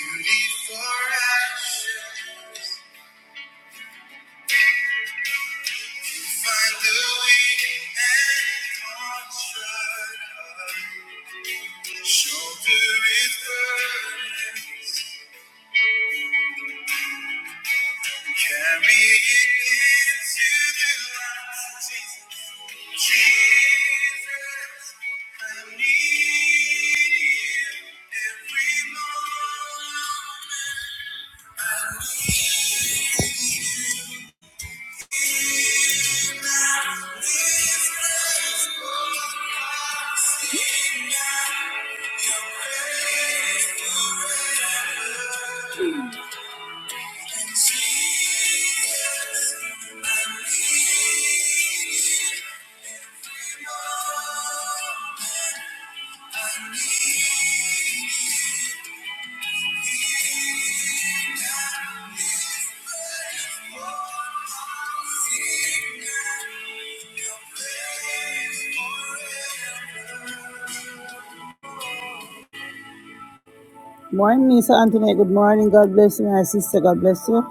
Before action, find the weak and contrite. Shoulder its burden, carry it into the light. Jesus, I need you every morning. I need you. Morning, Miss Anthony. Good morning. God bless you, my sister. God bless you.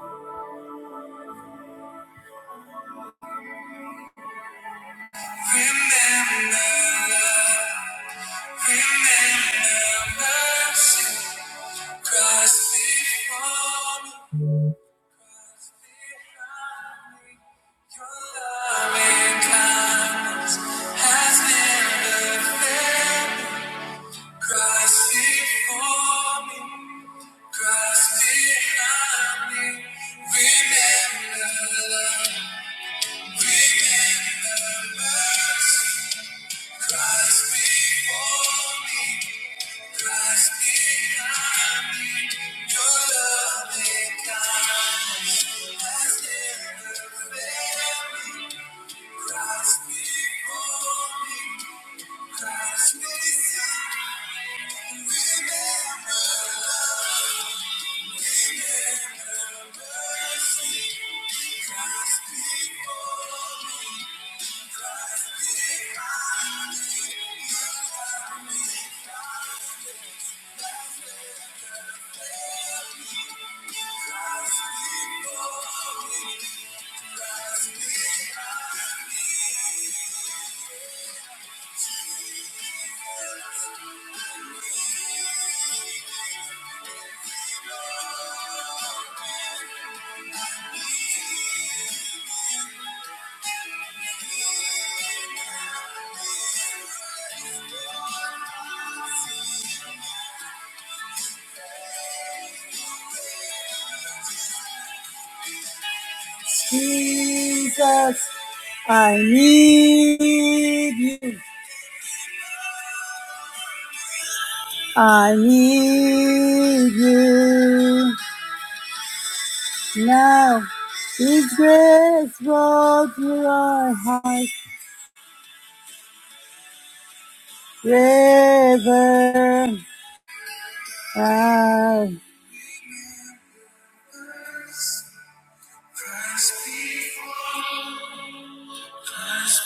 Jesus, I need you. I need you now. His grace brought through our heart river. I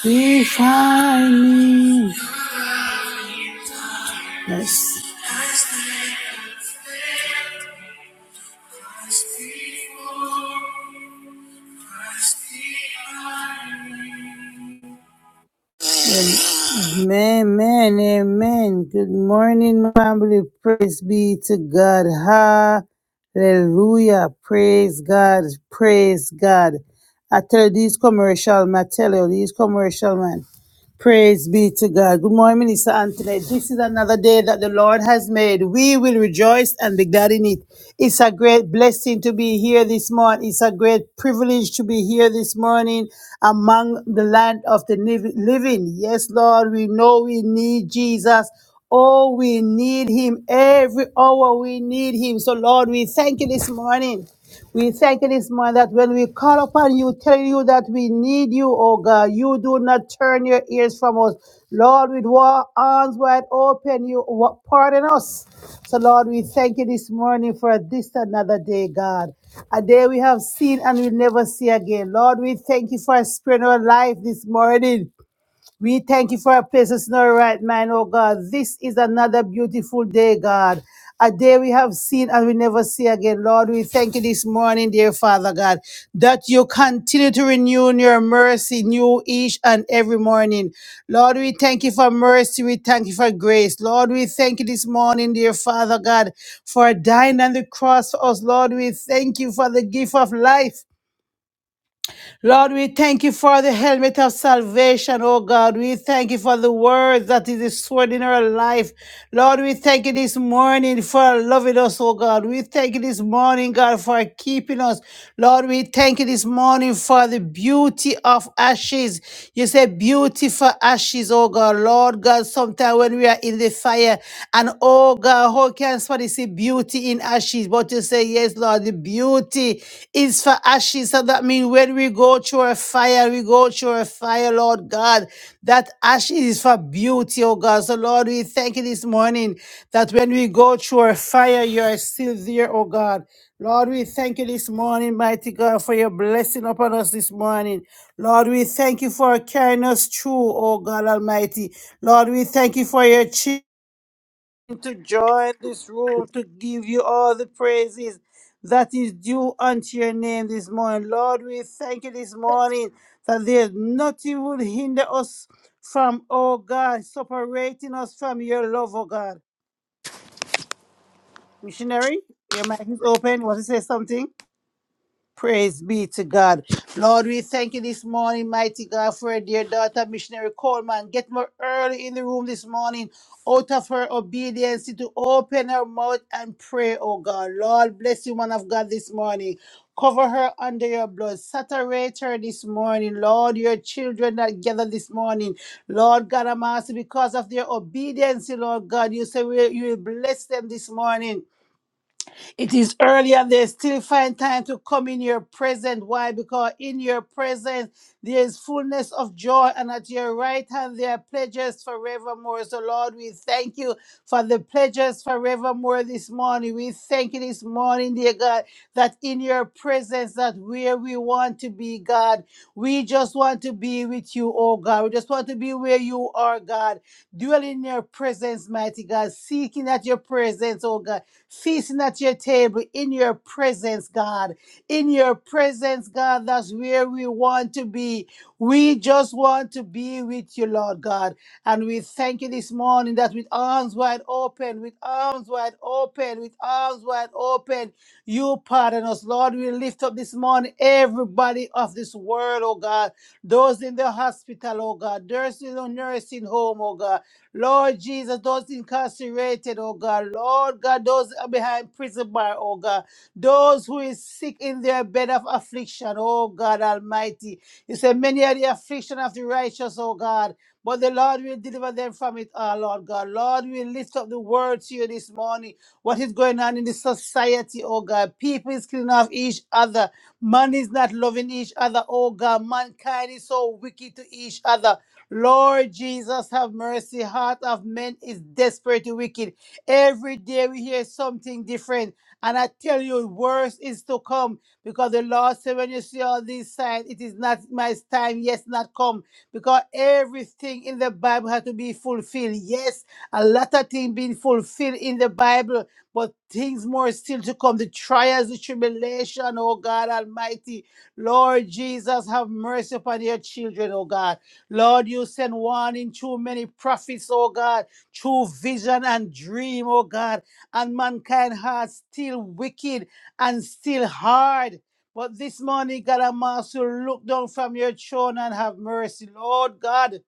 define me. Yes. Amen, amen. Good morning, family. Praise be to God. Hallelujah. Praise God. Praise God. I tell you, these commercial, man, I tell you, these commercial, man. Praise be to God. Good morning, Minister Anthony. This is another day that the Lord has made. We will rejoice and be glad in it. It's a great blessing to be here this morning. It's a great privilege to be here this morning among the land of the liv- living. Yes, Lord, we know we need Jesus. Oh, we need him every hour. We need him. So, Lord, we thank you this morning. We thank you this morning that when we call upon you, telling you that we need you, oh God, you do not turn your ears from us. Lord, with wa- arms wide open, you wa- pardon us. So, Lord, we thank you this morning for this another day, God. A day we have seen and will never see again. Lord, we thank you for a spirit of life this morning. We thank you for our places in our right mind, oh God. This is another beautiful day, God. A day we have seen and we never see again. Lord, we thank you this morning, dear Father God, that you continue to renew your mercy new each and every morning. Lord, we thank you for mercy. We thank you for grace. Lord, we thank you this morning, dear Father God, for dying on the cross for us. Lord, we thank you for the gift of life. Lord, we thank you for the helmet of salvation, oh God. We thank you for the word that is the sword in our life. Lord, we thank you this morning for loving us, oh God. We thank you this morning, God, for keeping us. Lord, we thank you this morning for the beauty of ashes. You say beauty for ashes, oh God. Lord God, sometimes when we are in the fire and oh God, how can somebody see beauty in ashes? But you to say, Yes, Lord, the beauty is for ashes. So that means when we go through a fire, we go through a fire, Lord God. That ashes is for beauty, oh God. So, Lord, we thank you this morning that when we go through a fire, you are still there, oh God. Lord, we thank you this morning, mighty God, for your blessing upon us this morning. Lord, we thank you for carrying us through, oh God Almighty. Lord, we thank you for your children to join this room to give you all the praises that is due unto your name this morning. Lord, we thank you this morning that there's nothing will hinder us from, oh God, separating us from your love, oh God. Missionary, your mic is open. Want to say something? Praise be to God. Lord, we thank you this morning, mighty God, for our dear daughter, missionary Coleman. Get more early in the room this morning out of her obedience to open her mouth and pray, oh God. Lord, bless you, man of God, this morning. Cover her under your blood. Saturate her this morning. Lord, your children that gather this morning. Lord God, I'm asking because of their obedience, Lord God. You say we- you will bless them this morning. It is early and they still find time to come in your presence. Why? Because in your presence there is fullness of joy, and at your right hand there are pledges forevermore. So, Lord, we thank you for the pledges forevermore this morning. We thank you this morning, dear God, that in your presence, that where we want to be, God, we just want to be with you, oh God. We just want to be where you are, God dwell in your presence, mighty God, seeking at your presence, oh God, feasting at your table in your presence, God. In your presence, God, that's where we want to be. We just want to be with you, Lord God. And we thank you this morning that with arms wide open, with arms wide open, with arms wide open, you pardon us. Lord, we lift up this morning everybody of this world, oh God. Those in the hospital, oh God. Those in the nursing home, oh God. Lord Jesus, those incarcerated, oh God. Lord God, those behind prison bar, oh God. Those who is sick in their bed of affliction, oh God Almighty. You say, many are the affliction of the righteous, oh God. God. But the Lord will deliver them from it all, Lord God. Lord, we lift up the word to you this morning. What is going on in the society, oh God? People is killing off each other. Man is not loving each other, oh God. Mankind is so wicked to each other. Lord Jesus, have mercy. Heart of men is desperately wicked. Every day we hear something different. And I tell you, worse is to come. Because the Lord said, when you see all these signs, it is not my time, yes, not come because everything in the Bible had to be fulfilled. Yes, a lot of things being fulfilled in the Bible, but things more still to come. The trials, the tribulation, oh God Almighty. Lord Jesus, have mercy upon your children, oh God. Lord, you send one in too many prophets, oh God, true vision and dream, oh God. And mankind heart still wicked and still hard. But this morning, God and Master, look down from your throne and have mercy, Lord God.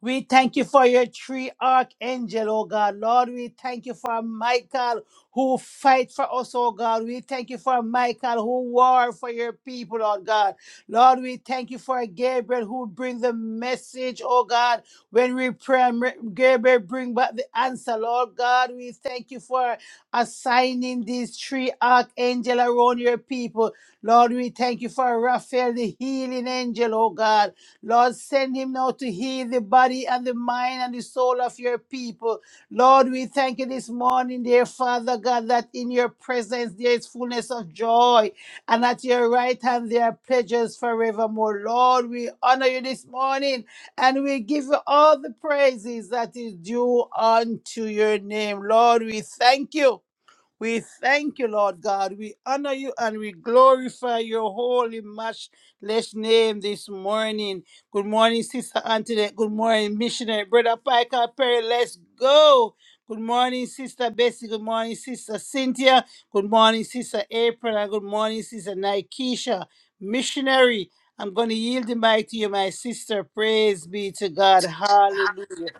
We thank you for your three archangel, oh God. Lord, we thank you for Michael who fight for us, oh God. We thank you for Michael who war for your people, oh God. Lord, we thank you for Gabriel who bring the message, oh God. When we pray, and re- Gabriel bring back the answer, Lord God. We thank you for assigning these three archangel around your people. Lord, we thank you for Raphael, the healing angel, oh God. Lord, send him now to heal the body and the mind and the soul of your people. Lord, we thank you this morning, dear Father God, that in your presence there is fullness of joy, and at your right hand there are pleasures forevermore. Lord, we honor you this morning, and we give you all the praises that is due unto your name. Lord, we thank you. We thank you, Lord God. We honor you and we glorify your holy, matchless name this morning. Good morning, Sister Antoinette. Good morning, Missionary. Brother Piker Perry, let's go. Good morning, Sister Bessie. Good morning, Sister Cynthia. Good morning, Sister April. And good morning, Sister Nikesha. Missionary, I'm going to yield the mic to you, my sister. Praise be to God. Hallelujah.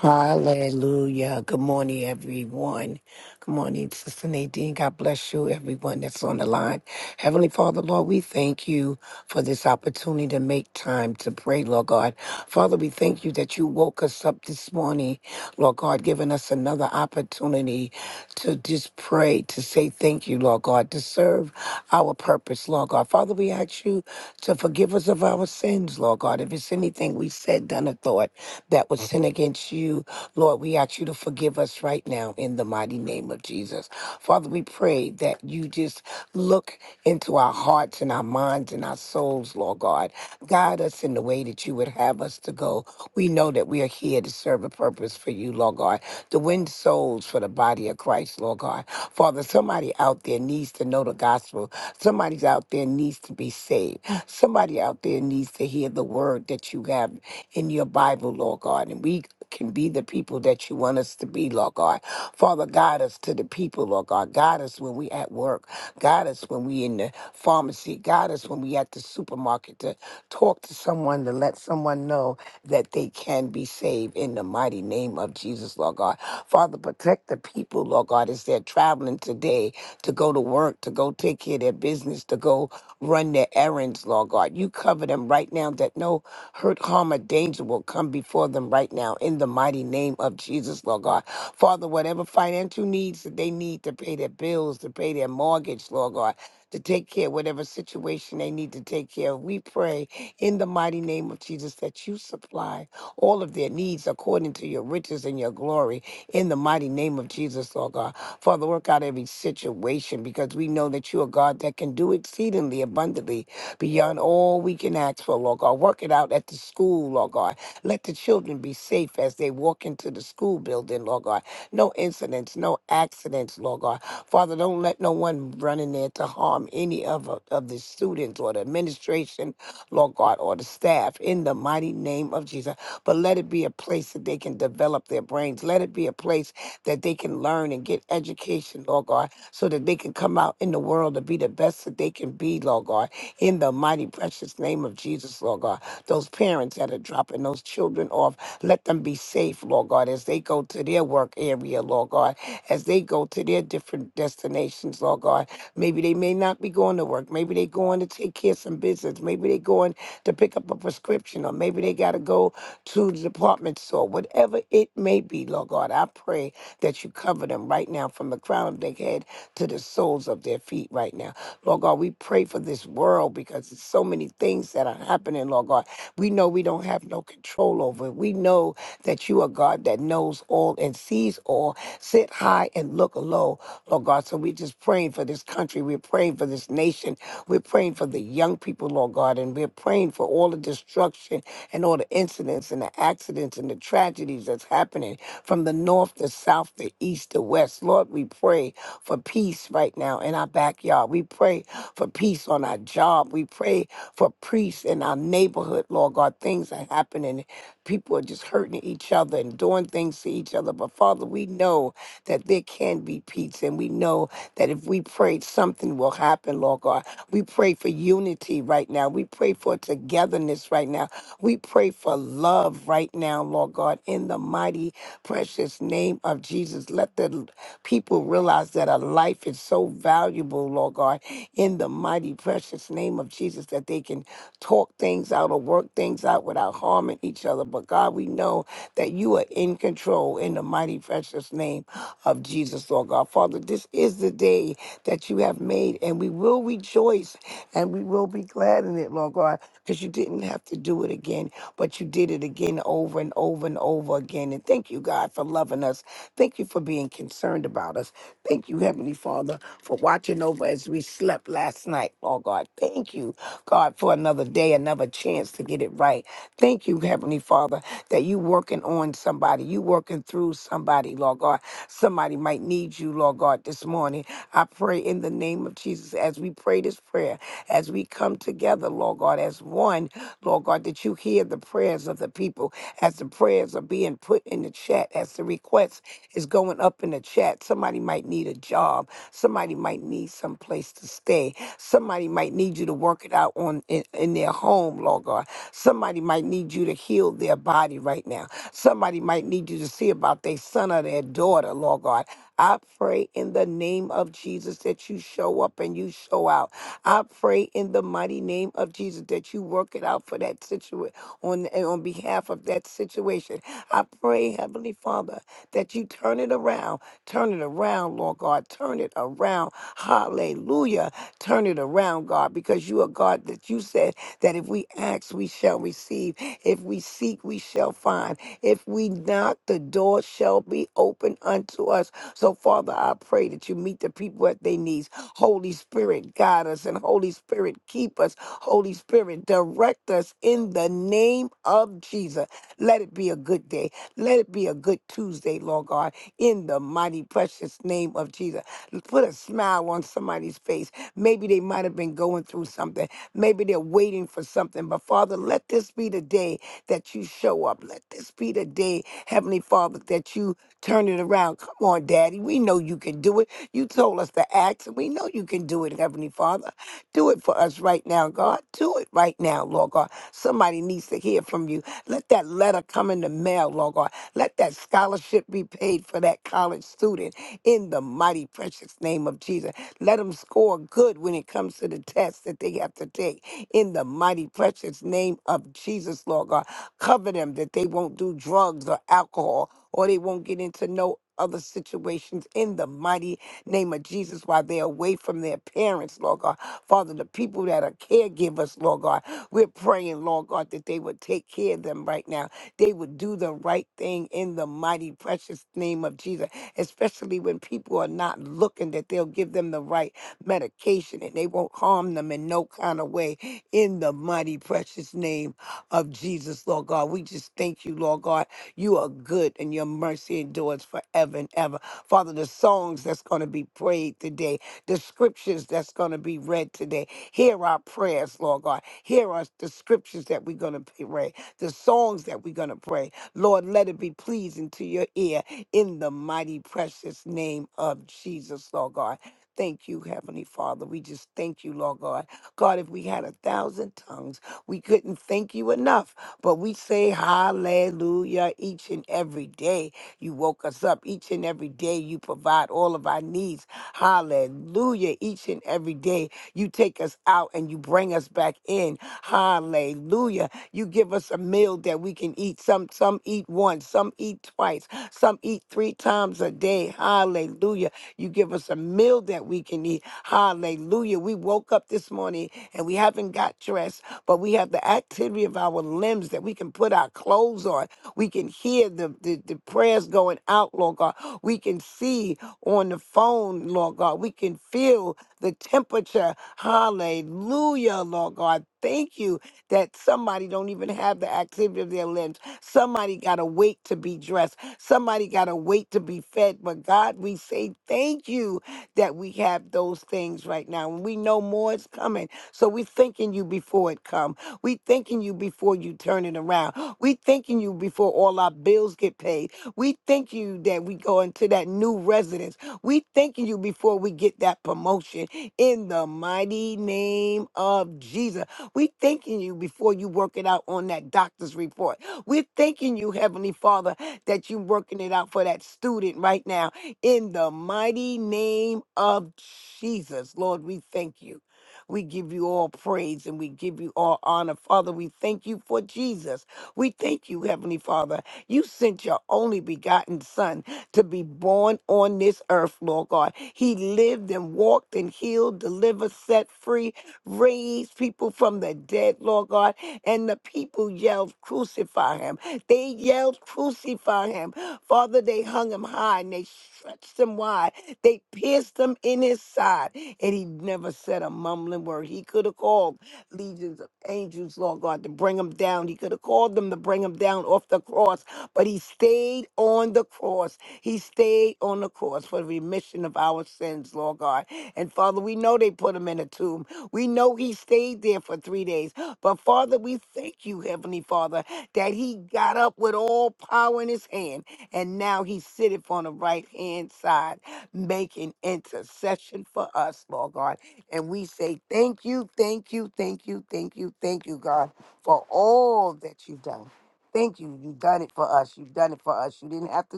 Hallelujah. Good morning, everyone. Good morning, Sister Nadine. God bless you, everyone that's on the line. Heavenly Father, Lord, we thank you for this opportunity to make time to pray, Lord God. Father, we thank you that you woke us up this morning, Lord God, giving us another opportunity to just pray, to say thank you, Lord God, to serve our purpose, Lord God. Father, we ask you to forgive us of our sins, Lord God. If it's anything we said, done, or thought that was sin against you, Lord, we ask you to forgive us right now in the mighty name of Jesus. Father, we pray that you just look into our hearts and our minds and our souls, Lord God. Guide us in the way that you would have us to go. We know that we are here to serve a purpose for you, Lord God, to win souls for the body of Christ, Lord God. Father, somebody out there needs to know the gospel. Somebody out there needs to be saved. Somebody out there needs to hear the word that you have in your Bible, Lord God. And we can be the people that you want us to be, Lord God. Father, guide us to the people, Lord God. Guide us when we at work. Guide us when we in the pharmacy. Guide us when we at the supermarket to talk to someone, to let someone know that they can be saved in the mighty name of Jesus, Lord God. Father, protect the people, Lord God, as they're traveling today to go to work, to go take care of their business, to go run their errands, Lord God. You cover them right now that no hurt, harm, or danger will come before them right now in the mighty name of Jesus, Lord God. Father, whatever financial needs that they need to pay their bills, to pay their mortgage, Lord God, to take care of whatever situation they need to take care of, we pray in the mighty name of Jesus that you supply all of their needs according to your riches and your glory in the mighty name of Jesus, Lord God. Father, work out every situation because we know that you are God that can do exceedingly abundantly beyond all we can ask for, Lord God. Work it out at the school, Lord God. Let the children be safe as they walk into the school building, Lord God. No incidents, no accidents, Lord God. Father, don't let no one run in there to harm any of, of the students or the administration Lord God, or the staff in the mighty name of Jesus. But let it be a place that they can develop their brains. Let it be a place that they can learn and get education, Lord God, so that they can come out in the world to be the best that they can be, Lord God, in the mighty, precious name of Jesus, Lord God. Those parents that are dropping those children off, let them be safe, Lord God, as they go to their work area, Lord God, as they go to their different destinations, Lord God. Maybe they may not be going to work. Maybe they going to take care of some business. Maybe they going to pick up a prescription, or maybe they got to go to the department store. Whatever it may be, Lord God, I pray that you cover them right now from the crown of their head to the soles of their feet right now. Lord God, we pray for this world because there's so many things that are happening, Lord God are. We know we don't have no control over it. We know that you are God that knows all and sees all, sit high and look low, Lord God. So we're just praying for this country. We're praying for this nation. We're praying for the young people, Lord God. And we're praying for all the destruction and all the incidents and the accidents and the tragedies that's happening from the north, the south, the east, the west. Lord, we pray for peace right now in our backyard. We pray for peace on our job. We pray for priests in our neighborhood, Lord God. Things are happening. People are just hurting each other and doing things to each other. But Father, we know that there can be peace, and we know that if we pray, something will happen, Lord God. We pray for unity right now. We pray for togetherness right now. We pray for love right now, Lord God, in the mighty, precious name of Jesus. Let the people realize that a life is so valuable, Lord God, in the mighty, precious name of Jesus, that they can talk things out or work things out without harming each other. But God, we know that you are in control in the mighty, precious name of Jesus, Lord God. Father, this is the day that you have made, and we will rejoice and we will be glad in it, Lord God, because you didn't have to do it again, but you did it again over and over and over again. And thank you, God, for loving us. Thank you for being concerned about us. Thank you, Heavenly Father, for watching over as we slept last night, Lord God. Thank you, God, for another day, another chance to get it right. Thank you, Heavenly Father, that you working on somebody. You working through through somebody, Lord God. Somebody might need you, Lord God, this morning. I pray in the name of Jesus as we pray this prayer, as we come together, Lord God, as one, Lord God, that you hear the prayers of the people, as the prayers are being put in the chat, as the request is going up in the chat. Somebody might need a job. Somebody might need some place to stay. Somebody might need you to work it out on in, in their home, Lord God. Somebody might need you to heal their body right now. Somebody might need you to see about their son or their daughter, Lord God. I pray in the name of Jesus that you show up and you show out. I pray in the mighty name of Jesus that you work it out for that situation on and on behalf of that situation. I pray, Heavenly Father, that you turn it around. Turn it around, Lord God. Turn it around. Hallelujah. Turn it around, God, because you are God that you said that if we ask, we shall receive. If we seek, we shall find. If we knock, the door shall be open unto us. So, Father, I pray that you meet the people at their needs. Holy Spirit, guide us, and Holy Spirit, keep us. Holy Spirit, direct us in the name of Jesus. Let it be a good day. Let it be a good Tuesday, Lord God, in the mighty, precious name of Jesus. Put a smile on somebody's face. Maybe they might have been going through something. Maybe they're waiting for something. But Father, let this be the day that you show up. Let this be the day, Heavenly Father, that you turn it around. Come on, Daddy. We know you can do it. You told us to act, and we know you can do it, Heavenly Father. Do it for us right now, God. Do it right now, Lord God. Somebody needs to hear from you. Let that letter come in the mail, Lord God. Let that scholarship be paid for that college student in the mighty, precious name of Jesus. Let them score good when it comes to the test that they have to take. In the mighty, precious name of Jesus, Lord God, cover them that they won't do drugs or alcohol or they won't get into no other situations in the mighty name of Jesus while they're away from their parents, Lord God. Father, the people that are caregivers, Lord God, we're praying, Lord God, that they would take care of them right now. They would do the right thing in the mighty, precious name of Jesus especially when people are not looking, that they'll give them the right medication and they won't harm them in no kind of way. In the mighty, precious name of Jesus, Lord God, we just thank you, Lord God. You are good and your mercy endures forever and ever. Father, the songs that's going to be prayed today, the scriptures that's going to be read today, hear our prayers, Lord God. Hear us, the scriptures that we're going to pray, the songs that we're going to pray. Lord, let it be pleasing to your ear in the mighty precious name of Jesus, Lord God. Thank you, Heavenly Father. We just thank you, Lord God. God, if we had a thousand tongues, we couldn't thank you enough. But we say hallelujah each and every day. You woke us up each and every day. You provide all of our needs. Hallelujah each and every day. You take us out and you bring us back in. Hallelujah. You give us a meal that we can eat. Some some eat once, some eat twice, some eat three times a day. Hallelujah. You give us a meal that we can eat. Hallelujah. We woke up this morning and we haven't got dressed, but we have the activity of our limbs that we can put our clothes on. We can hear the, the, the prayers going out, Lord God. We can see on the phone, Lord God. We can feel the temperature. Hallelujah, Lord God. Thank you that somebody don't even have the activity of their limbs. Somebody got to wait to be dressed. Somebody got to wait to be fed. But God, we say thank you that we have those things right now. And we know more is coming. So we thanking you before it come. We thanking you before you turn it around. We thanking you before all our bills get paid. We thank you that we go into that new residence. We thanking you before we get that promotion in the mighty name of Jesus. We thanking you before you work it out on that doctor's report. We're thanking you, Heavenly Father, that you working it out for that student right now. In the mighty name of Jesus, Lord, we thank you. We give you all praise and we give you all honor. Father, we thank you for Jesus. We thank you, Heavenly Father. You sent your only begotten Son to be born on this earth, Lord God. He lived and walked and healed, delivered, set free, Raise people from the dead, Lord God. And the people yelled, Crucify him. They yelled, Crucify him. Father, they hung him high and they stretched him wide. They pierced him in his side. And he never said a mumbling word. He could have called legions of angels, Lord God, to bring him down. He could have called them to bring him down off the cross. But he stayed on the cross. He stayed on the cross for the remission of our sins, Lord God. And Father, we know they put him in a tomb. We know he stayed there for three days. But Father, we thank you, Heavenly Father, that he got up with all power in his hand, and now he sitteth on the right hand side, making intercession for us, Lord God. And we say thank you, thank you, thank you, thank you, thank you, God, for all that you've done. Thank you. You've done it for us. You've done it for us. You didn't have to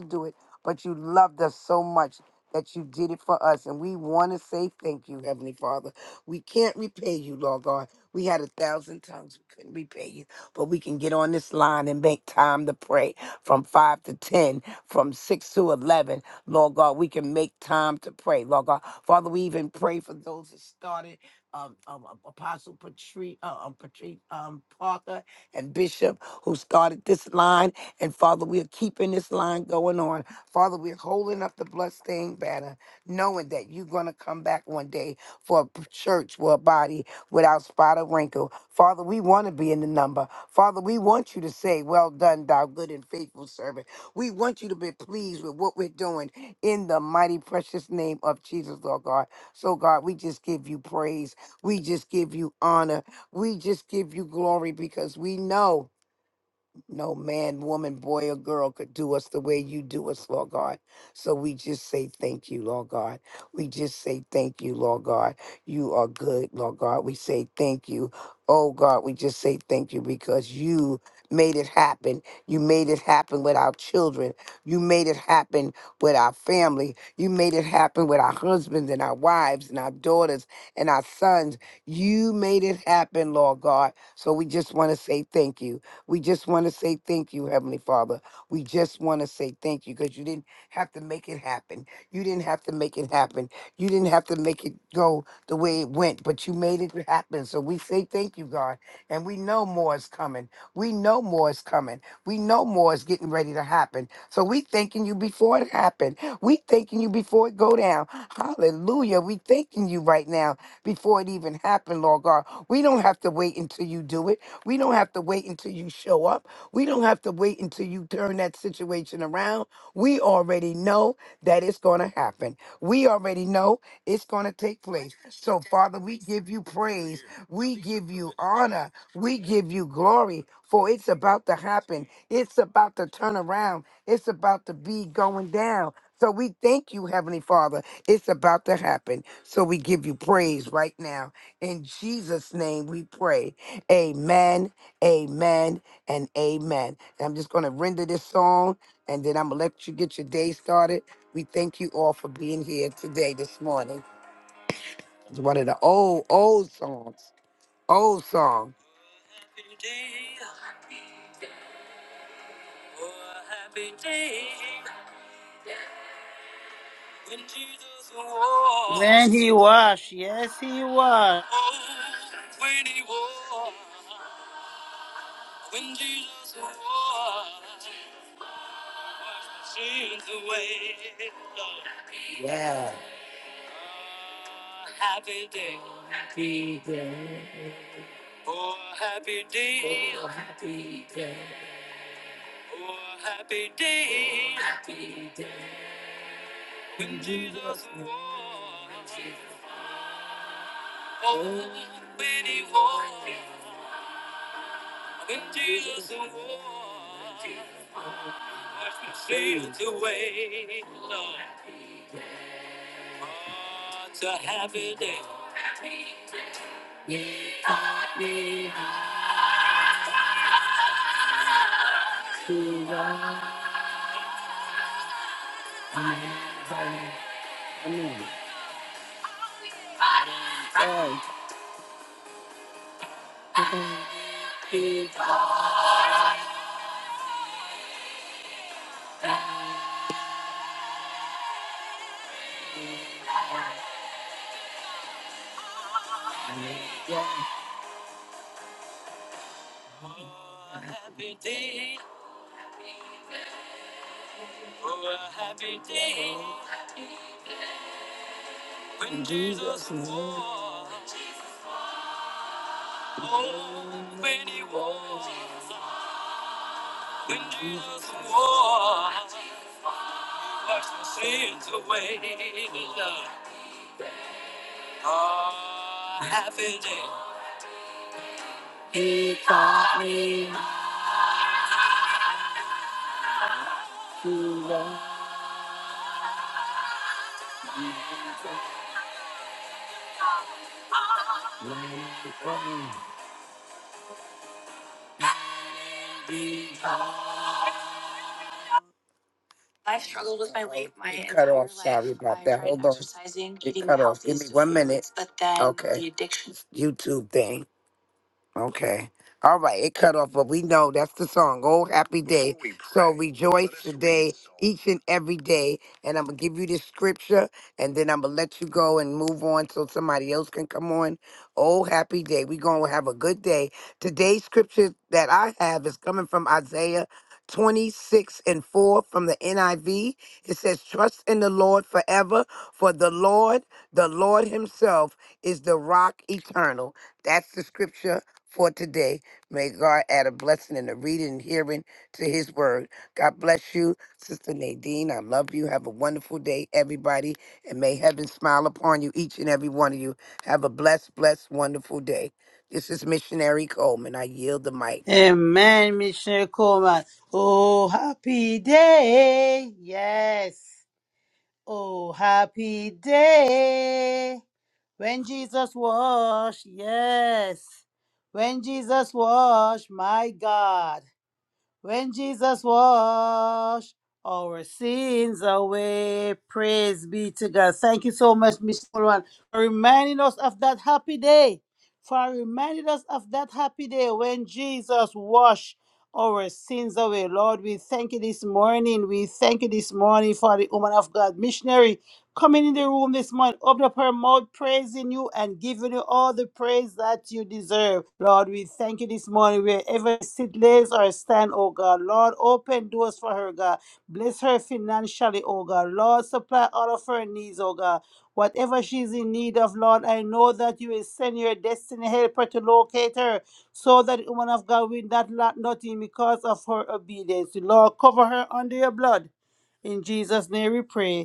do it, but you loved us so much that you did it for us. And we want to say thank you, Heavenly Father. We can't repay you, Lord God. We had a thousand times we couldn't repay you, but we can get on this line and make time to pray from 5 to 10, from 6 to 11. Lord God, we can make time to pray, Lord God. Father, we even pray for those that started. Um, um, um, Apostle Patrice, uh, um, Patrice um, Parker and Bishop, who started this line. And Father, we are keeping this line going on. Father, we're holding up the bloodstained banner, knowing that you're going to come back one day for a church, for a body without spot or wrinkle. Father, we want to be in the number. Father, we want you to say, Well done, thou good and faithful servant. We want you to be pleased with what we're doing in the mighty, precious name of Jesus, Lord God. So, God, we just give you praise. We just give you honor. We just give you glory because we know. No man, woman, boy, or girl could do us the way you do us, Lord God. So we just say thank you, Lord God. We just say thank you, Lord God. You are good, Lord God. We say thank you. Oh God, we just say thank you because you made it happen. You made it happen with our children. You made it happen with our family. You made it happen with our husbands and our wives and our daughters and our sons. You made it happen, Lord God. So we just want to say thank you. We just want to say thank you, Heavenly Father. We just want to say thank you because you didn't have to make it happen. You didn't have to make it happen. You didn't have to make it go the way it went, but you made it happen. So we say thank you, God. And we know more is coming. We know more is coming. We know more is getting ready to happen. So we thanking you before it happened. We thanking you before it go down. Hallelujah. We thanking you right now before it even happened, Lord God. We don't have to wait until you do it. We don't have to wait until you show up. We don't have to wait until you turn that situation around. We already know that it's going to happen. We already know it's going to take place. So, Father, we give you praise. We give you honor. We give you glory, for it's about to happen. It's about to turn around. It's about to be going down. So we thank you, Heavenly Father. It's about to happen. So we give you praise right now. In Jesus' name we pray. Amen, amen, and amen. And I'm just going to render this song and then I'm going to let you get your day started. We thank you all for being here today, this morning. It's one of the old, old songs, old song. Happy day, oh, happy day, when Jesus walked, When he wash, yes, he wash. oh, when he walked, when Jesus walked. Yeah. Oh, happy day. Oh, happy day. Oh, happy day. When Jesus walks. Oh, when he walks. When Jesus walks. She's the way. Lord. Oh, it's a happy day. Happy day. Oh, happy day. Oh, a happy day when Jesus walked. Oh, when he walked, when Jesus walked, washed my sins away. Oh, a happy day. He taught me to love me. I've struggled with my weight my It cut entire off. life. Sorry about I that. tried Hold on. exercising, It eating cut off. Give me healthy me one foods, minute. But then okay. the addiction. YouTube thing. Okay. All right, it cut off, but we know that's the song, Old Happy Day. so rejoice today, each and every day. And I'm going to give you this scripture, and then I'm going to let you go and move on so somebody else can come on. Old happy day. We're going to have a good day. Today's scripture that I have is coming from Isaiah 26 and 4 from the NIV. It says, Trust in the Lord forever, for the Lord, the Lord Himself, is the rock eternal. That's the scripture for today. May God add a blessing in the reading and hearing to his word. God bless you, Sister Nadine. I love you. Have a wonderful day, everybody. And may heaven smile upon you, each and every one of you. Have a blessed, blessed, wonderful day. This is Missionary Coleman. I yield the mic. Amen, Missionary Coleman. Oh, happy day. Yes. Oh, happy day. When Jesus washed. Yes. When Jesus washed, my God. When Jesus washed our sins away, praise be to God. Thank you so much, Miss Moran, for reminding us of that happy day. For reminding us of that happy day when Jesus washed our sins away. Lord, we thank you this morning. We thank you this morning for the woman of God missionary coming in the room this morning, open up her mouth, praising you and giving you all the praise that you deserve. Lord, we thank you this morning wherever she sit, lays or stand, oh God. Lord, open doors for her, God. Bless her financially, oh God. Lord, supply all of her needs, oh God. Whatever she's in need of, Lord, I know that you will send your destiny helper to locate her so that the woman of God will not lack nothing because of her obedience. Lord, cover her under your blood. In Jesus' name we pray.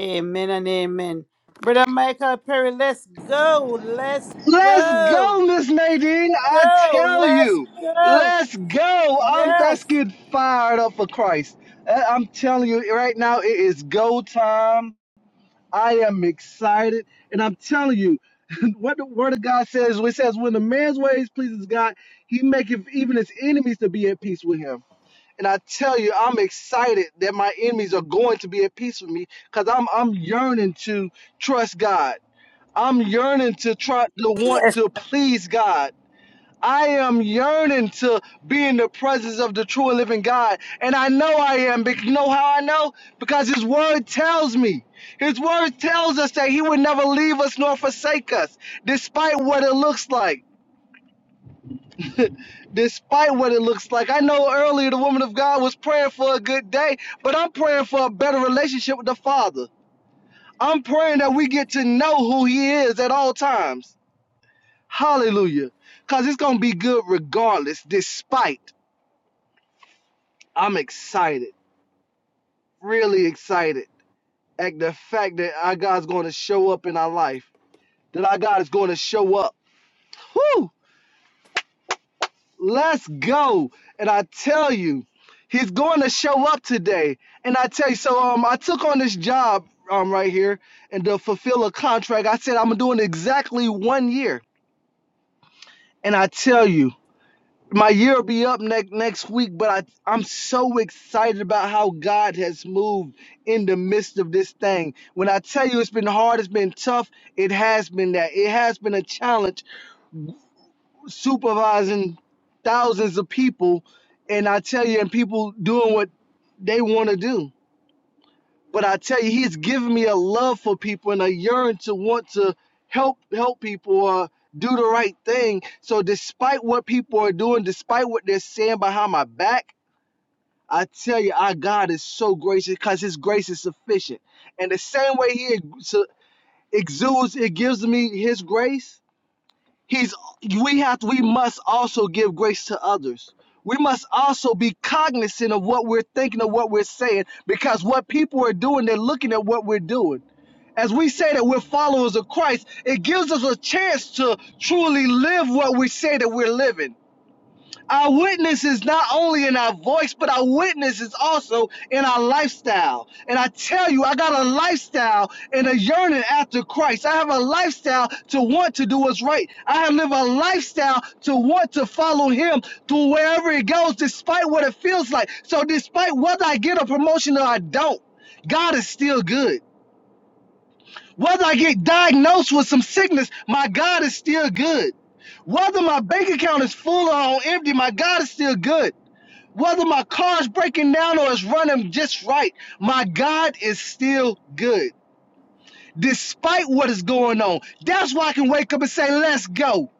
Amen and amen. Brother Michael Perry, let's go. Let's Let's go. go, Miss Nadine. I Go. tell Let's you, go. let's go. I'm, let's Yes. get fired up for Christ. Uh, I'm telling you right now, it is go time. I am excited, and I'm telling you, what the Word of God says, it says, when a man's ways pleases God, He maketh even his enemies to be at peace with him. And I tell you, I'm excited that my enemies are going to be at peace with me, cause I'm I'm yearning to trust God. I'm yearning to try to want to please God. I am yearning to be in the presence of the true and living God. And I know I am. But you know how I know? Because His Word tells me. His Word tells us that He would never leave us nor forsake us, despite what it looks like. despite what it looks like. I know earlier the woman of God was praying for a good day, but I'm praying for a better relationship with the Father. I'm praying that we get to know who He is at all times. Hallelujah. Because it's going to be good regardless, despite. I'm excited, really excited at the fact that our God's going to show up in our life, that our God is going to show up. Whoo! Let's go. And I tell you, He's going to show up today. And I tell you, so um, I took on this job um, right here and to fulfill a contract. I said I'm doing exactly one year. And I tell you, my year will be up next next week, but I I'm so excited about how God has moved in the midst of this thing. When I tell you it's been hard, it's been tough, it has been that. It has been a challenge supervising thousands of people and I tell you and people doing what they want to do but I tell you, he's given me a love for people and a yearn to want to help help people or do the right thing. So despite what people are doing, despite what they're saying behind my back, I tell you, our God is so gracious because His grace is sufficient. And the same way He exudes, it gives me His grace He's we have we must also give grace to others. We must also be cognizant of what we're thinking of what we're saying because what people are doing, they're looking at what we're doing. As we say that we're followers of Christ, it gives us a chance to truly live what we say that we're living. Our witness is not only in our voice, but our witness is also in our lifestyle. And I tell you, I got a lifestyle and a yearning after Christ. I have a lifestyle to want to do what's right. I have lived a lifestyle to want to follow Him through wherever it goes, despite what it feels like. So, despite whether I get a promotion or I don't, God is still good. Whether I get diagnosed with some sickness, my God is still good. Whether my bank account is full or on empty, my God is still good. Whether my car's breaking down or it's running just right, my God is still good, despite what is going on. That's why I can wake up and say, let's go.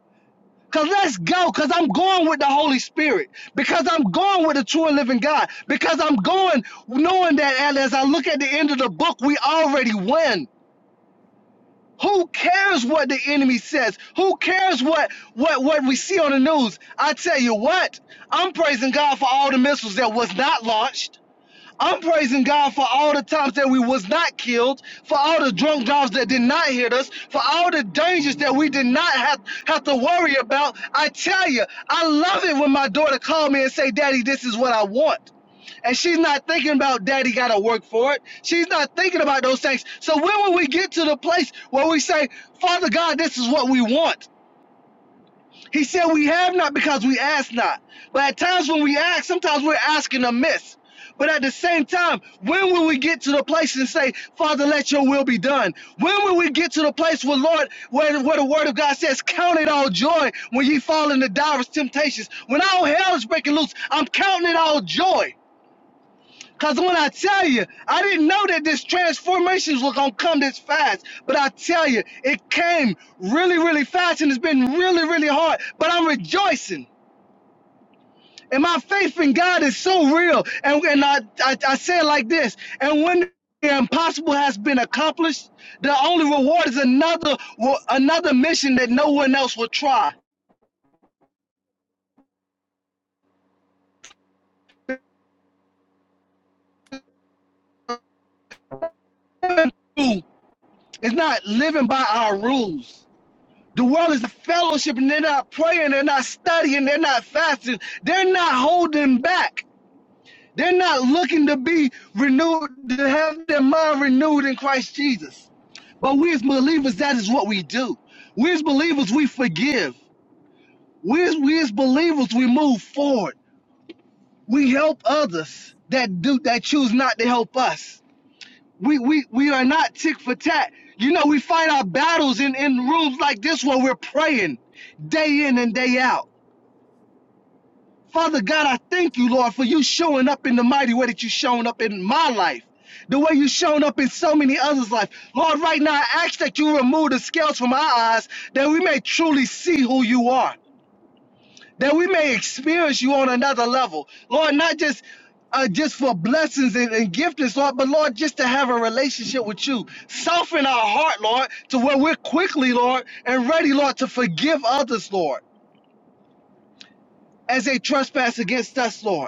Because let's go, because I'm going with the Holy Spirit, because I'm going with the true and living God, because I'm going knowing that as I look at the end of the book, we already win. Who cares what the enemy says? Who cares what what what we see on the news? I tell you what, I'm praising God for all the missiles that was not launched. I'm praising God for all the times that we was not killed, for all the drunk drives that did not hit us, for all the dangers that we did not have, have to worry about. I tell you, I love it when my daughter called me and say, "Daddy, this is what I want." And she's not thinking about daddy got to work for it. She's not thinking about those things. So when will we get to the place where we say, Father God, this is what we want? He said we have not because we ask not. But at times when we ask, sometimes we're asking amiss. But at the same time, when will we get to the place and say, Father, let your will be done? When will we get to the place where Lord, where, where the word of God says, Count it all joy when ye fall into diverse temptations. When all hell is breaking loose, I'm counting it all joy. Cause when I tell you, I didn't know that this transformation was gonna come this fast. But I tell you, it came really, really fast, and it's been really, really hard. But I'm rejoicing, and my faith in God is so real. And and I I, I say it like this. And when the impossible has been accomplished, the only reward is another another mission that no one else will try. It's not living by our rules. The world is a fellowship and they're not praying, they're not studying, they're not fasting, they're not holding back. They're not looking to be renewed, to have their mind renewed in Christ Jesus. But we as believers, that is what we do. We as believers, we forgive. We as, we as believers, we move forward. We help others that do that choose not to help us. We we we are not tick for tat. You know, we fight our battles in, in rooms like this where we're praying day in and day out. Father God, I thank you, Lord, for you showing up in the mighty way that you've shown up in my life. The way you've shown up in so many others' life. Lord, right now I ask that you remove the scales from our eyes that we may truly see who you are, that we may experience you on another level. Lord, not just uh, just for blessings and, and giftings, Lord, but Lord, just to have a relationship with you. Soften our heart, Lord, to where we're quickly, Lord, and ready, Lord, to forgive others, Lord, as they trespass against us, Lord.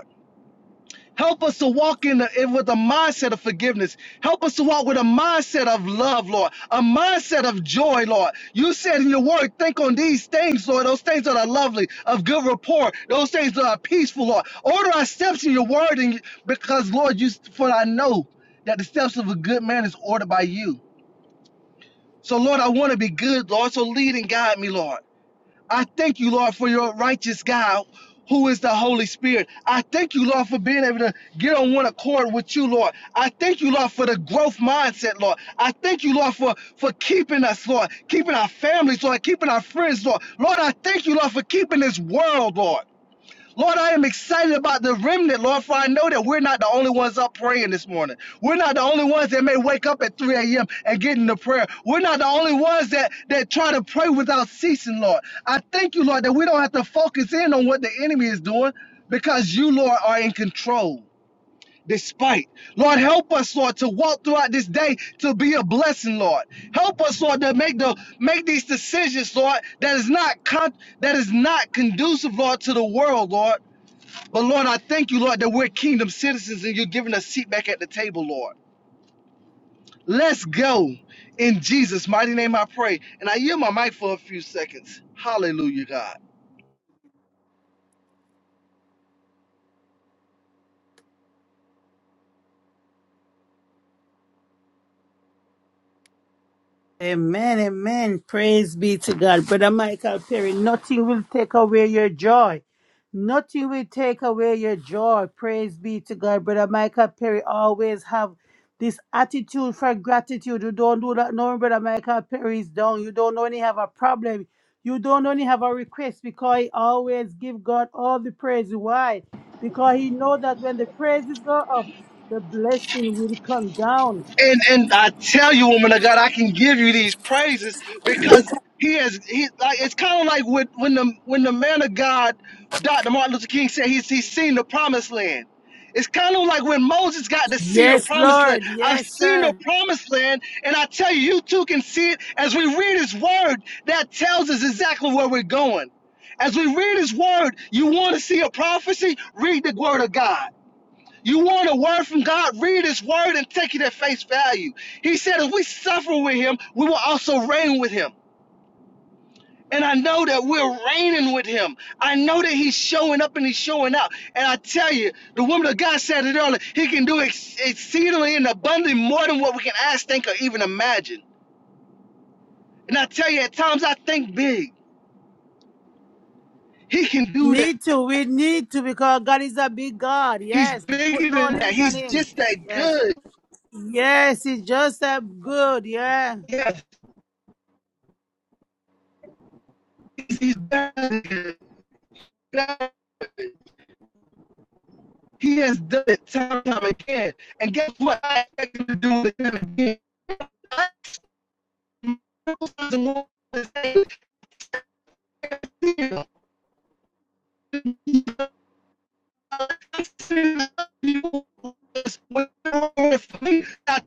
Help us to walk in, the, with a mindset of forgiveness. Help us to walk with a mindset of love, Lord, a mindset of joy, Lord. You said in your word, think on these things, Lord, those things that are lovely, of good rapport, those things that are peaceful, Lord. Order our steps in your word, and because, Lord, you for I know that the steps of a good man is ordered by you. So, Lord, I want to be good, Lord. So lead and guide me, Lord. I thank you, Lord, for your righteous God who is the Holy Spirit. I thank you, Lord, for being able to get on one accord with you, Lord. I thank you, Lord, for the growth mindset, Lord. I thank you, Lord, for, for keeping us, Lord, keeping our families, Lord, keeping our friends, Lord. Lord, I thank you, Lord, for keeping this world, Lord. Lord, I am excited about the remnant, Lord, for I know that we're not the only ones up praying this morning. We're not the only ones that may wake up at 3 a.m. and get into prayer. We're not the only ones that, that try to pray without ceasing, Lord. I thank you, Lord, that we don't have to focus in on what the enemy is doing because you, Lord, are in control. Despite, Lord, help us, Lord, to walk throughout this day to be a blessing, Lord. Help us, Lord, to make the make these decisions, Lord, that is not con- that is not conducive, Lord, to the world, Lord. But Lord, I thank you, Lord, that we're kingdom citizens and you're giving us a seat back at the table, Lord. Let's go. In Jesus' mighty name I pray. And I yield my mic for a few seconds. Hallelujah, God. Amen, amen. Praise be to God. Brother Michael Perry, nothing will take away your joy. Nothing will take away your joy. Praise be to God. Brother Michael Perry always have this attitude for gratitude. You don't do that no, Brother Michael Perry is down. You don't only have a problem. You don't only have a request because he always give God all the praise. Why? Because he know that when the praises go up, the blessing will come down. And and I tell you, woman of God, I can give you these praises because he has he like it's kind of like with, when the when the man of God, Dr. Martin Luther King said he's he's seen the promised land. It's kind of like when Moses got to see the Yes, promised land. Lord. I've Yes, seen the sir. promised land, and I tell you, you too can see it as we read his word that tells us exactly where we're going. As we read his word, you want to see a prophecy, read the word of God. You want a word from God? Read His word and take it at face value. He said, if we suffer with Him, we will also reign with Him. And I know that we're reigning with Him. I know that He's showing up and He's showing out. And I tell you, the woman of God said it earlier He can do ex- exceedingly and abundantly more than what we can ask, think, or even imagine. And I tell you, at times I think big. He can do that. Need to, we need to because God is a big God. He's Yes, put bigger no than that. limit on He's Him. just that Yes, good. yes, He's just a good. Yeah. Yes, he's, he's better than good. He has done it time and time again. And guess what? I expect him to do it again I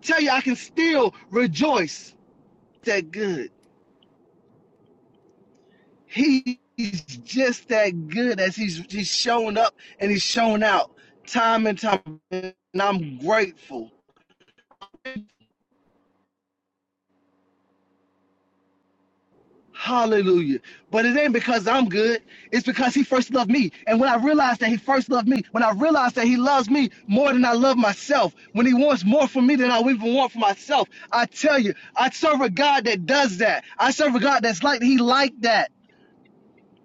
tell you, I can still rejoice. That good. He He's just that good as he's he's shown up and he's shown out time and time. And I'm grateful. Hallelujah. But it ain't because I'm good. It's because he first loved me. And when I realized that he first loved me, when I realized that he loves me more than I love myself, when he wants more for me than I even want for myself, I tell you, I serve a God that does that. I serve a God that's like he like that.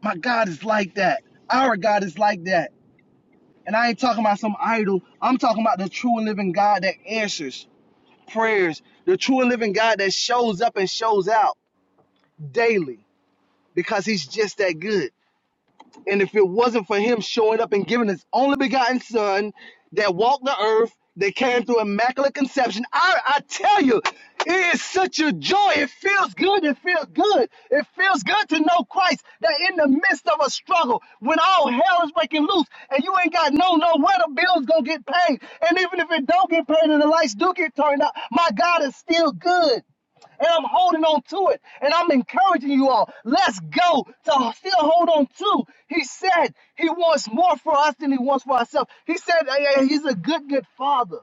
My God is like that. Our God is like that. And I ain't talking about some idol. I'm talking about the true and living God that answers prayers, the true and living God that shows up and shows out daily because he's just that good. And if it wasn't for him showing up and giving his only begotten son that walked the earth, that came through immaculate conception, I, I tell you, it is such a joy. It feels good. It feels good. It feels good to know Christ that in the midst of a struggle, when all hell is breaking loose and you ain't got no nowhere the bill's gonna get paid. And even if it don't get paid and the lights do get turned out, my God is still good and I'm holding on to it. And I'm encouraging you all, let's go to still hold on to. He said he wants more for us than he wants for ourselves. He said eh, eh, he's a good, good father.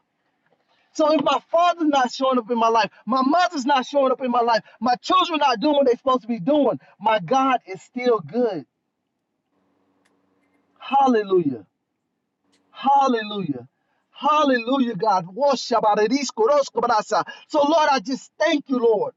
So if my father's not showing up in my life, my mother's not showing up in my life, my children not doing what they're supposed to be doing, my God is still good. Hallelujah. Hallelujah. Hallelujah, God. Washabaradiskoroskobarasa. So, Lord, I just thank you, Lord.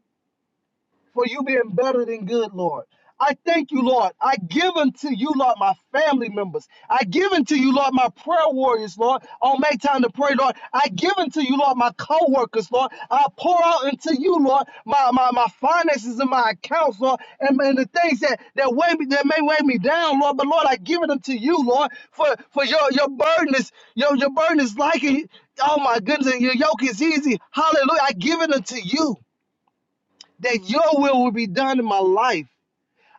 for you being better than good, Lord. I thank you, Lord. I give unto you, Lord, my family members. I give unto you, Lord, my prayer warriors, Lord. On make time to pray, Lord. I give unto you, Lord, my co-workers, Lord. I pour out into you, Lord, my, my, my finances and my accounts, Lord, and, and the things that, that weigh me that may weigh me down, Lord. But Lord, I give it unto you, Lord, for, for your, your burden is your, your burden is like a, oh my goodness, and your yoke is easy. Hallelujah. I give it unto you that your will will be done in my life.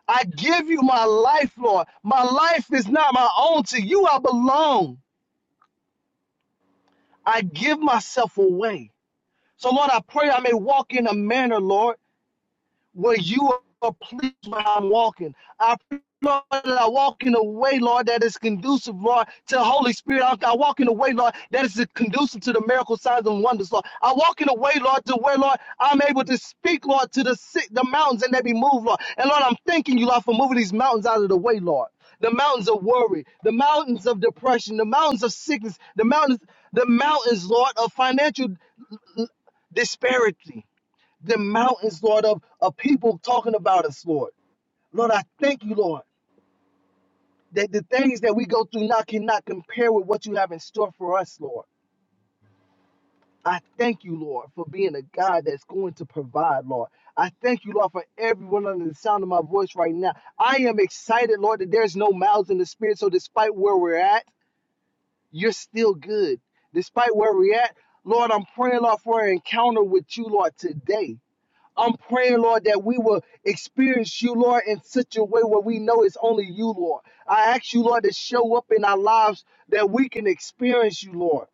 I give you my life, Lord. My life is not my own. To you I belong. I give myself away. So, Lord, I pray I may walk in a manner, Lord. where you are pleased where I'm walking. I pray, Lord, that I walk in a way, Lord, that is conducive, Lord, to the Holy Spirit. I, I walk in a way, Lord, that is conducive to the miracle signs and wonders, Lord. I walk in a way, Lord, to where, Lord, I'm able to speak, Lord, to the sick, the mountains and they be moved, Lord. And Lord, I'm thanking you, Lord, for moving these mountains out of the way, Lord. The mountains of worry, the mountains of depression, the mountains of sickness, the mountains, the mountains, Lord, of financial disparity the mountains, Lord, of, of people talking about us, Lord. Lord, I thank you, Lord, that the things that we go through now cannot compare with what you have in store for us, Lord. I thank you, Lord, for being a God that's going to provide, Lord. I thank you, Lord, for everyone under the sound of my voice right now. I am excited, Lord, that there's no mouths in the spirit. So despite where we're at, you're still good. Despite where we're at, Lord, I'm praying, Lord, for an encounter with you, Lord, today. I'm praying, Lord, that we will experience you, Lord, in such a way where we know it's only you, Lord. I ask you, Lord, to show up in our lives that we can experience you, Lord.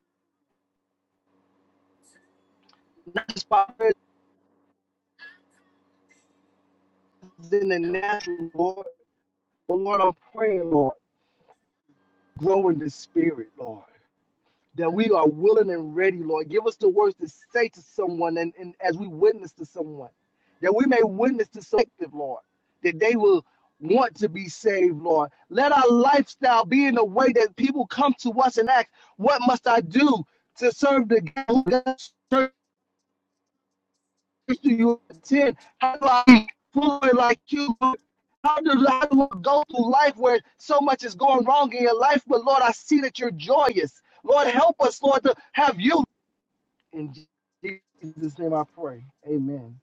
Not just by prayers in the natural, Lord, but Lord, I'm praying, Lord, grow in the spirit, Lord. that we are willing and ready, Lord. Give us the words to say to someone and, and as we witness to someone, that we may witness to someone, Lord, that they will want to be saved, Lord. Let our lifestyle be in a way that people come to us and ask, What must I do to serve the God? church do you attend? How do I be fluid like you? How do, how do I go through life where so much is going wrong in your life? But Lord, I see that you're joyous. Lord, help us, Lord, to have you in Jesus' name I pray. Amen.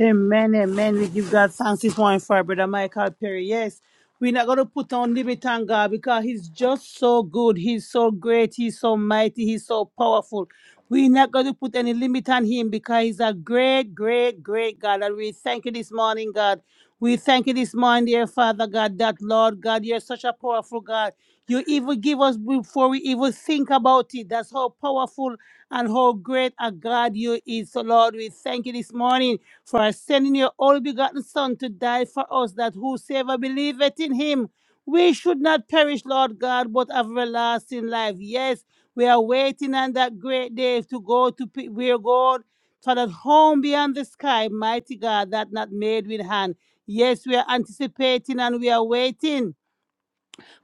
Amen, amen. We give God thanks this morning for our brother Michael Perry. Yes, we're not going to put on limit on God because He's just so good. He's so great. He's so mighty. He's so powerful. We're not going to put any limit on Him because He's a great, great, great God. And we thank you this morning, God. We thank you this morning, dear Father God, that Lord God, you're such a powerful God. You even give us before we even think about it. That's how powerful and how great a God you is. So, Lord, we thank you this morning for sending your only begotten Son to die for us, that whosoever believeth in him, we should not perish, Lord God, but have everlasting life. Yes, we are waiting on that great day to go to pe- where God for that home beyond the sky, mighty God, that not made with hand. Yes, we are anticipating and we are waiting.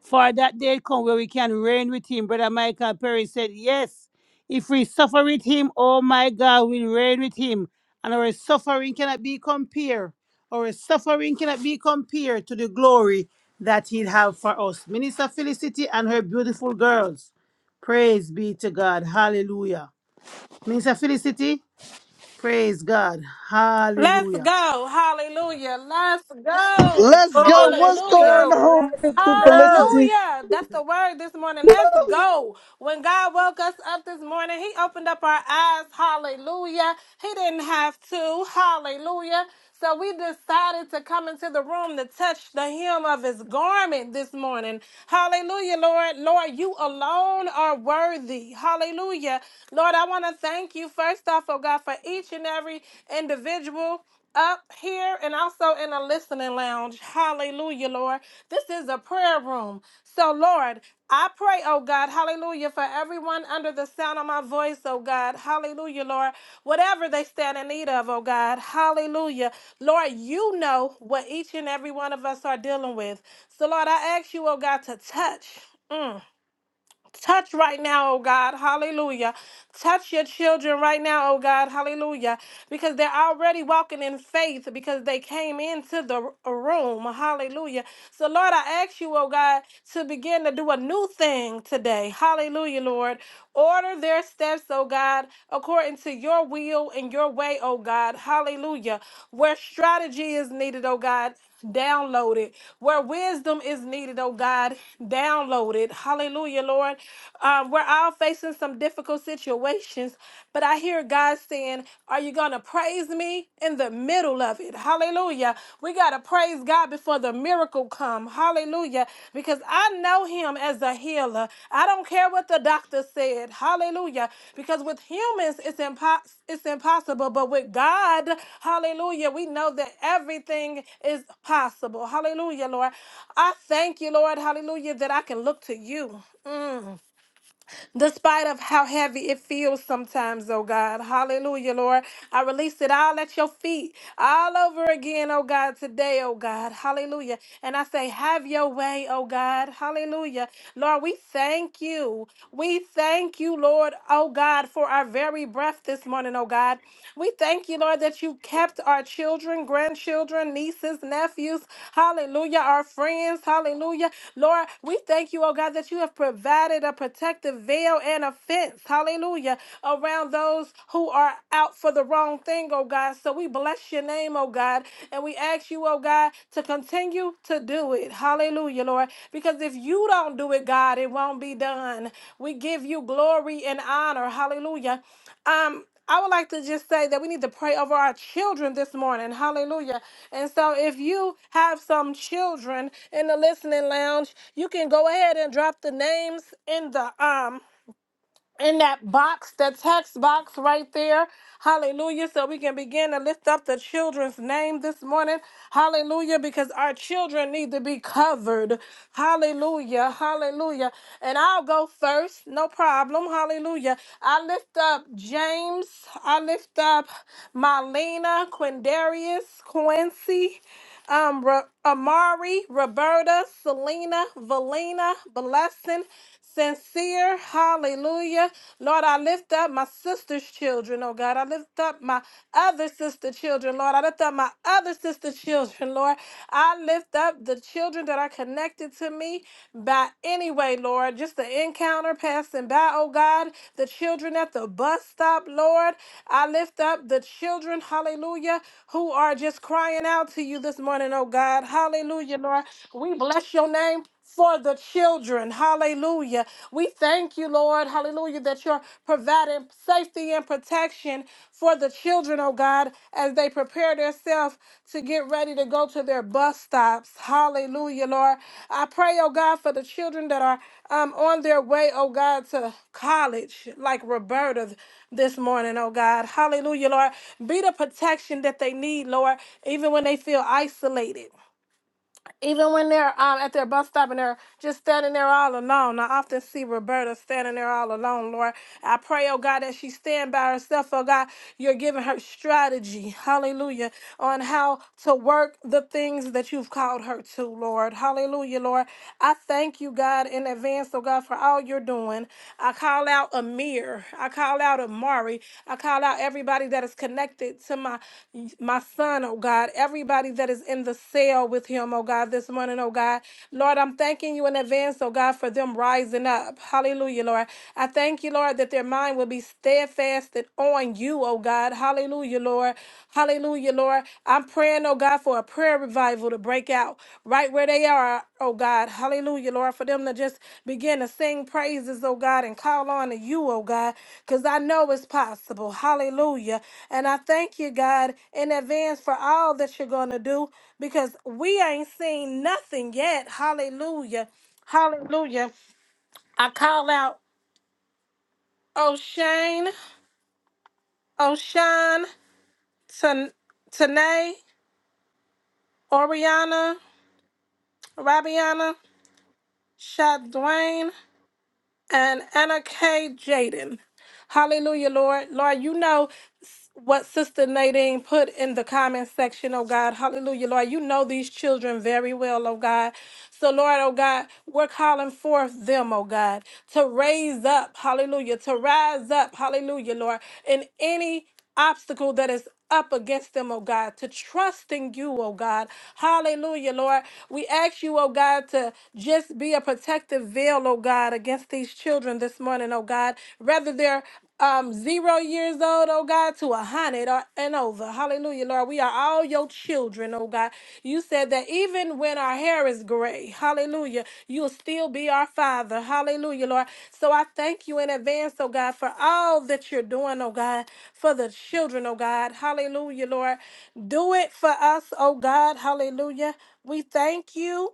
For that day come where we can reign with him. Brother Michael Perry said, Yes, if we suffer with him, oh my God, we'll reign with him. And our suffering cannot be compared. Our suffering cannot be compared to the glory that he'll have for us. Minister Felicity and her beautiful girls. Praise be to God. Hallelujah. Minister Felicity, praise God. Let's Hallelujah. go. Hallelujah. Let's go. Let's go. Oh, let's What's Hallelujah. going go. on, Let's Mr. go. Felicity? Hallelujah. That's the word this morning. Let's go. When God woke us up this morning, He opened up our eyes. Hallelujah. He didn't have to. Hallelujah. So we decided to come into the room to touch the hem of His garment this morning. Hallelujah, Lord. Lord, you alone are worthy. Hallelujah. Lord, I want to thank you first off, oh God, for each and every individual up here and also in a listening lounge. Hallelujah, Lord. This is a prayer room. So, Lord, I pray, oh God, hallelujah, for everyone under the sound of my voice, oh God, hallelujah, Lord, whatever they stand in need of, oh God, hallelujah. Lord, you know what each and every one of us are dealing with. So, Lord, I ask you, oh God, to touch. Mm. Touch right now, oh God, hallelujah. Touch your children right now, oh God, hallelujah. Because they're already walking in faith because they came into the r- room, hallelujah. So, Lord, I ask you, oh God, to begin to do a new thing today, hallelujah, Lord. Order their steps, oh God, according to your will and your way, oh God, hallelujah. Where strategy is needed, oh God, download it. Where wisdom is needed, oh God, download it, hallelujah, Lord. Lord. Um, we're all facing some difficult situations, but I hear God saying, Are you going to praise me in the middle of it? Hallelujah. We got to praise God before the miracle come. Hallelujah. Because I know him as a healer. I don't care what the doctor said. Hallelujah. Because with humans it's impos- it's impossible, but with God, hallelujah, we know that everything is possible. Hallelujah, Lord. I thank you, Lord. Hallelujah that I can look to you mm despite of how heavy it feels sometimes, oh God. Hallelujah, Lord. I release it all at your feet, all over again, oh God, today, oh God. Hallelujah. And I say, have your way, oh God. Hallelujah. Lord, we thank you. We thank you, Lord, oh God, for our very breath this morning, oh God. We thank you, Lord, that you kept our children, grandchildren, nieces, nephews, hallelujah, our friends, hallelujah. Lord, we thank you, oh God, that you have provided a protective veil veil and a fence, hallelujah, around those who are out for the wrong thing, oh God. So we bless your name, oh God, and we ask you, oh God, to continue to do it, hallelujah, Lord, because if you don't do it, God, it won't be done. We give you glory and honor, hallelujah. Um, I would like to just say that we need to pray over our children this morning. Hallelujah. And so if you have some children in the listening lounge, you can go ahead and drop the names in the um in that box, the text box right there. Hallelujah. So we can begin to lift up the children's name this morning. Hallelujah. Because our children need to be covered. Hallelujah. Hallelujah. And I'll go first. No problem. Hallelujah. I lift up James. I lift up Marlena, Quindarius, Quincy um, Ro- Amari, Roberta, Selena, Valina, Blessing, Sincere, hallelujah. Lord, I lift up my sister's children, oh God. I lift up my other sister children, Lord. I lift up my other sister children, Lord. I lift up the children that are connected to me by any way, Lord. Lord. Just the encounter passing by, oh God. The children at the bus stop, Lord. I lift up the children, hallelujah, who are just crying out to you this morning, oh God. Hallelujah, Lord. We bless your name. For the children, hallelujah. We thank you, Lord, hallelujah, that you're providing safety and protection in for the children, oh God, as they prepare themselves to get ready to go to their bus stops. Hallelujah, Lord. I pray, oh God, for the children that are um, on their way, oh God, to college, like Roberta this morning, oh God. Hallelujah, Lord. Be the protection that they need, Lord, even when they feel isolated. Even when they're um, at their bus stop and they're just standing there all alone. I often see Roberta standing there all alone, Lord. I pray, oh God, that she stand by herself, oh God. You're giving her strategy, hallelujah, on how to work the things that you've called her to, Lord. Hallelujah, Lord. I thank you, God, in advance, oh God, for all you're doing. I call out a. Amir. I call out Amari. I call out everybody that is connected to my my son, oh God. Everybody that is in the cell with him, oh God, this morning, oh God. Lord, I'm thanking you in advance, oh God, for them rising up. Hallelujah, Lord. I thank you, Lord, that their mind will be steadfasted on you, oh God. Hallelujah, Lord. Hallelujah, Lord. I'm praying praying, oh God, for a prayer revival to break out right where they are, oh God. Hallelujah, Lord, for them to just begin to sing praises, oh God, and call on to you, oh God, because I know it's possible. Hallelujah. And I thank you, God, in advance for all that you're going to do because we ain't seen nothing yet. Hallelujah. Hallelujah. I call out O'Shane, O'Shawn, Tan- Tanae, Oriana, Rabiana. Shad Dwayne, and Anna K. Jaden. Hallelujah, Lord. Lord, you know what Sister Nadine put in the comment section, oh God. Hallelujah, Lord. You know these children very well, oh God. So, Lord, oh God, we're calling forth them, oh God, to raise up, hallelujah, to rise up, hallelujah, Lord, in any obstacle that is up against them, oh God, to trust in you, oh God. Hallelujah, Lord. We ask you, oh God, to just be a protective veil, oh God, against these children this morning, oh God. Whether they're um zero years old, oh God, to a hundred or and over. Hallelujah, Lord. We are all your children, oh God. You said that even when our hair is gray, hallelujah, you'll still be our father. Hallelujah, Lord. So I thank you in advance, oh God, for all that you're doing, oh God for the children, oh God. Hallelujah, Lord. Do it for us, oh God. Hallelujah. We thank you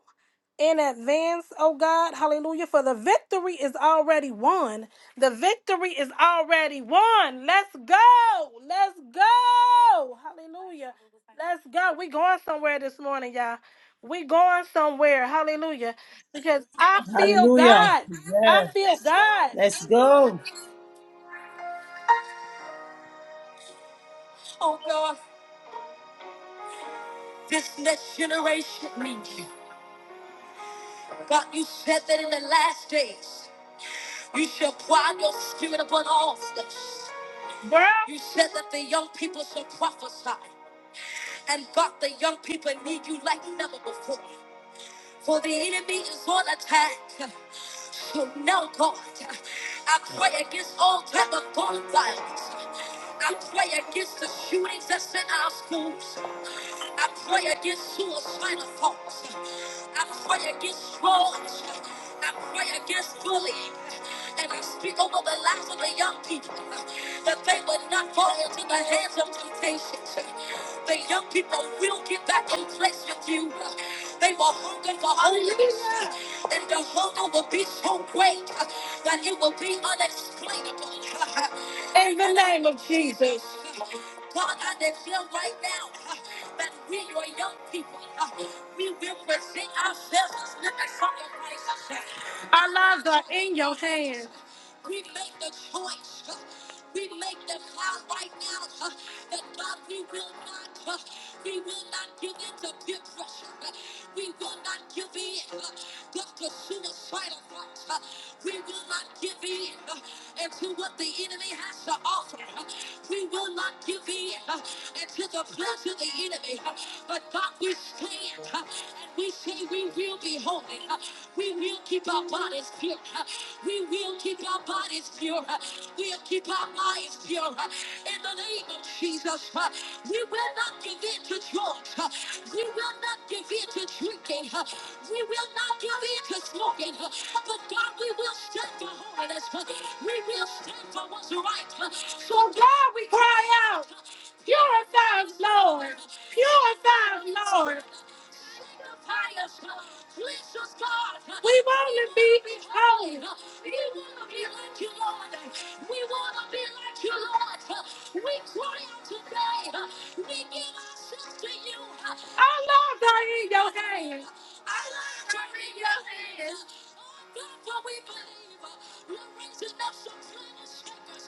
in advance, oh God. Hallelujah. For the victory is already won. The victory is already won. Let's go. Let's go. Hallelujah. Let's go. We going somewhere this morning, y'all. We going somewhere. Hallelujah. Because I feel Hallelujah. God. I Yeah. feel God. Let's go. Oh God, this next generation needs you. God, you said that in the last days, you shall pour out your spirit upon all flesh. Bruh. You said that the young people shall prophesy. And God, the young people need you like never before for the enemy is on attack. So now, God, I pray against all type of gun violence. I pray against the shootings that's in our schools. I pray against suicidal thoughts. I pray against drugs. I pray against bullying. And I speak over the lives of the young people that they will not fall into the hands of temptations. The young people will get back in place with you. They will hunger for holiness, and the hunger will be so great that it will be unexplainable. In the name of Jesus. God, I declare right now that we, your young people, we will present ourselves as living sacrifices. Our lives are in your hands. We make the choice. uh, We make the vow right now uh, that God, we will not, uh, we will not give in to peer pressure. uh, We will not give in uh, just to suicidal thoughts. uh, We will not give in uh, and to what the enemy has to offer. uh, We will not give in uh, and to the plans of the enemy. uh, But God, we stand uh, and we say we will be holy. Uh, We will keep our bodies pure. Uh, We will keep our bodies pure. Uh, We'll keep our minds pure. Uh, In the name of Jesus, uh, we will not give in to drugs. Uh, We will not give in to drinking. Uh, We will not give in to smoking. Uh, But God, we will stand for holiness. Uh, We will stand for what's right. Uh, So God, we cry out. Purify us, Lord. Purify us, Lord. We want to be holy. We want to be like you, Lord. We want to be like you, Lord. We cry out today. We give ourselves to you. Our lives are in your hands. Our lives are in Your hands. We're We're raising raising up some slain and strikers.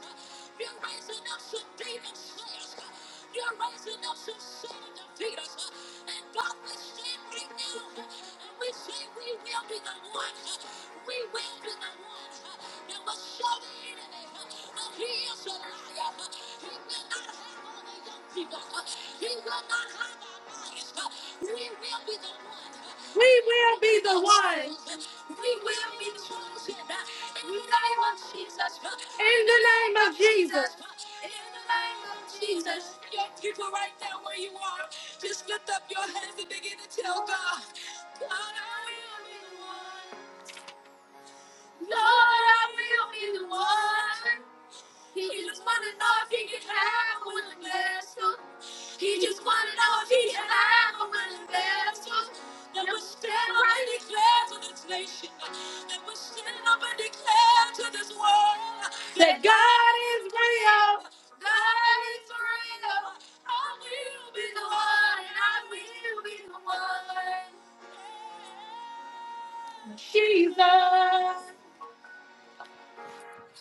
You're raising up some some and you're raising us to sin and defeat us. And God, we stand right now uh, and we say we will be the ones. uh, We will be the ones uh, that will show the enemy uh, that he is a liar. uh, He will not have all the young people. uh, He will not have our minds. We will be the ones. We will be In the name of Jesus. In the name of Jesus. In the name of Jesus. Your people right there where you are. Just lift up your hands and begin to tell God. Lord, I will be the one. He just wanna know if he can have a willing vessel. He just wanna know if he can have a willing vessel. That will stand right and declare to this nation. That will stand up and declare to this world. That God is real. God is real. I will be the one. I will be the one. Jesus.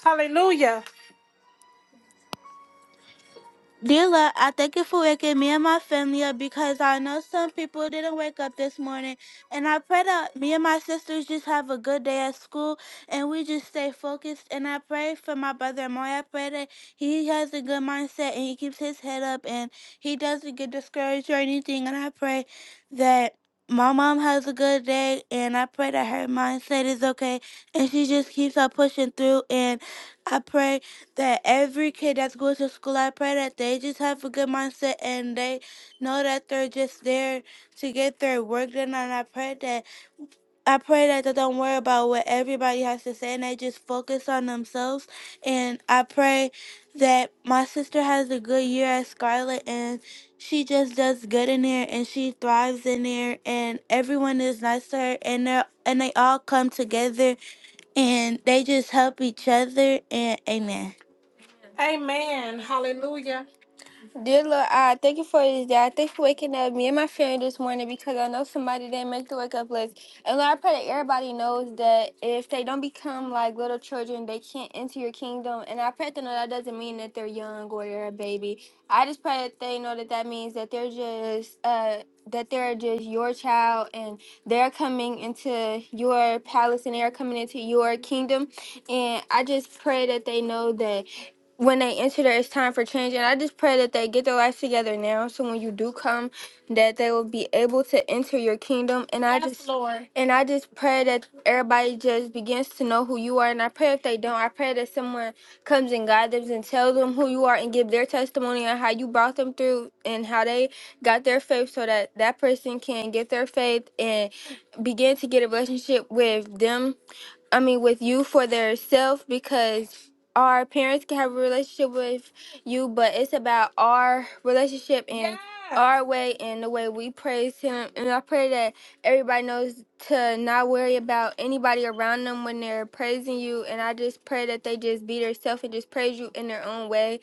Hallelujah. Dila, I thank you for waking me and my family up because I know some people didn't wake up this morning. And I pray that me and my sisters just have a good day at school and we just stay focused. And I pray for my brother Moy. I pray that he has a good mindset and he keeps his head up and he doesn't get discouraged or anything. And I pray that my mom has a good day and I pray that her mindset is okay and she just keeps on pushing through. And I pray that every kid that's going to school, I pray that they just have a good mindset and they know that they're just there to get their work done. And I pray that I pray that they don't worry about what everybody has to say and they just focus on themselves. And I pray that my sister has a good year at Scarlet and she just does good in there and she thrives in there and everyone is nice to her and they and they all come together and they just help each other and amen. Amen. Hallelujah. Dear Lord, I thank you for this day. I thank you for waking up me and my family this morning because I know somebody didn't make the wake up list. And Lord, I pray that everybody knows that if they don't become like little children, they can't enter your kingdom. And I pray that they know that doesn't mean that they're young or they're a baby. I just pray that they know that that means that they're just uh that they're just your child and they're coming into your palace and they're coming into your kingdom. And I just pray that they know that when they enter there, it's time for change. And I just pray that they get their life together now. So when you do come, that they will be able to enter your kingdom. And I Yes, just Lord. and I just pray that everybody just begins to know who you are. And I pray if they don't, I pray that someone comes and guides them and tells them who you are and give their testimony on how you brought them through and how they got their faith, so that that person can get their faith and begin to get a relationship with them I mean, with you for their self because our parents can have a relationship with you, but it's about our relationship and Yes. our way and the way we praise Him. And I pray that everybody knows to not worry about anybody around them when they're praising you. And I just pray that they just be their self and just praise you in their own way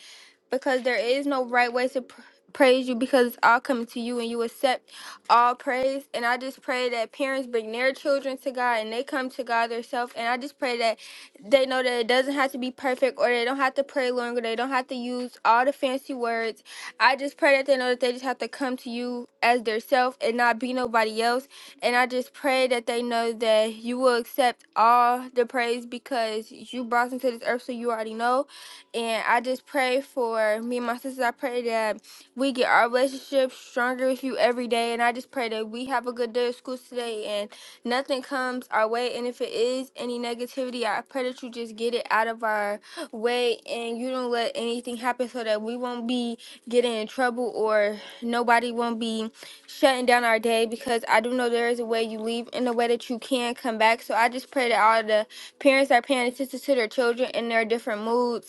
because there is no right way to pr- praise you because it's all coming to you and you accept all praise and i just pray that parents bring their children to god and they come to god themselves and i just pray that they know that it doesn't have to be perfect or they don't have to pray longer they don't have to use all the fancy words i just pray that they know that they just have to come to you as their self and not be nobody else and i just pray that they know that you will accept all the praise because you brought them to this earth so you already know and I just pray for me and my sisters. I pray that we get our relationship stronger with you every day. And I just pray that we have a good day of school today and nothing comes our way. And if it is any negativity, I pray that you just get it out of our way and you don't let anything happen so that we won't be getting in trouble or nobody won't be shutting down our day because I do know there is a way you leave and a way that you can come back. So I just pray that all the parents are paying attention to their children and their different moods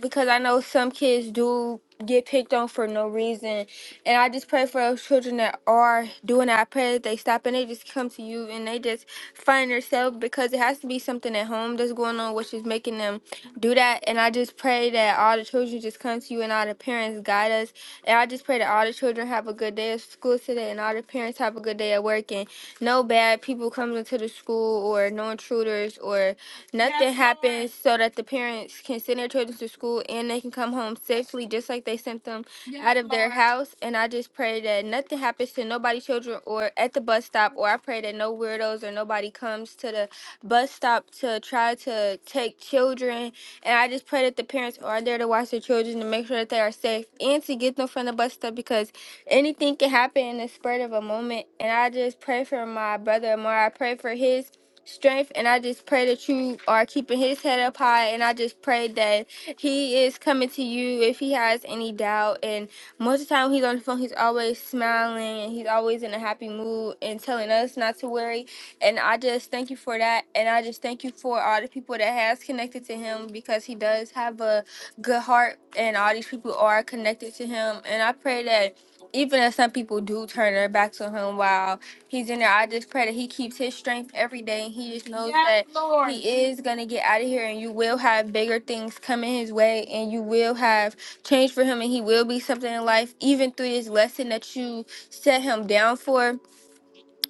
because I know some kids do get picked on for no reason. And I just pray for those children that are doing that. I pray that they stop and they just come to you and they just find themselves because it has to be something at home that's going on which is making them do that. And I just pray that all the children just come to you and all the parents guide us. And I just pray that all the children have a good day of school today and all the parents have a good day at work and no bad people comes into the school or no intruders or. Nothing happens so that the parents can send their children to school and they can come home safely, just like they sent them out of their house. And I just pray that nothing happens to nobody's children or at the bus stop, or I pray that no weirdos or nobody comes to the bus stop to try to take children. And I just pray that the parents are there to watch their children to make sure that they are safe and to get them from the bus stop because anything can happen in the spurt of a moment. And I just pray for my brother more. I pray for his strength and I just pray that you are keeping his head up high and I just pray that he is coming to you if he has any doubt and most of the time when he's on the phone he's always smiling and he's always in a happy mood and telling us not to worry and I just thank you for that and I just thank you for all the people that has connected to him because he does have a good heart and all these people are connected to him and I pray that even if some people do turn their backs on him, wow He's in there. I just pray that he keeps his strength every day and he just knows Yes, that Lord. he is going to get out of here and you will have bigger things coming his way and you will have change for him and he will be something in life even through this lesson that you set him down for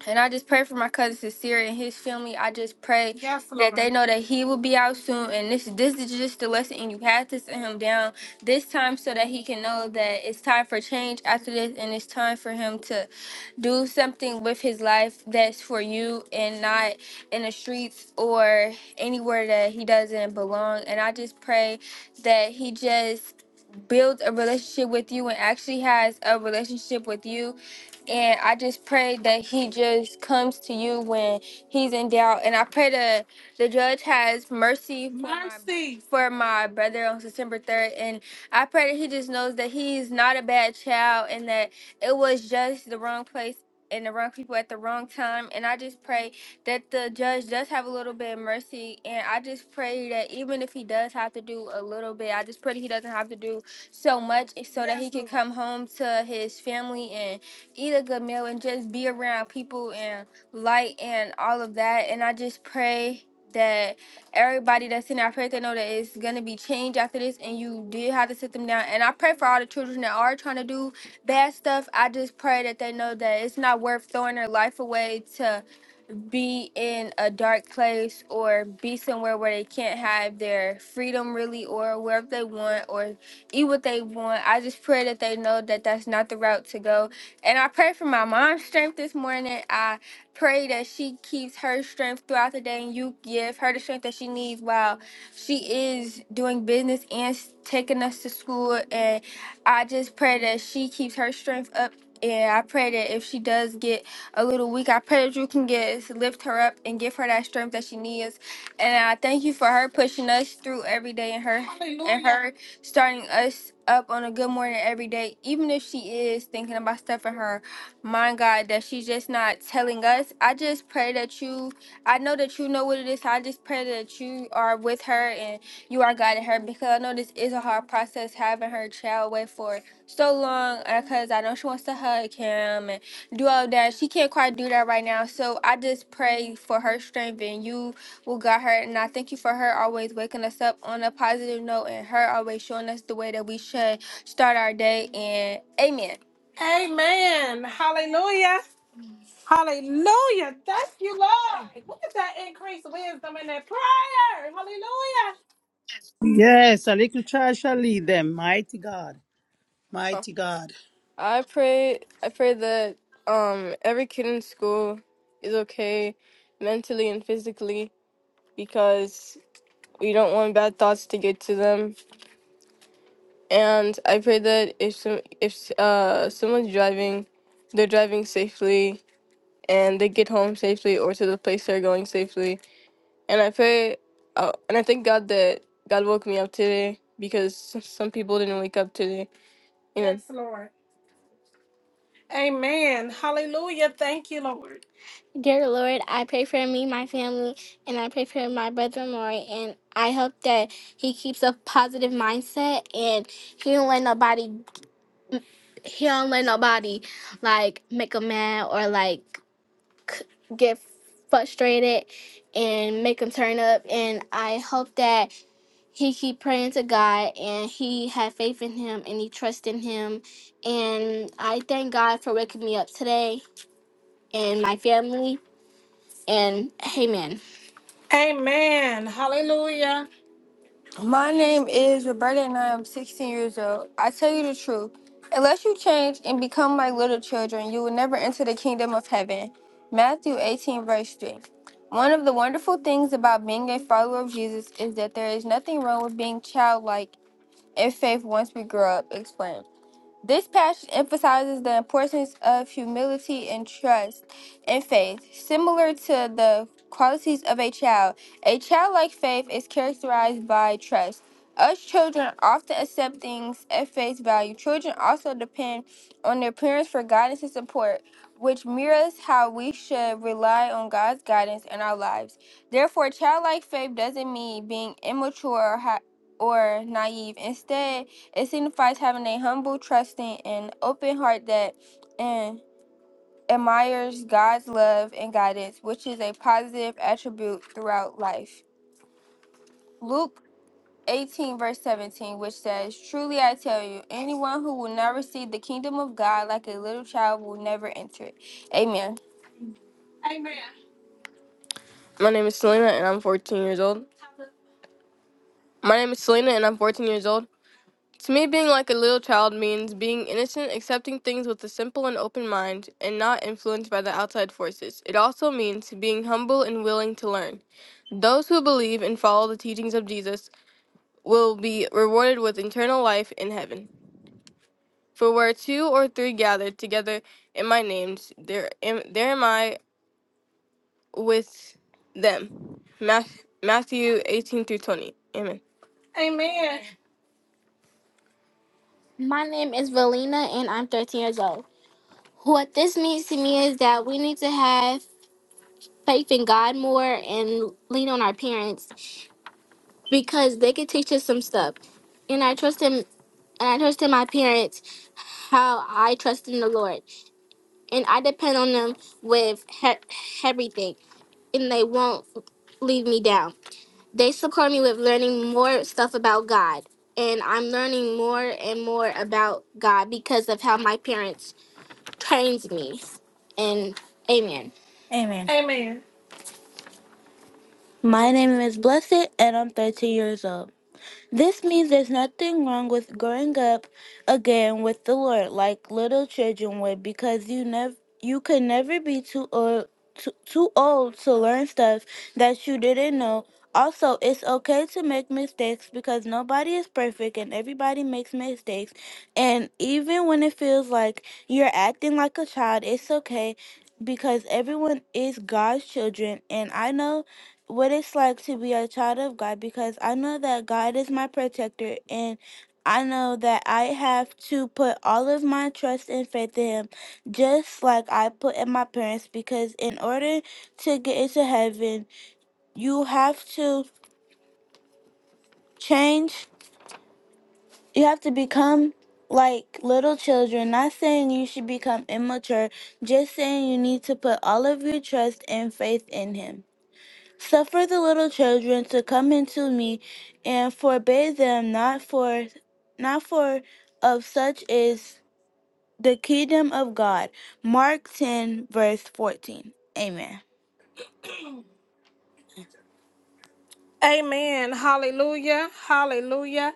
and I just pray for my cousin Sincere and his family. I just pray Yes, that Lord. they Lord. know that he will be out soon. And this this is just the lesson, and you have to send him down this time so that he can know that it's time for change after this, and it's time for him to do something with his life that's for you and not in the streets or anywhere that he doesn't belong. And I just pray that he just builds a relationship with you and actually has a relationship with you and I just pray that he just comes to you when he's in doubt. And I pray that the judge has mercy for my, Mercy. for my brother on September 3rd. And I pray that he just knows that he's not a bad child and that it was just the wrong place and the wrong people at the wrong time. And I just pray that the judge does have a little bit of mercy. And I just pray that even if he does have to do a little bit, I just pray that he doesn't have to do so much so that he Yes, can Lord. come home to his family and eat a good meal and just be around people and light and all of that. And I just pray that everybody that's in our pray they know that it's gonna be changed after this and you did have to sit them down. And I pray for all the children that are trying to do bad stuff. I just pray that they know that it's not worth throwing their life away to be in a dark place or be somewhere where they can't have their freedom really or wherever they want or eat what they want. I just pray that they know that that's not the route to go. And I pray for my mom's strength this morning. I pray that she keeps her strength throughout the day and you give her the strength that she needs while she is doing business and s- taking us to school. And I just pray that she keeps her strength up. And I pray that if she does get a little weak. I pray that you can get lift her up and give her that strength that she needs. And I thank you for her pushing us through every day and her and her starting us up on a good morning every day, even if she is thinking about stuff in her mind, God, that she's just not telling us. I just pray that you I know that you know what it is. I just pray that you are with her and you are guiding her because I know this is a hard process having her child wait for so long because I know she wants to hug him do that. She can't quite do that right now. So I just pray for her strength and you will guide her. And I thank you for her always waking us up on a positive note and her always showing us the way that we should start our day. And amen. Amen. Hallelujah. Hallelujah. Thank you, Lord. Look at that increased wisdom in that prayer. Hallelujah. Yes, a little child shall lead them. Mighty God, mighty God. I pray I pray that um every kid in school is okay mentally and physically because. We don't want bad thoughts to get to them. And I pray that if some, if uh, someone's driving, they're driving safely and they get home safely or to the place they're going safely. And I pray, uh, and I thank God that God woke me up today because s- some people didn't wake up today. Amen. Yes, Lord. Amen. Hallelujah. Thank you, Lord. Dear Lord, I pray for me, my family, and I pray for my brother Maury, and I hope that he keeps a positive mindset and he don't let nobody, he don't let nobody like make him mad or like c- get frustrated and make him turn up. And I hope that he keep praying to God and he have faith in Him and he trust in Him. And I thank God for waking me up today and my family. And Amen. Amen. Hallelujah. My name is Roberta and I am 16 years old. I tell you the truth. Unless you change and become like little children, you will never enter the kingdom of heaven. Matthew 18, verse 3. One of the wonderful things about being a follower of Jesus is that there is nothing wrong with being childlike in faith once we grow up. explained. This passage emphasizes the importance of humility and trust and faith. Similar to the qualities of a child, a childlike faith is characterized by trust. Us children often accept things at face value. Children also depend on their parents for guidance and support, which mirrors how we should rely on God's guidance in our lives. Therefore, childlike faith doesn't mean being immature or, ha- or naive. Instead, it signifies having a humble, trusting, and open heart that and admires God's love and guidance, which is a positive attribute throughout life. Luke 18, verse 17, which says, Truly I tell you, anyone who will not receive the kingdom of God like a little child will never enter it. Amen. Amen. My name is Selena, and I'm 14 years old. My name is Selena, and I'm 14 years old. To me, being like a little child means being innocent, accepting things with a simple and open mind, and not influenced by the outside forces. It also means being humble and willing to learn. Those who believe and follow the teachings of Jesus will be rewarded with eternal life in heaven. For where two or three gather together in my name, there am, there am I with them. Matthew 18 through 20. Amen. My name is Valina and I'm 13 years old. What this means to me is that we need to have faith in God more and lean on our parents because they can teach us some stuff. And I trust him and I trust in my parents how I trust in the Lord. And I depend on them with he- everything and they won't leave me down. They support me with learning more stuff about God. And I'm learning more and more about God because of how my parents trained me. And amen. Amen. My name is Blessed and I'm 13 years old. This means there's nothing wrong with growing up again with the Lord like little children would because you never you could never be too old too, too old to learn stuff that you didn't know. Also, it's okay to make mistakes because nobody is perfect and everybody makes mistakes. And even when it feels like you're acting like a child, it's okay because everyone is God's children and I know what it's like to be a child of God because I know that God is my protector and I know that I have to put all of my trust and faith in Him just like I put in my parents because in order to get into heaven, you have to change, you have to become like little children. Not saying you should become immature, just saying you need to put all of your trust and faith in Him. Suffer the little children to come into me, and forbid them not for not for of such is the kingdom of God. Mark ten verse fourteen. Amen. Amen. Hallelujah. Hallelujah.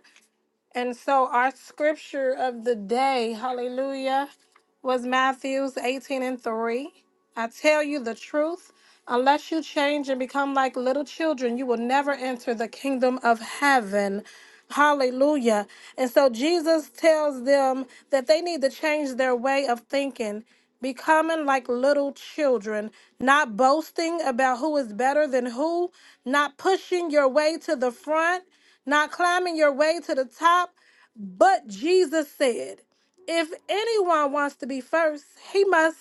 And so our scripture of the day, hallelujah. was Matthews 18 and 3. I tell you the truth, unless you change and become like little children, you will never enter the kingdom of heaven. Hallelujah. And so Jesus tells them that they need to change their way of thinking, becoming like little children, not boasting about who is better than who, not pushing your way to the front, not climbing your way to the top, but Jesus said, if anyone wants to be first, he must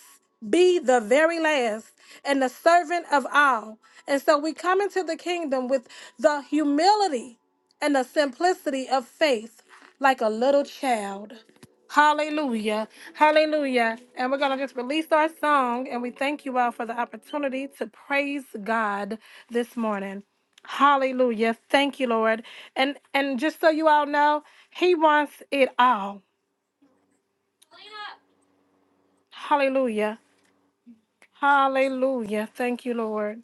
be the very last and the servant of all. And so we come into the kingdom with the humility and the simplicity of faith like a little child. Hallelujah. Hallelujah. And we're going to just release our song and we thank you all for the opportunity to praise God this morning. Hallelujah. Thank you, Lord. And and just so you all know, he wants it all. Hallelujah. Hallelujah. Thank you, Lord.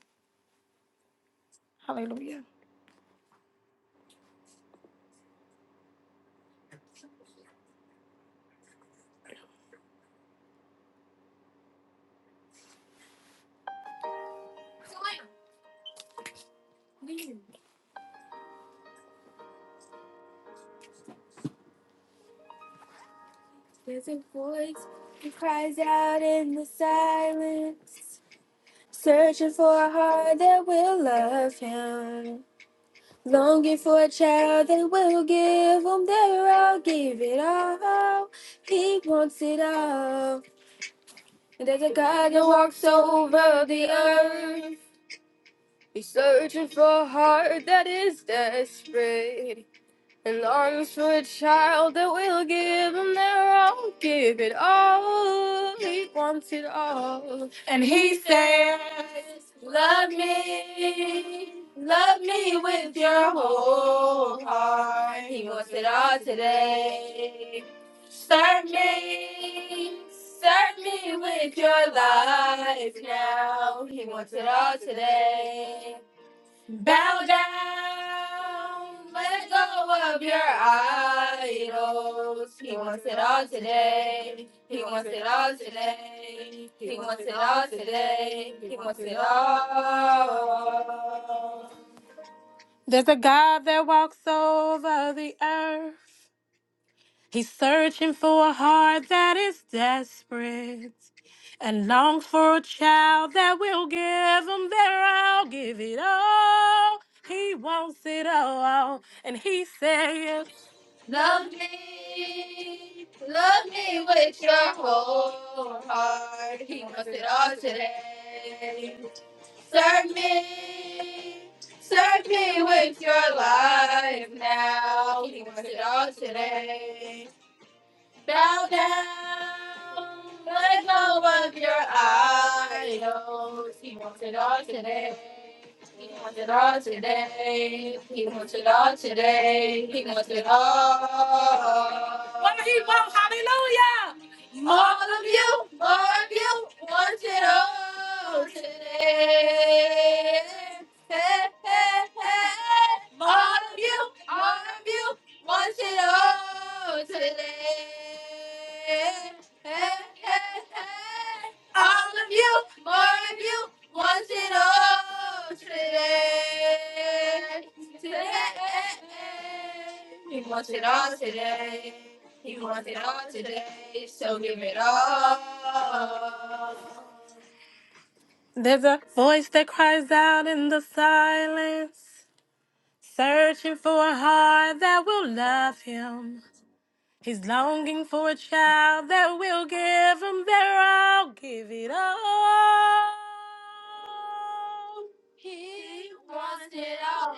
Hallelujah. There's a voice that cries out in the silence, searching for a heart that will love him, longing for a child that will give him their all, give it all. He wants it all. And there's a God that walks over the earth. He's searching for a heart that is desperate. And arms for a child that will give him their all, give it all. He wants it all. Me with more, he wants it all today. Me With your life, he wants it all today. He wants it all today. He wants it all today. He wants it all today. He wants it all. There's a God that walks over the earth. He's searching for a heart that is desperate. and longs for a child that will give him their all, give it all. He wants it all, and he says, Love me, love me with your whole heart. He wants it all today. Serve me with your life now. He wants it all today. Bow down, let go of your idols. He wants it all today. He wants it all today. He wants it all today. He wants it all. All of you, all of you, it all today. Hey, hey, hey. All of you, all of you, want it all today. Hey, hey, hey. All of you, more of you, want it all today. Today. He wants it all today. He wants it all today. So give it all. There's a voice that cries out in the silence, searching for a heart that will love him. He's longing for a child that will give him their all, give it all. Wants it all.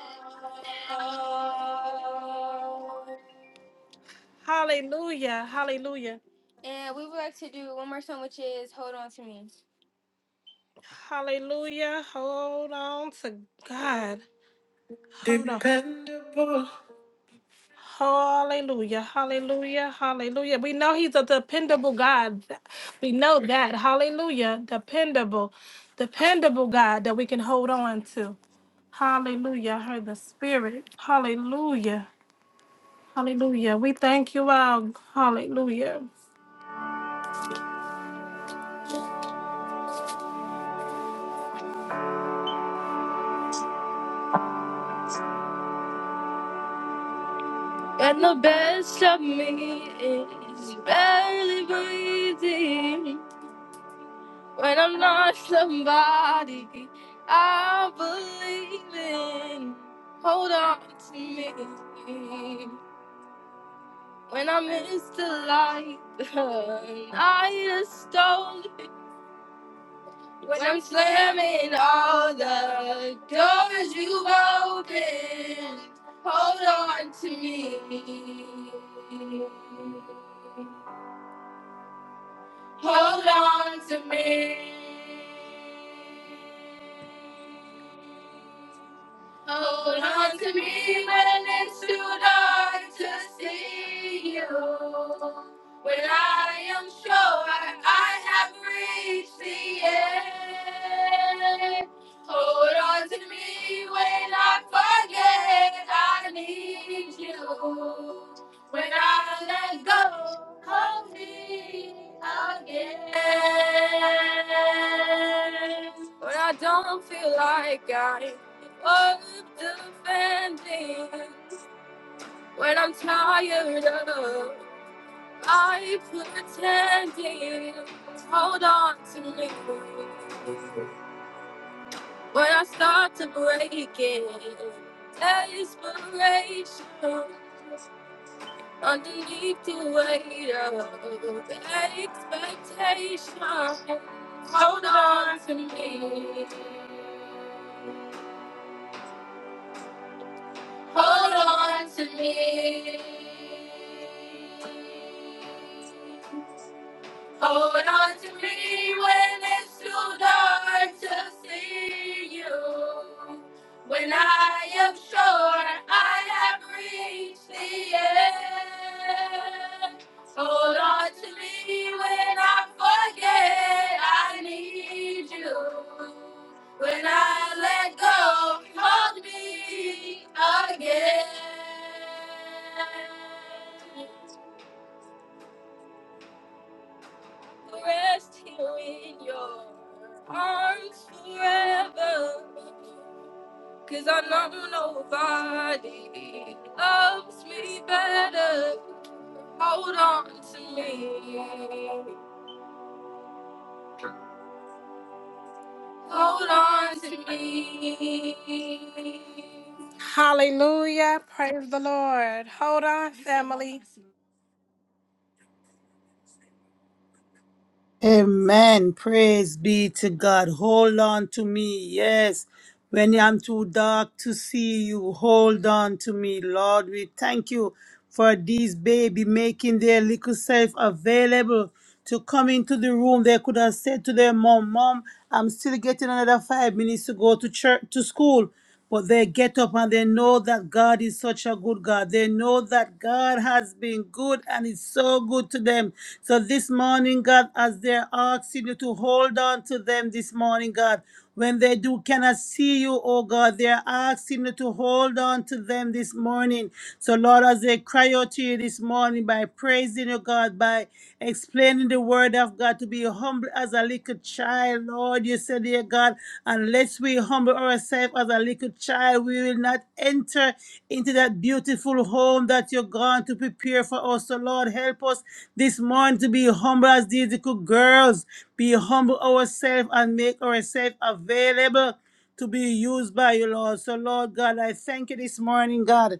Hallelujah, hallelujah. And we would like to do one more song, which is Hold On to Me. Hallelujah, hold on to God. Hold on. Hallelujah, hallelujah, hallelujah. We know he's a dependable God. We know that. Hallelujah. Dependable, dependable God that we can hold on to. Hallelujah. I heard the Spirit. Hallelujah. Hallelujah. We thank you all. Hallelujah. And the best of me is barely breathing. When I'm not somebody I believe in, hold on to me. When i miss the light, I just don't. When I'm slamming all the doors you've opened, hold on to me. Hold on to me. Hold on to me when it's too dark to see you. When I am sure I have reached the end. Hold on to me when I forget I need you. When I let go, hold me again. When I don't feel like I of defending when I'm tired of I pretending. Hold on to me when I start to break it. Desperation underneath the weight of expectation. Hold on to me. Hold on to me. Hold on to me when it's too dark to see you. When I am sure I have reached the end. Hold on to me when I forget I need you. When I let go, hold me again. rest here in your arms forever. 'Cause I know nobody loves me better. Hold on to me. Hold on to me. Hallelujah. Praise the Lord. Hold on, family. Amen. Praise be to God. Hold on to me. Yes. When I'm too dark to see you, hold on to me. Lord, we thank you for these baby making their little self available to come into the room. They could have said to their mom, Mom, I'm still getting another five minutes to go to church to school. But they get up and they know that God is such a good God. They know that God has been good and is so good to them. So this morning, God, as they're asking you to hold on to them this morning, God, when they do cannot see you, oh God, they're asking you to hold on to them this morning. So Lord, as they cry out to you this morning by praising you, God. Lord, by explaining the word of God to be humble as a little child, Lord. You said, dear God, unless we humble ourselves as a little child, we will not enter into that beautiful home that you're going to prepare for us. So, Lord, help us this morning to be humble as these little girls, be humble ourselves and make ourselves available to be used by you, Lord. So, Lord God, I thank you this morning, God.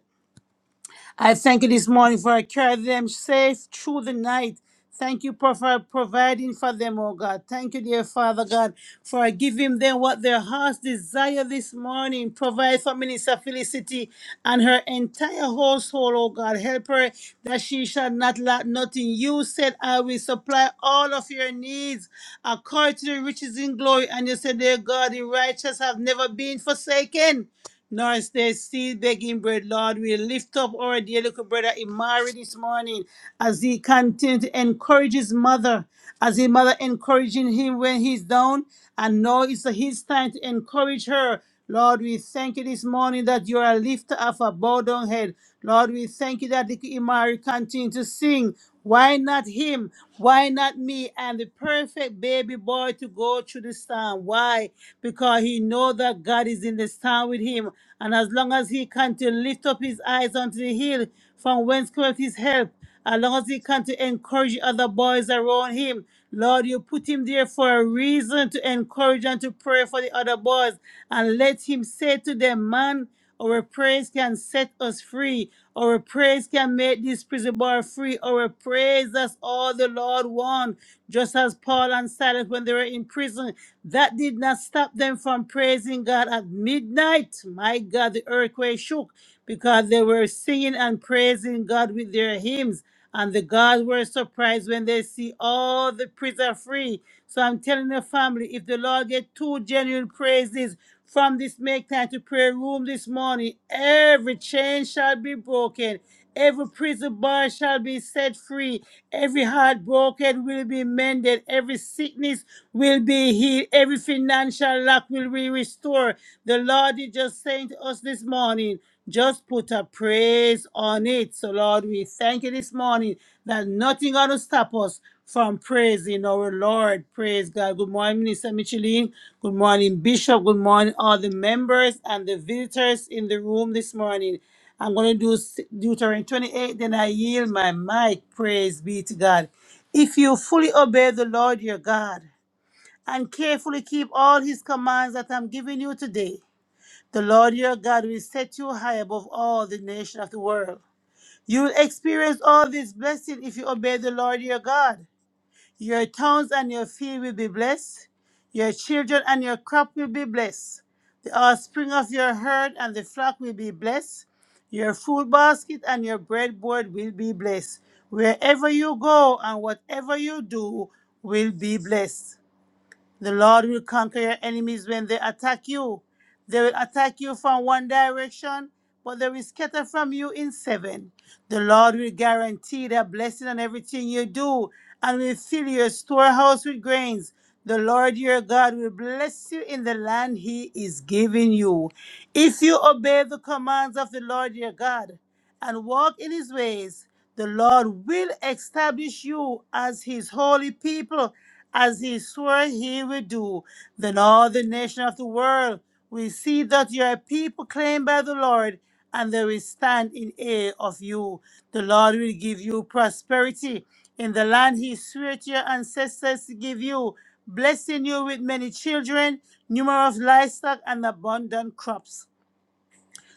I thank you this morning for carrying them safe through the night. Thank you for for providing for them, oh God. Thank you, dear Father God, for giving them what their hearts desire this morning. Provide for Minister Felicity and her entire household, oh God. Help her that she shall not lack nothing. You said, I will supply all of your needs according to the riches in glory. And you said, dear God, the righteous have never been forsaken Nurse, they still begging bread. Lord, we lift up our dear little brother Imari this morning as he continues to encourage his mother, as his mother encouraging him when he's down. And now it's his time to encourage her. Lord, we thank you this morning that you are a lifter of a bowed down head. Lord, we thank you that little Imari continues to sing. Why not him? Why not me? I'm the perfect baby boy to go through the storm. Why? Because he know that God is in the storm with him. And as long as he can to lift up his eyes unto the hill from whence cometh his help, as long as he can to encourage other boys around him, Lord, you put him there for a reason to encourage and to pray for the other boys. And let him say to them, man, our praise can set us free. Our praise can make this prison bar free. Our praise, that's all the Lord wants. Just as Paul and Silas, when they were in prison, that did not stop them from praising God at midnight. My God, the earthquake shook because they were singing and praising God with their hymns. And the guards were surprised when they see all the prisoners free. So I'm telling the family, if the Lord get two genuine praises from this make time to prayer room this morning, every chain shall be broken. Every prison bar shall be set free. Every heart broken will be mended. Every sickness will be healed. Every financial lack will be restored. The Lord is just saying to us this morning, just put a praise on it. So, Lord, we thank you this morning that nothing going to stop us from praising our Lord. Praise God. Good morning, Minister Micheline. Good morning, Bishop. Good morning, all the members and the visitors in the room this morning. I'm going to do s- Deuteronomy 28, then I yield my mic. Praise be to God. If you fully obey the Lord your God and carefully keep all his commands that I'm giving you today, the Lord your God will set you high above all the nations of the world. You will experience all this blessing if you obey the Lord your God. Your towns and your field will be blessed. Your children and your crop will be blessed. The offspring of your herd and the flock will be blessed. Your food basket and your breadboard will be blessed. Wherever you go and whatever you do will be blessed. The Lord will conquer your enemies when they attack you. They will attack you from one direction, but they will scatter from you in seven. The Lord will guarantee their blessing on everything you do and will fill your storehouse with grains. The Lord your God will bless you in the land he is giving you. If you obey the commands of the Lord your God and walk in his ways, the Lord will establish you as his holy people as he swore he would do. Then all the nations of the world will see that you are a people claimed by the Lord, and they will stand in awe of you. The Lord will give you prosperity in the land he swore to your ancestors to give you, blessing you with many children, numerous livestock, and abundant crops.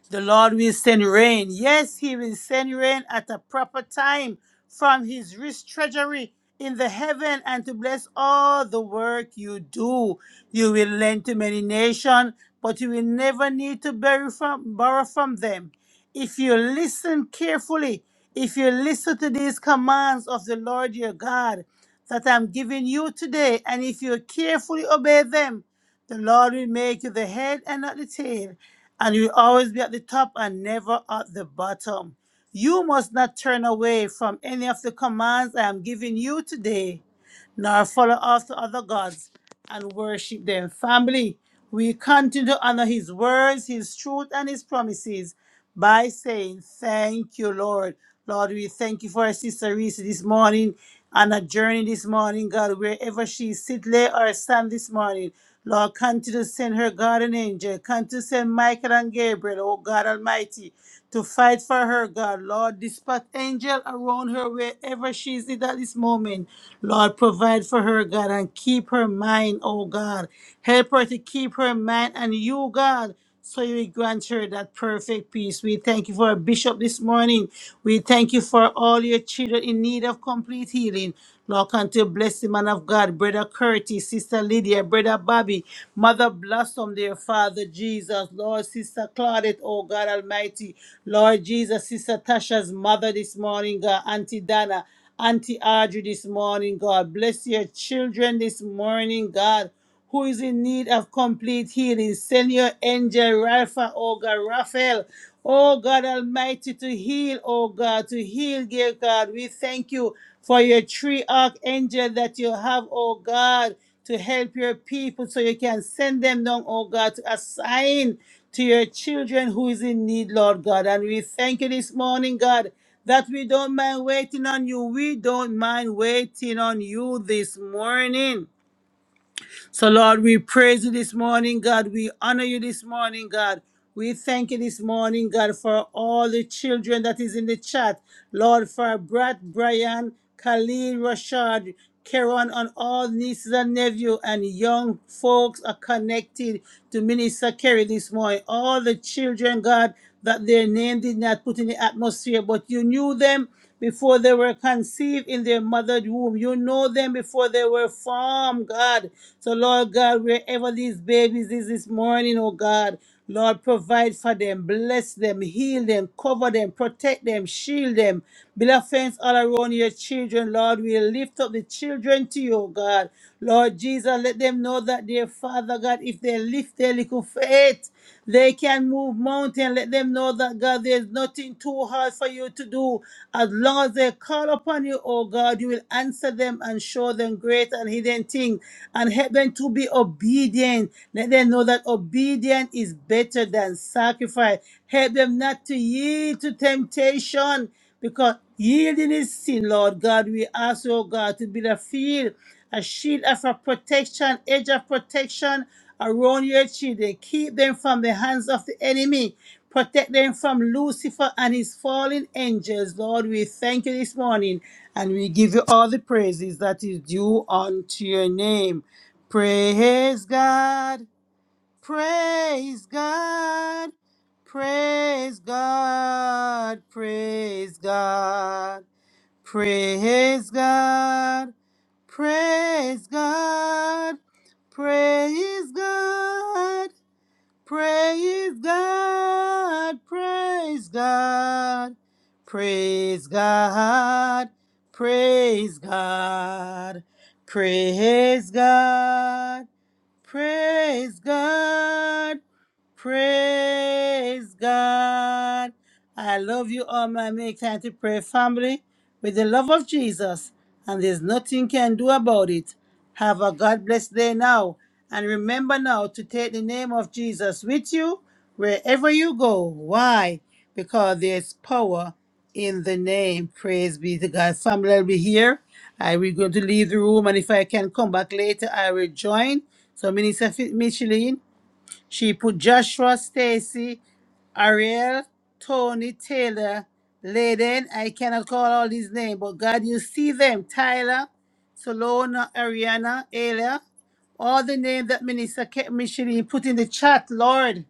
The Lord will send rain. Yes, He will send rain at a proper time from His rich treasury in the heaven and to bless all the work you do. You will lend to many nations, but you will never need to borrow from, borrow from them. If you listen carefully, if you listen to these commands of the Lord your God that I'm giving you today, and if you carefully obey them, the Lord will make you the head and not the tail and you will always be at the top and never at the bottom. You must not turn away from any of the commands I am giving you today, nor follow after other gods and worship them. Family, we continue to honor His words, His truth, and His promises by saying, Thank you, Lord. Lord, we thank you for our sister Reese this morning on a journey this morning, God, wherever she sit, lay, or stand this morning. Lord, continue to send her guardian angel. Continue to send Michael and Gabriel, oh God Almighty, to fight for her, God. Lord, dispatch angel around her wherever she is at this moment. Lord, provide for her, God, and keep her mind, oh God. Help her to keep her mind and you, God. So you will grant her that perfect peace. We thank you for our bishop this morning. We thank you for all your children in need of complete healing. Lord, continue to bless the man of God, Brother Curtis, Sister Lydia, Brother Bobby, Mother Blossom, dear Father Jesus, Lord, Sister Claudette, oh God Almighty, Lord Jesus, Sister Tasha's mother this morning, God, Auntie Dana, Auntie Audrey this morning, God, bless your children this morning, God who is in need of complete healing. Send your angel, Rapha, oh God, Raphael, oh God Almighty, to heal, oh God, to heal, dear God. We thank you for your three archangel that you have, oh God, to help your people so you can send them down, oh God, to assign to your children who is in need, Lord God. And we thank you this morning, God, that we don't mind waiting on you. We don't mind waiting on you this morning. So, Lord, we praise you this morning, God. We honor you this morning, God. We thank you this morning, God, for all the children that is in the chat. Lord, for Brad, Brian, Khalil, Rashad. Karen and all nieces and nephew and young folks are connected to Minister Kerry this morning. All the children, God, that their name did not put in the atmosphere, but you knew them before they were conceived in their mother's womb. You know them before they were formed, God. So, Lord God, wherever these babies is this morning, oh God. Lord, provide for them, bless them, heal them, cover them, protect them, shield them. Beloved friends, all around your children, Lord, we lift up the children to you, God. Lord Jesus, let them know that, dear Father God, if they lift their little faith, they can move mountain. Let them know that, God, there's nothing too hard for you to do do. As long as they call upon you, O God, you will answer them and show them great and hidden things and help them to be obedient. Let them know that obedience is better than sacrifice. Help them not to yield to temptation because yielding is sin, Lord God. We ask, O God, to be the field, a shield of a protection, edge of protection around your children. Keep them from the hands of the enemy. Protect them from Lucifer and his fallen angels. Lord, we thank you this morning and we give you all the praises that is due unto your name. Praise God. Praise God. Praise God. Praise God. Praise God. Praise God. Praise God. Praise God, praise God, praise God, praise God, praise God, Praise God. Praise God. I love you all, my Make Time to Pray family, with the love of Jesus, and there's nothing can do about it. Have a God blessed day now. And remember now to take the name of Jesus with you wherever you go. Why? Because there's power in the name. Praise be to God. Family, I'll be here. I will going to leave the room, and if I can come back later, I will join. So Minister Fi- Michelin, she put Joshua, Stacy, Ariel, Tony, Taylor, Layden. I cannot call all these names, but God, you see them. Tyler, Solona, Ariana, Ayla, all the names that Minister Ke- Michelin put in the chat, Lord.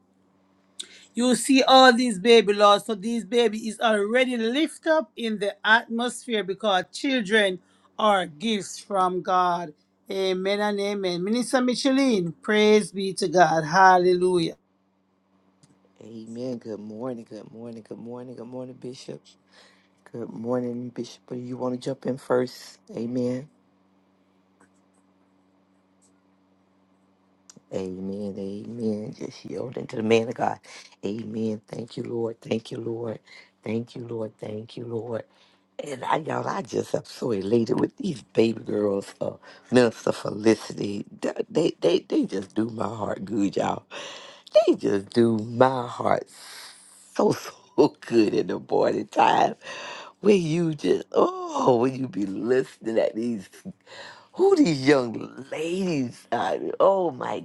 You see all these baby laws. So these baby is already lift up in the atmosphere because children are gifts from God. Amen and amen. Minister Micheline, praise be to God. Hallelujah. Amen. Good morning. Good morning. Good morning. Good morning, Bishop. Good morning, Bishop. Do You want to jump in first? Amen. Amen. Amen. Just yielding to the man of God. Amen. Thank you, Lord. Thank you, Lord. Thank you, Lord. Thank you, Lord. And I, y'all, I just am so elated with these baby girls, uh, Minister Felicity. Th- They, they, they just do my heart good, y'all. They just do my heart so, so good in the morning time. When you just, oh, when you be listening at these who these young ladies are. Oh my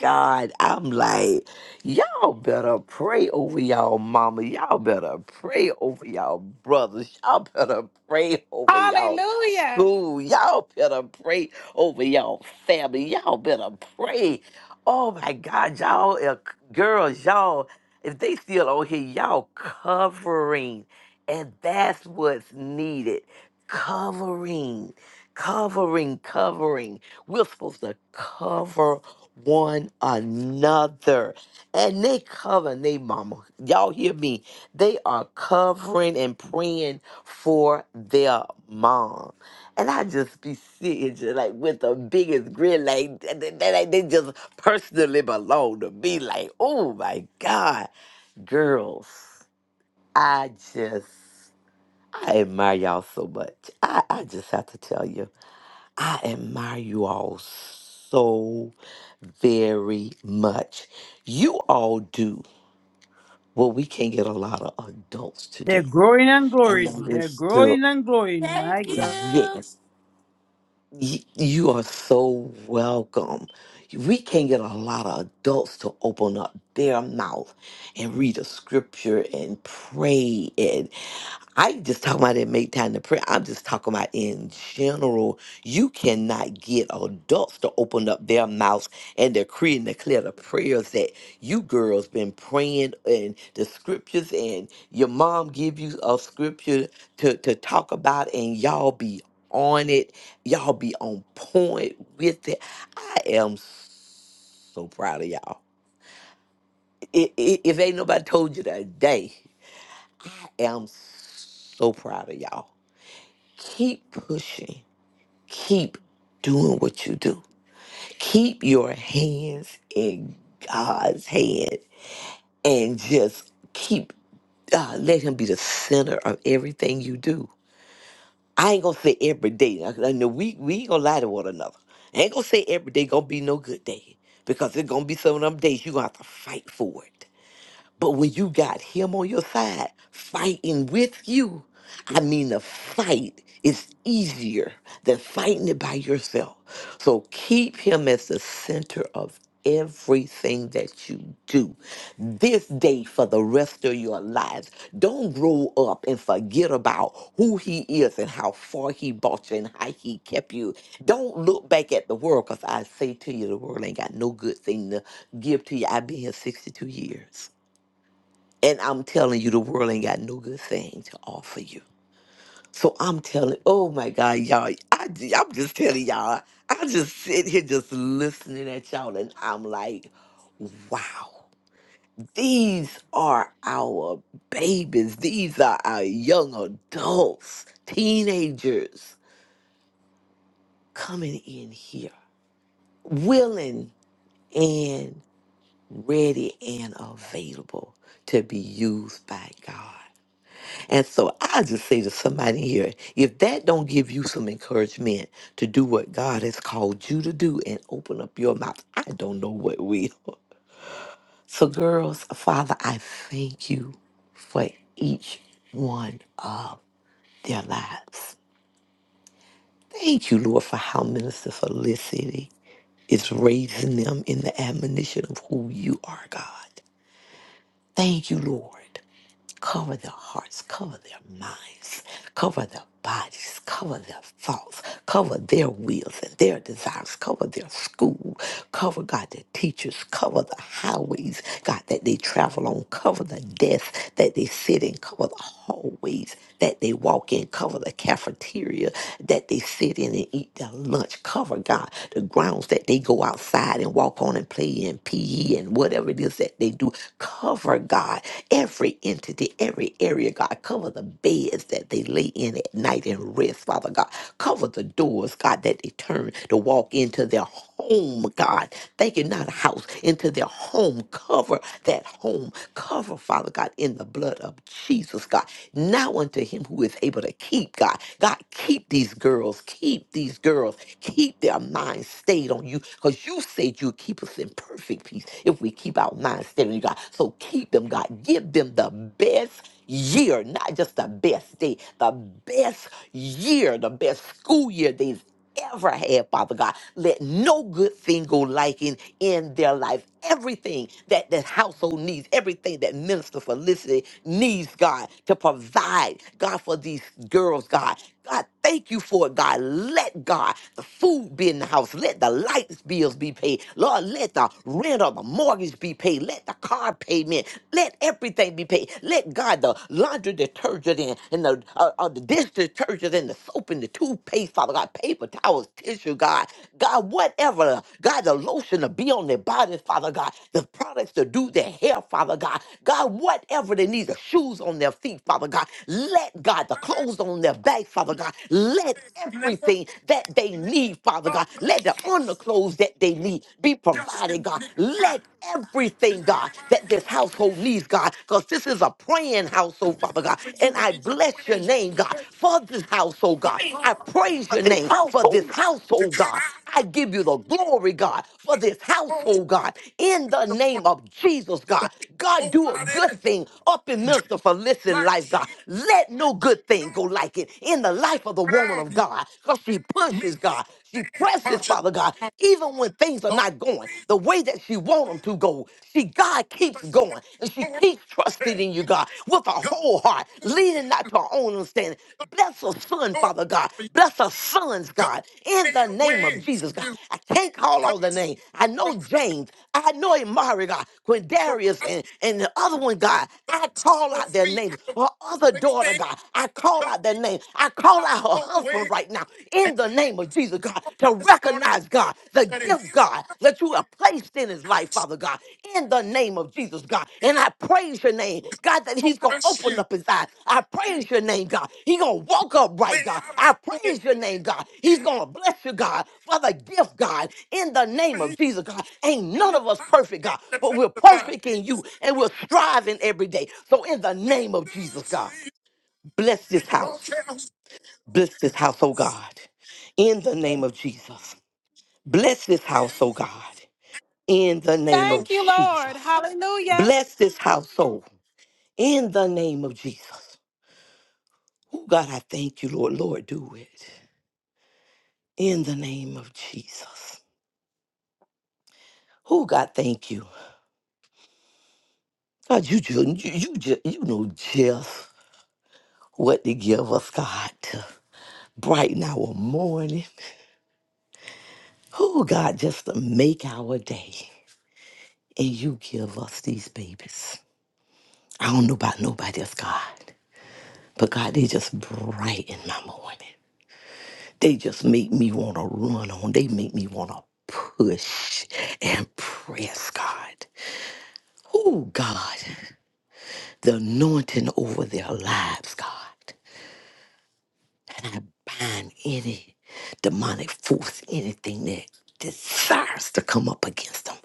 God. I'm like, y'all better pray over y'all mama. Y'all better pray over y'all brothers. Y'all better pray over y'all Hallelujah. school. Y'all better pray over y'all family. Y'all better pray. Oh my God, y'all are girls, y'all, if they still on here, y'all covering. And that's what's needed. Covering covering, covering. We're supposed to cover one another. And they covering they mama. Y'all hear me? They are covering and praying for their mom. And I just be sitting just like with the biggest grin, like th- th- th- like they just personally belong to me. Like, oh my God. Girls, I just I admire y'all so much. I, I just have to tell you. I admire you all so very much. You all do what we can not get a lot of adults to do, They're growing and and that growing. They're is to growing and growing. My Thank God. you. yes, Y- You are so welcome. We can't get a lot of adults to open up their mouth and read a scripture and pray. And I just talking about it, make time to pray. I'm just talking about in general. You cannot get adults to open up their mouths and decree and declare the prayers that you girls been praying and the scriptures and your mom give you a scripture to, to talk about and y'all be on it Y'all be on point with it. I am so proud of y'all. I- i- If ain't nobody told you that day, I am so proud of y'all. Keep pushing. Keep doing what you do. Keep your hands in God's hand and just keep uh, let Him be the center of everything you do I ain't gonna say every day. I, I know we we ain't gonna lie to one another. I ain't gonna say every day gonna be no good day because there's gonna be some of them days you gonna have to fight for it. But when you got him on your side fighting with you, I mean, the fight is easier than fighting it by yourself. So keep him as the center of everything that you do this day for the rest of your lives. Don't grow up and forget about who he is and how far he brought you and how he kept you. Don't look back at the world because I say to you, the world ain't got no good thing to give to you. I've been here 62 years. And I'm telling you, the world ain't got no good thing to offer you. So I'm telling, oh my God, y'all, I, j- I'm just telling y'all, I just sit here just listening at y'all and I'm like, wow, these are our babies. These are our young adults, teenagers coming in here, willing and ready and available to be used by God. And so I just say to somebody here, if that don't give you some encouragement to do what God has called you to do and open up your mouth, I don't know what will. So, girls, Father, I thank you for each one of their lives. Thank you, Lord, for how Minister Felicity is raising them in the admonition of who you are, God. Thank you, Lord. Cover their hearts, cover their minds, cover their bodies, cover their thoughts, cover their wills and their desires, cover their school, cover God the teachers, cover the highways, God that they travel on, cover the desks that they sit in, cover the hallways that they walk in, cover the cafeteria that they sit in and eat their lunch, cover God the grounds that they go outside and walk on and play and PE and whatever it is that they do. Cover, God, every entity, every area, God. Cover the beds that they lay in at night and rest, Father God. Cover the doors, God, that they turn to walk into their home, God. Thank you, not a house, into their home home. Cover that home. Cover, Father God, in the blood of Jesus, God. Now unto him who is able to keep, God. God, keep these girls. Keep these girls. Keep their minds stayed on you because you said you'd keep us in perfect peace if we keep our minds stayed on you, God. So keep them, God. Give them the best year, not just the best day, the best year, the best school year days ever had, Father God. Let no good thing go lacking in their life. Everything that the household needs, everything that Minister Felicity needs, God, to provide, God, for these girls, God. God, thank you for it, God. Let God the food be in the house. Let the lights bills be paid. Lord, let the rent or the mortgage be paid. Let the car payment. Let everything be paid. Let God the laundry detergent in and, the and the uh, uh, the dish detergent and the soap and the toothpaste, Father God, paper towels, tissue, God, God, whatever, God, the lotion to be on their bodies, Father God, the products to do their hair, Father God, God, whatever they need, the shoes on their feet, Father God, let God, the clothes on their back, Father God, let everything that they need, Father God, let the underclothes that they need be provided, God, let everything, God, that this household needs, God, because this is a praying household, Father God. And I bless your name, God, for this household, God. I praise your name for this household, God. I give you the glory, God, for this household, God, in the name of Jesus, God. God, do a good thing up in Minister Felicity life, God. Let no good thing go like it in the life of the woman of God, because she pushes, God. She presses, Father God. God. Even when things are not going the way that she want them to go, she, God, keeps going. And she keeps trusting in you, God, with her whole heart, leaning not to her own understanding. Bless her son, Father God. Bless her sons, God, in the name of Jesus, God. I can't call all the names. I know James. I know Amari, God, Quindarius, and, and the other one, God. I call out their names. Her other daughter, God. I call out their name. I call out her husband platform right now in the name of Jesus, God, to recognize, God, the gift, God, that you have placed in his life, Father God, in the name of Jesus, God. And I praise your name, God, that he's going to open up his eyes. I praise your name, God. He's going to walk upright, God. I praise your name, God. He's going to bless you, God, for the gift, God, in the name of Jesus, God. Ain't none of us perfect, God, but we're perfect in you and we're striving every day. So in the name of Jesus, God, bless this house. Bless this house, oh God, in the name of Jesus. Bless this house, oh God, in the name of Thank you, Lord. Jesus. Hallelujah. Bless this household in the name of Jesus. Oh God, I thank you, Lord. Lord, do it in the name of Jesus. Oh God, thank you. God, you just, you, you just, you know just what to give us, God, to brighten our morning. Oh God, just to make our day. And you give us these babies. I don't know about nobody else, God. But God, they just brighten my morning. They just make me want to run on. They make me want to push and press, God. Oh, God, the anointing over their lives, God. And I bind any demonic force, anything that desires to come up against them.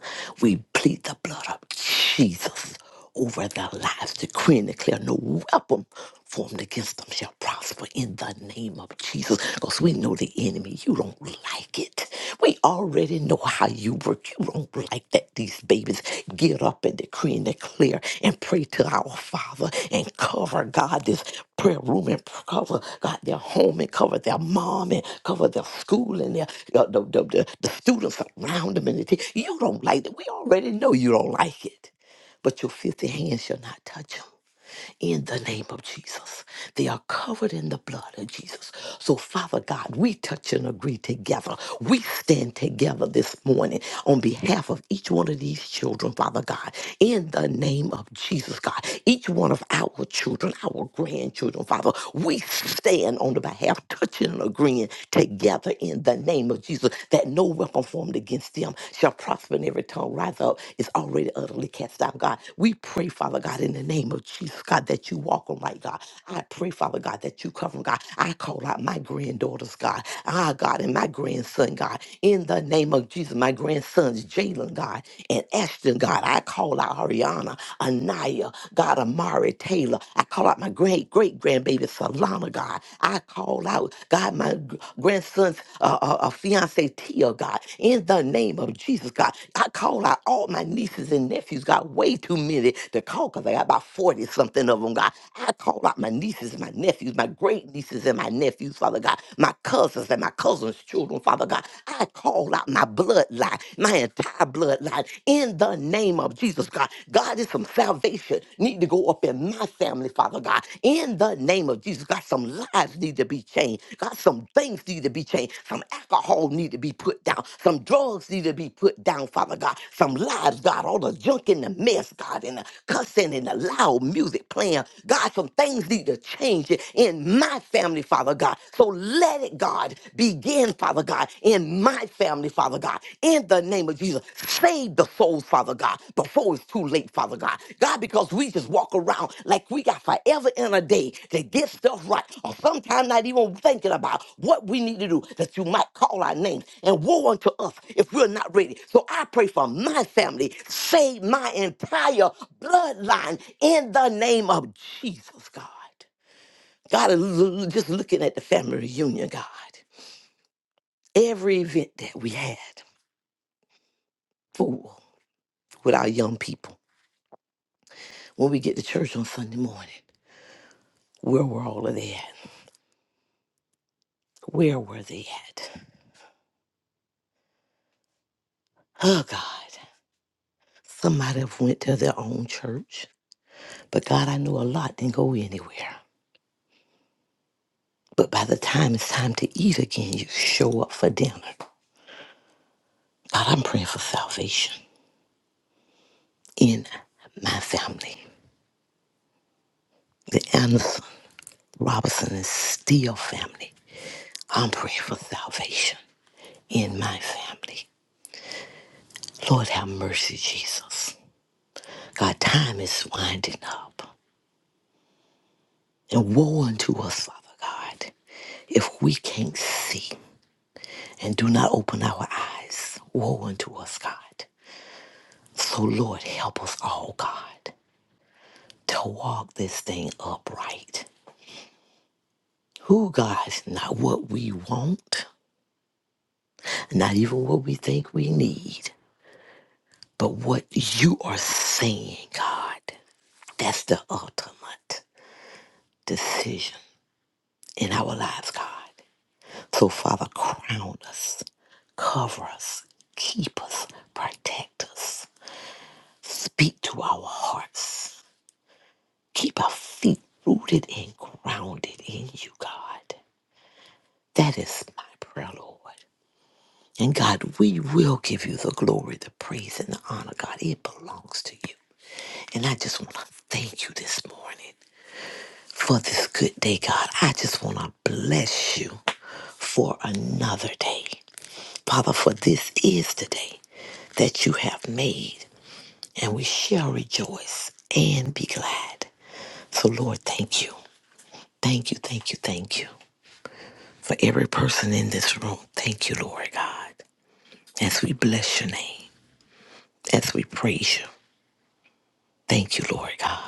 We plead the blood of Jesus over their lives, decree and declare no weapon formed against them shall prosper in the name of Jesus. Because we know the enemy, you don't like it. We already already know how you work. You don't like that these babies get up and decree and declare and pray to our Father and cover, God, this prayer room and cover, God, their home and cover their mom and cover their school and their, uh, the, the, the, the students around them. And the thing. you don't like that. We already know you don't like it, but your filthy hands shall not touch them in the name of Jesus. They are covered in the blood of Jesus. So, Father God, we touch and agree together. We stand together this morning on behalf of each one of these children, Father God, in the name of Jesus, God. Each one of our children, our grandchildren, Father, we stand on the behalf, touching and agreeing together in the name of Jesus that no weapon formed against them shall prosper in every tongue rise up is already utterly cast down, God. We pray, Father God, in the name of Jesus, God, that you walk them right, God. I pray, Father God, that you cover them, God. I call out my granddaughters, God. Ah, God, and my grandson, God. In the name of Jesus, my grandsons, Jalen, God, and Ashton, God. I call out Ariana, Anaya, God, Amari, Taylor. I call out my great great grandbaby, Solana, God. I call out, God, my gr- grandson's uh, uh, uh, fiance, Tia, God, in the name of Jesus, God. I call out all my nieces and nephews, God, way too many to call because I got about 40 something of them, God. I call out my nieces and my nephews, my great nieces and my nephews, Father God, my cousins and my cousins' children, Father God. I call out my bloodline, my entire bloodline, in the name of Jesus, God. God, is some some salvation need to go up in my family, Father God. In the name of Jesus, God, some lives need to be changed. God, some things need to be changed. Some alcohol need to be put down. Some drugs need to be put down, Father God. Some lives, God, all the junk and the mess, God, and the cussing and the loud music playing. God, some things need to change in my family, Father God. So let it, God, begin, Father God, in my my family, Father God, in the name of Jesus. Save the souls, Father God, before it's too late, Father God. God, because we just walk around like we got forever and a day to get stuff right, or sometimes not even thinking about what we need to do, that you might call our names and woe unto us if we're not ready. So I pray for my family, save my entire bloodline in the name of Jesus, God. God, l- l- just looking at the family reunion, God every event that we had. fool with our young people. When we get to church on Sunday morning, where were all of they at? Where were they at? Oh God. Somebody went to their own church. But God, I know a lot didn't go anywhere. But by the time it's time to eat again, you show up for dinner. God, I'm praying for salvation in my family. The Anderson, Robinson, and Steele family. I'm praying for salvation in my family. Lord, have mercy, Jesus. God, time is winding up. And woe unto us, Father God, if we can't see and do not open our eyes. Woe unto us, God. So, Lord, help us all, God, to walk this thing upright. Who, God, not what we want, not even what we think we need, but what you are saying, God. That's the ultimate decision in our lives, God. So, Father, crown us, cover us, keep us, protect us, speak to our hearts, keep our feet rooted and grounded in you, God. That is my prayer, Lord. And God, we will give you the glory, the praise, and the honor, God. It belongs to you. And I just want to thank you this morning for this good day, God. I just want to bless you for another day. Father, for this is the day that you have made, and we shall rejoice and be glad. So, Lord, thank you. Thank you, thank you, thank you. For every person in this room, thank you, Lord God. As we bless your name, as we praise you, thank you, Lord God.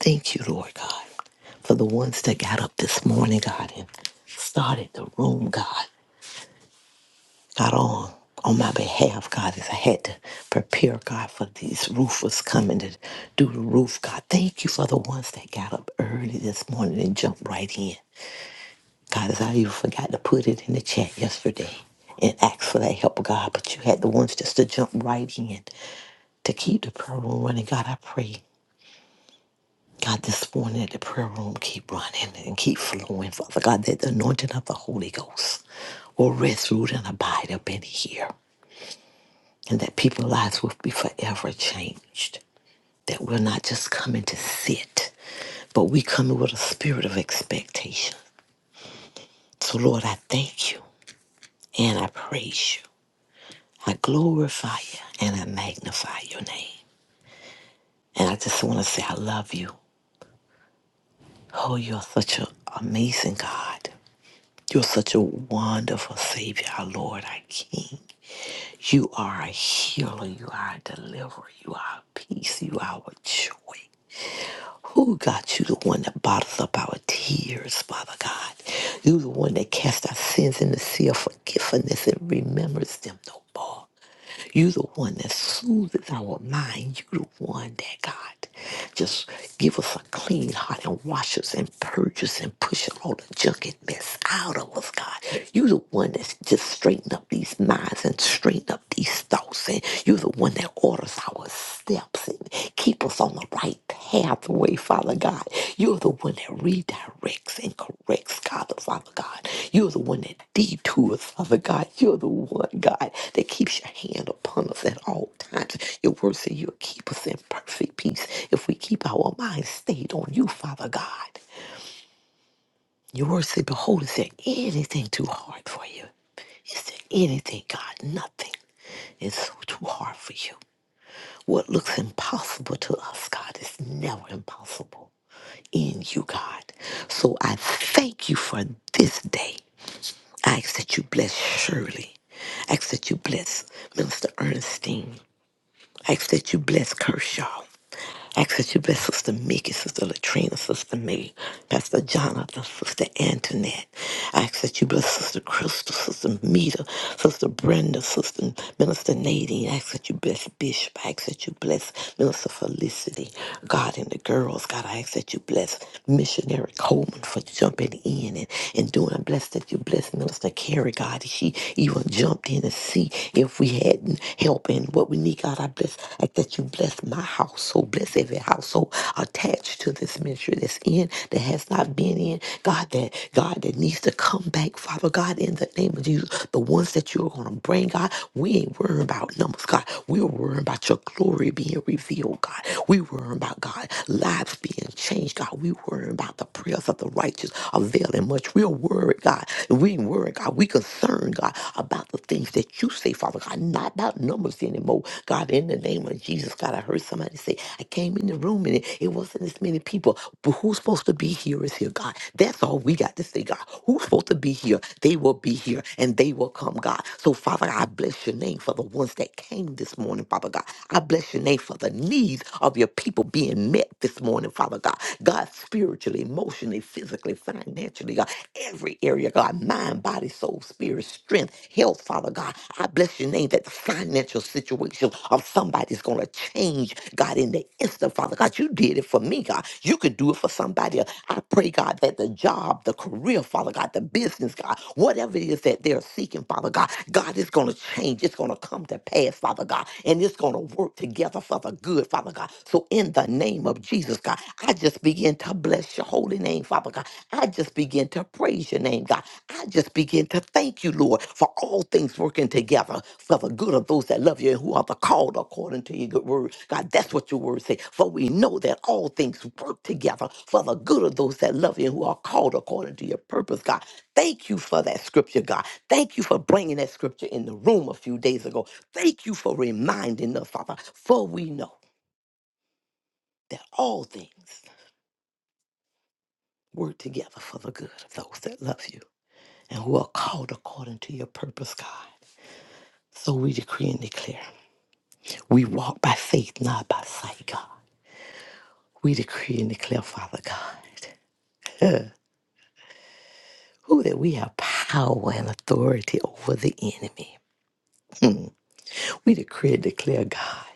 Thank you, Lord God. For the ones that got up this morning, God, and started the room, God. not on on my behalf, God, as I had to prepare, God, for these roofers coming to do the roof, God. Thank you for the ones that got up early this morning and jumped right in. God, as I even forgot to put it in the chat yesterday and ask for that help, God, but you had the ones just to jump right in to keep the prayer room running. God, I pray, God, this morning that the prayer room keep running and keep flowing, Father God, that the anointing of the Holy Ghost will rest, root, and abide up in here. and that people's lives will be forever changed. That we're not just coming to sit, but we coming with a spirit of expectation. So, Lord, I thank you and I praise you. I glorify you and I magnify your name. And I just want to say, I love you. Oh, you're such an amazing God. You're such a wonderful Savior, our Lord, our King. You are a healer. You are a deliverer. You are a peace. You are a joy. Who God, you the one that bottles up our tears, Father God. You the one that casts our sins in the sea of forgiveness and remembers them no more. You the one that soothes our mind. You the one that God just give us a clean heart and wash us and purge us and push all the junk and mess out of us, God. You the one that's just straighten up these minds and straighten up these thoughts. And you the one that orders our steps and keep us on the right pathway, Father God. You're the one that redirects and corrects, God, Father God. You're the one that detours, Father God. You're the one, God, that keeps your hand upon us at all times. Your word says you'll keep us in perfect peace if we keep our minds stayed on you, Father God. Your word says, Behold, is there anything too hard for you? Is there anything, God? Nothing is so too hard for you. What looks impossible to us, God, is never impossible in you, God. So I thank you for this day. I ask that you bless Shirley. I ask that you bless Minister Ernestine. I ask that you bless Kershaw. Ask that you bless Sister Mickey, Sister Latrina, Sister May, Pastor Jonathan, Sister Antoinette. I Ask that you bless Sister Crystal, Sister Mita, Sister Brenda, Sister Minister Nadine. I Ask that you bless Bishop. I Ask that you bless Minister Felicity, God and the girls. God, I ask that you bless Missionary Coleman for jumping in and, and doing. I bless that you bless Minister Carrie, God. She even jumped in to see if we had help and what we need, God, I bless, I that you bless my household, bless every household attached to this ministry that's in, that has not been in, God, that God that needs to come back, Father God, in the name of Jesus, the ones that you're gonna bring, God, we ain't worrying about numbers, God. We're worrying about your glory being revealed, God. We worrying about God lives being changed, God. We worrying about the prayers of the righteous availing much much we're worried, God. We ain't worried, God. We concerned, God, about the things that you say, Father God, not about numbers anymore. God, in the name of Jesus, God, I heard somebody say, I came in the room and it, it wasn't as many people, but who's supposed to be here is here, God. That's all we got to say, God. Who's supposed to be here? They will be here and they will come, God. So, Father, I bless your name for the ones that came this morning, Father God. I bless your name for the needs of your people being met being met this morning, Father God. God, spiritually, emotionally, physically, financially, God, every area, God, mind, body, soul, spirit, strength, health, Father God. I bless your name that the financial situation of somebody's going to change, God, in the instant, Father God. You did it for me, God. You could do it for somebody else. I pray, God, that the job, the career, Father God, the business, God, whatever it is that they're seeking, Father God, God is going to change. It's going to come come to pass, Father God, and it's going to work together for the good, Father God. So in the name of Jesus, God, I just begin to bless your holy name, Father God. I just begin to praise your name, God. I just begin to thank you, Lord, for all things working together for the good of those that love you and who are the called according to your good word. God, that's what your word says. For we know that all things work together for the good of those that love you and who are called according to your purpose, God. Thank you for that scripture, God. Thank you for bringing that scripture in the room a few days ago. Thank you for reminding us, Father, for we know that all things work together for the good of those that love you and who are called according to your purpose, God. So we decree and declare. We walk by faith, not by sight, God. We decree and declare, Father God, who that we have power and authority over the enemy. We decree and declare, God.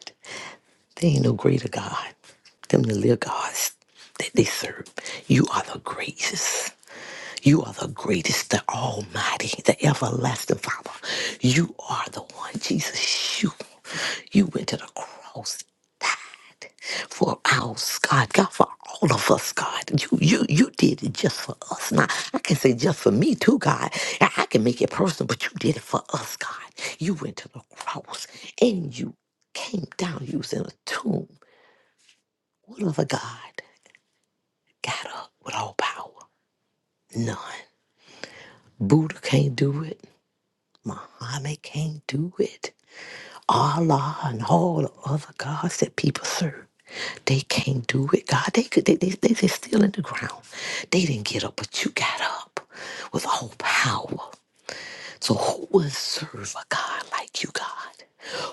There ain't no greater God than the little gods that they serve. You are the greatest. You are the greatest, the Almighty, the everlasting Father. You are the one, Jesus. You, you went to the cross for ours, God. God, for all of us, God. You, you, you did it just for us. Now I can say just for me too, God. I I can make it personal, but you did it for us, God. You went to the cross and you came down. You was in a tomb what other God got up with all power? None. Buddha can't do it. Muhammad can't do it. Allah and all the other gods that people serve, they can't do it. God, they could, they, they, they, they still in the ground. They didn't get up, but you got up with all power. So who would serve a God like you, God?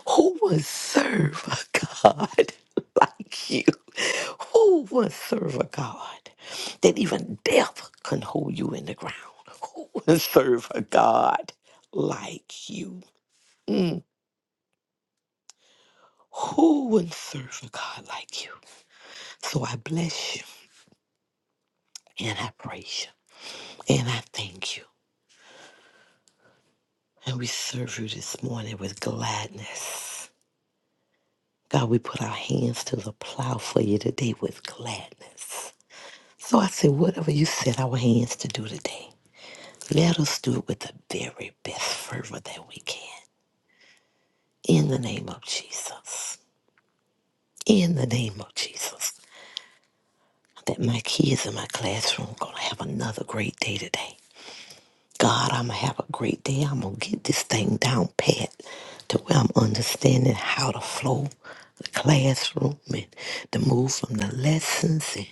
Who would serve a God like you? Who would serve a God that even death can hold you in the ground? Who would serve a God like you? Mm. Who would serve a God like you? So I bless you and I praise you and I thank you. And we serve you this morning with gladness. God, we put our hands to the plow for you today with gladness. So I say, whatever you set our hands to do today, let us do it with the very best fervor that we can. In the name of Jesus. In the name of Jesus. That my kids in my classroom gonna have another great day today. God, I'm going to have a great day. I'm going to get this thing down pat to where I'm understanding how to flow the classroom and to move from the lessons and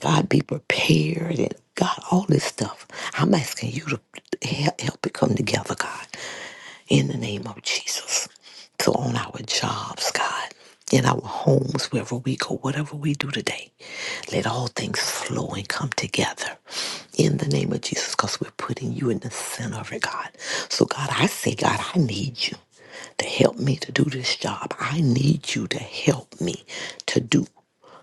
God be prepared and God, all this stuff. I'm asking you to help, help it come together, God in the name of Jesus. So on our jobs, God, in our homes, wherever we go, whatever we do today, let all things flow and come together in the name of Jesus because we're putting you in the center of it, God. So, God, I say, God, I need you to help me to do this job. I need you to help me to do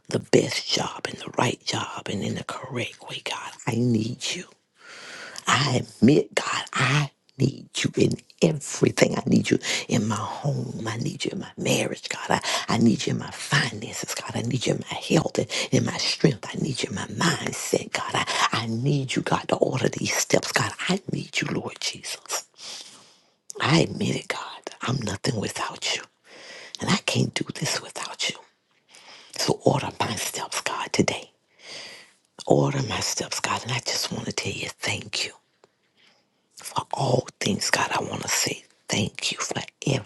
the best job and the right job and in the correct way, God. I need you. I admit, God, I need you in everything. I need you in my home. I need you in my marriage, God. I, I need you in my finances, God. I need you in my health and in my strength. I need you in my mindset, God. I, I need you, God, to order these steps, God. I need you, Lord Jesus. I admit it, God. I'm nothing without you. And I can't do this without you. So order my steps, God, today. Order my steps, God. And I just want to tell you thank you. for all things, God. I want to say thank you for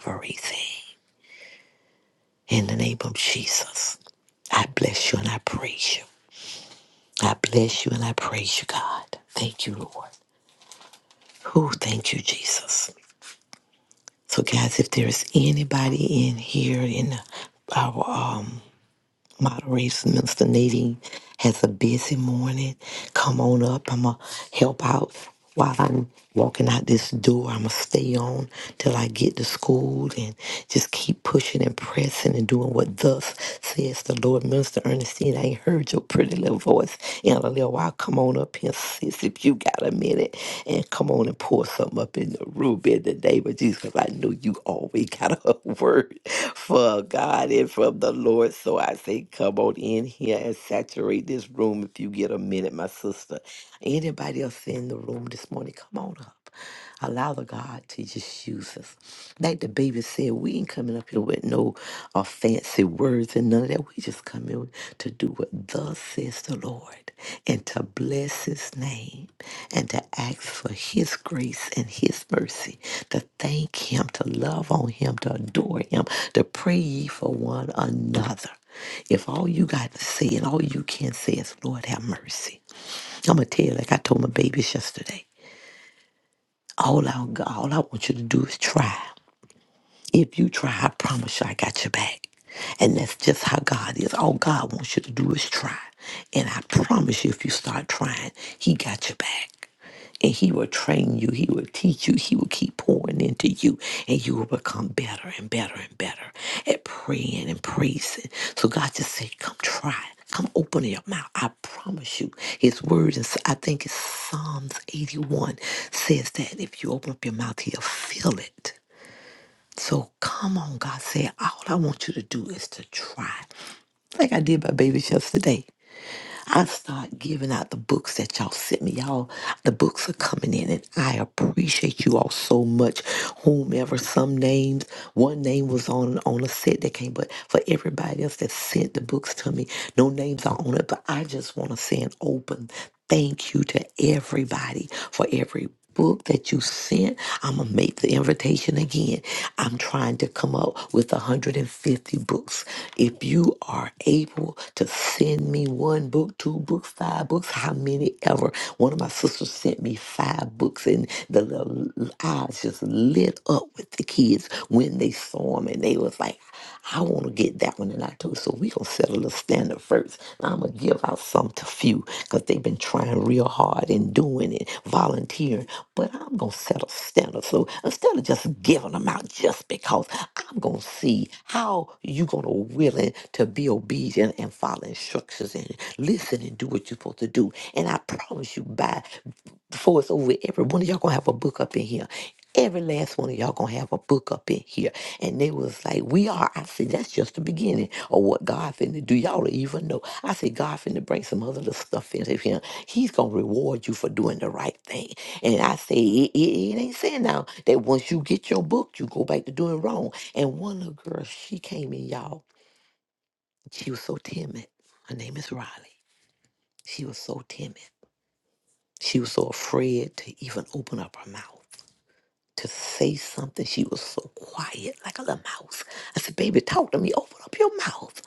everything. In the name of Jesus, I bless you and I praise you. I bless you and I praise you, God. Thank you, Lord. Oh, Thank you, Jesus. So, guys, if there is anybody in here in our uh, Moderation, Minister Nadine has a busy morning. Come on up. I'm going to help out while I'm walking out this door. I'm going to stay on till I get to school and just keep pushing and pressing and doing what thus says the Lord. Minister Ernestine, I ain't heard your pretty little voice in a little while. Come on up here, sis, if you got a minute and come on and pour something up in the room in the name of Jesus because I know you always got a word for God and from the Lord. So I say, come on in here and saturate this room if you get a minute, my sister. Anybody else in the room this morning, come on up. Allow the God to just use us. Like the baby said, we ain't coming up here with no uh, fancy words and none of that. We just come in to do what thus says the Lord and to bless his name and to ask for his grace and his mercy, to thank him, to love on him, to adore him, to pray ye for one another. If all you got to say and all you can say is, Lord, have mercy. I'm going to tell you, like I told my babies yesterday. All I, all I want you to do is try. If you try, I promise you I got your back. And that's just how God is. All God wants you to do is try. And I promise you, if you start trying, He got your back. And He will train you, He will teach you, He will keep pouring into you, and you will become better and better and better at praying and praising. So God just said, Come try. Come open your mouth. I promise you. His word is, I think it's Psalms 81 says that if you open up your mouth, he'll fill it. So come on, God said, all I want you to do is to try. Like I did my baby shelves today. I start giving out the books that y'all sent me. Y'all, the books are coming in, and I appreciate you all so much. Whomever, some names, one name was on on a set that came, but for everybody else that sent the books to me, no names are on it. But I just want to say an open Thank you to everybody for every book that you sent. I'm going to make the invitation again. I'm trying to come up with 150 books. If you are able to send me one book, two books, five books, how many ever. One of my sisters sent me five books and the little eyes just lit up with the kids when they saw them and they was like, I want to get that one, and I told her, so we gonna set a little standard first. I'm gonna give out some to few because they've been trying real hard and doing it, volunteering. But I'm gonna set a standard. So instead of just giving them out just because, I'm gonna see how you gonna willing to be obedient and follow instructions and listen and do what you're supposed to do. And I promise you, by before it's over with, every one of y'all gonna have a book up in here. Every last one of y'all gonna have a book up in here. And they was like, We are. I said, That's just the beginning of what God finna do. Y'all don't even know. I said, God finna bring some other little stuff in here. He's gonna reward you for doing the right thing. And I say, It, it, it ain't saying now that once you get your book, you go back to doing wrong. And one little girl, she came in, y'all. She was so timid. Her name is Riley. She was so timid. She was so afraid to even open up her mouth. to say something. She was so quiet, like a little mouse. I said, Baby, talk to me. Open up your mouth.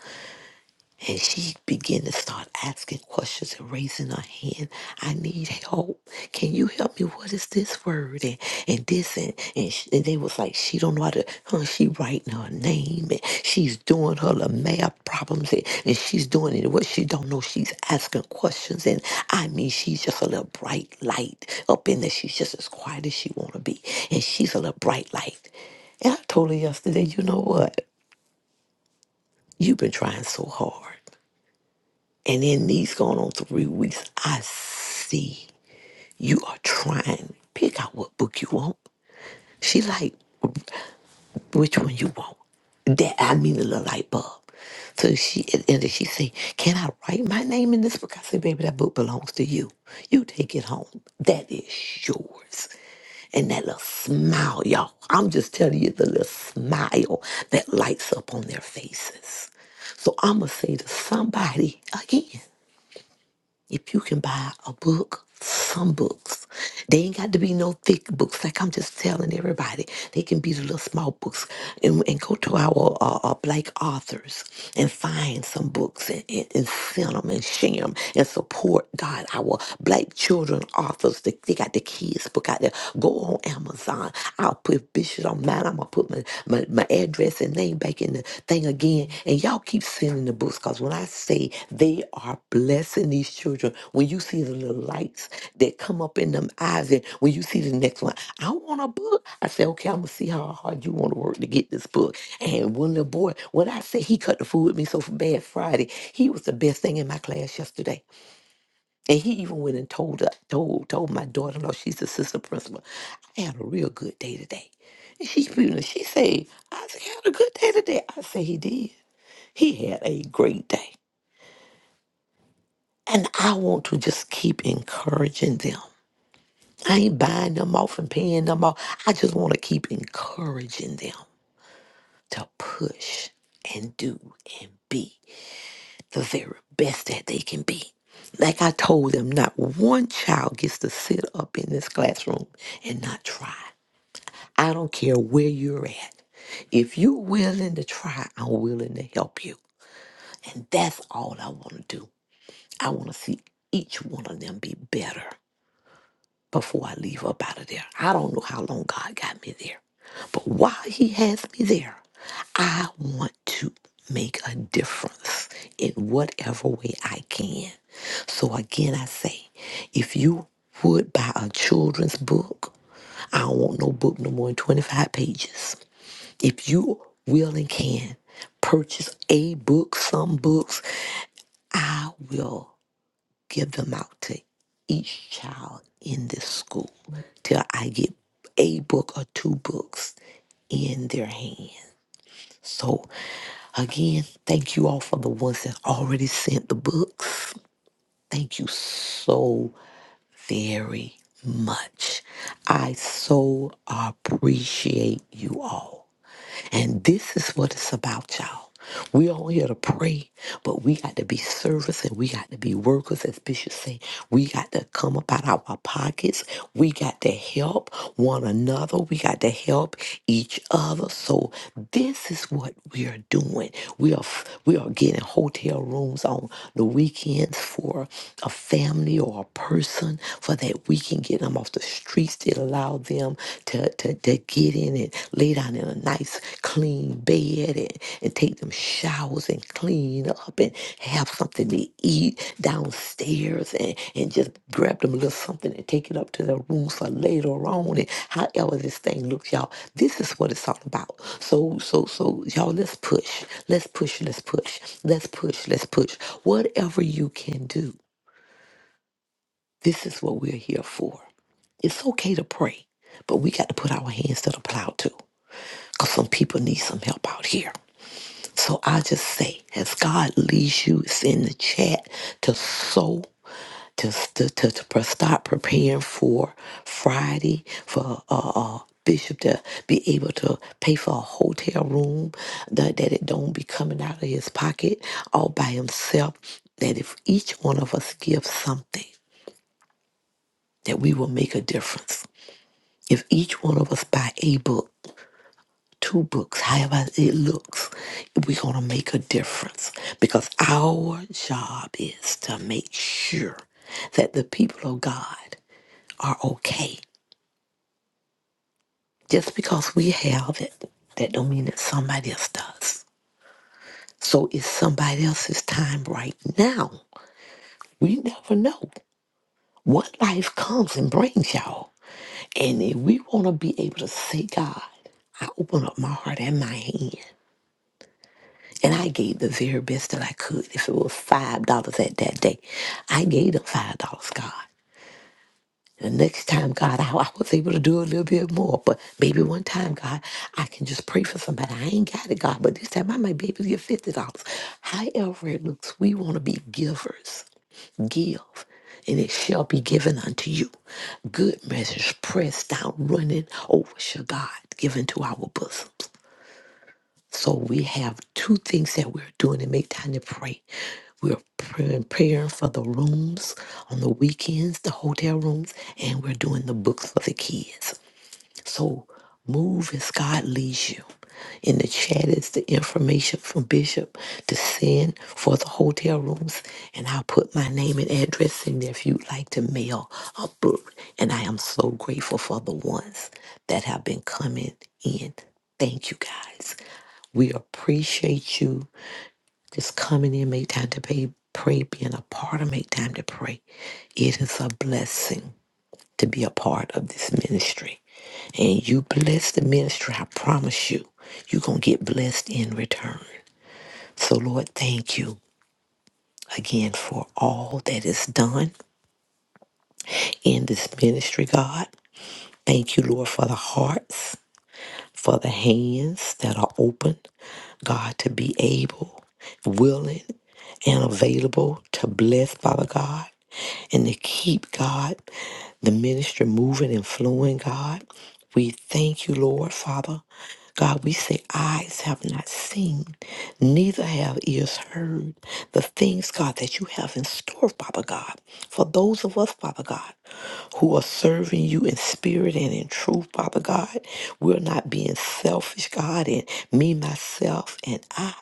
And she began to start asking questions and raising her hand. I need help. Can you help me? What is this word? And, and this and and, sh and they was like, she don't know how to. Huh, she writing her name and she's doing her little math problems and, and she's doing it. What she don't know, she's asking questions. And I mean, she's just a little bright light up in there. She's just as quiet as she want to be, and she's a little bright light. And I told her yesterday, you know what? You've been trying so hard. And in these going on three weeks, I see you are trying. Pick out what book you want. She like, which one you want? That I mean the little light bulb. So she and then she say, Can I write my name in this book? I say, baby, that book belongs to you. You take it home. That is yours. And that little smile, y'all. I'm just telling you the little smile that lights up on their faces. So I'ma say to somebody again. If you can buy a book, some books, they ain't got to be no thick books. Like I'm just telling everybody, they can be the little small books and, and go to our uh, uh, black authors and find some books and, and, and send them and share them and support God, our black children authors. They, they got the kids book out there. Go on Amazon. I'll put Bishop on mine gonna put my, my, my address and name back in the thing again. And y'all keep sending the books because when I say they are blessing these children, when you see the little lights that come up in them eyes, and when you see the next one, I want a book. I say, okay, I'm gonna see how hard you want to work to get this book. And one little boy, when I say he cut the food with me so bad Friday, he was the best thing in my class yesterday. And he even went and told uh, told told my daughter in law, she's the sister principal, I had a real good day today. And she you know, she said, I had a good day today. I said he did. He had a great day. And I want to just keep encouraging them. I ain't buying them off and paying them off. I just want to keep encouraging them to push and do and be. the very best that they can be. Like I told them, not one child gets to sit up in this classroom and not try. I don't care where you're at. If you're willing to try, I'm willing to help you. And that's all I want to do. I want to see each one of them be better before I leave up out of there. I don't know how long God got me there, but while He has me there, I want to make a difference in whatever way I can. So again, I say, if you would buy a children's book, I don't want no book no more than 25 pages. If you will and can purchase a book, some books, I will give them out to each child in this school till I get a book or two books in their hands. So, again, thank you all for the ones that already sent the books. Thank you so very much. I so appreciate you all. And this is what it's about, y'all. We all here to pray, but we got to be servants and we got to be workers, as Bishop say. We got to come up out of our pockets. We got to help one another. We got to help each other. So this is what we are doing. We are we are getting hotel rooms on the weekends for a family or a person for that we can get them off the street still allow them to, to, to get in and lay down in a nice clean bed and, and take them showers and clean up and have something to eat downstairs and, and just grab them a little something and take it up to their room for later on and however this thing looks y'all this is what it's all about so so so y'all let's push let's push let's push let's push let's push whatever you can do this is what we're here for it's okay to pray, but we got to put our hands to the plow too, because some people need some help out here. So I just say, as God leads you, it's in the chat to sow. To, to, to, to pre- start preparing for Friday for uh, uh, Bishop to be able to pay for a hotel room, that, that it don't be coming out of his pocket all by himself. That if each one of us gives something, that we will make a difference. If each one of us buy a book two books, however it looks, we're going to make a difference because our job is to make sure that the people of God are okay. Just because we have it, that don't mean that somebody else does. So it's somebody else's time right now. We never know what life comes and brings y'all. And if we want to be able to say, God, I open up my heart and my hand. And I gave the very best that I could. If it was five dollars at that day, I gave them five dollars, God. The next time, God, I, I was able to do a little bit more. But maybe one time, God, I can just pray for somebody. I ain't got it, God, but this time I might be able to get fifty dollars. However it looks, we want to be givers. Give. And it shall be given unto you. Good measures pressed down, running over shall God given to our bosoms. So we have two things that we're doing to make time to pray. We're praying, praying for the rooms on the weekends, the hotel rooms, and we're doing the books for the kids. So move as God leads you. In the chat is the information from Bishop to send for the hotel rooms, and I'll put my name and address in there if you'd like to mail a book. And I am so grateful for the ones that have been coming in. Thank you guys. We appreciate you just coming in, make time to pay, pray, being a part of Make Time to Pray. It is a blessing to be a part of this ministry. And you bless the ministry, I promise you, you're going to get blessed in return. So, Lord, thank you again for all that is done in this ministry, God. Thank you, Lord, for the hearts, for the hands that are open, God, to be able, willing, and available to bless, Father God. and to keep God, the ministry moving and flowing, God. We thank you, Lord, Father. God, we say, eyes have not seen, neither have ears heard the things, God, that you have in store, Father God, for those of us, Father God, who are serving you in spirit and in truth, Father God. We're not being selfish, God, and me, myself, and I.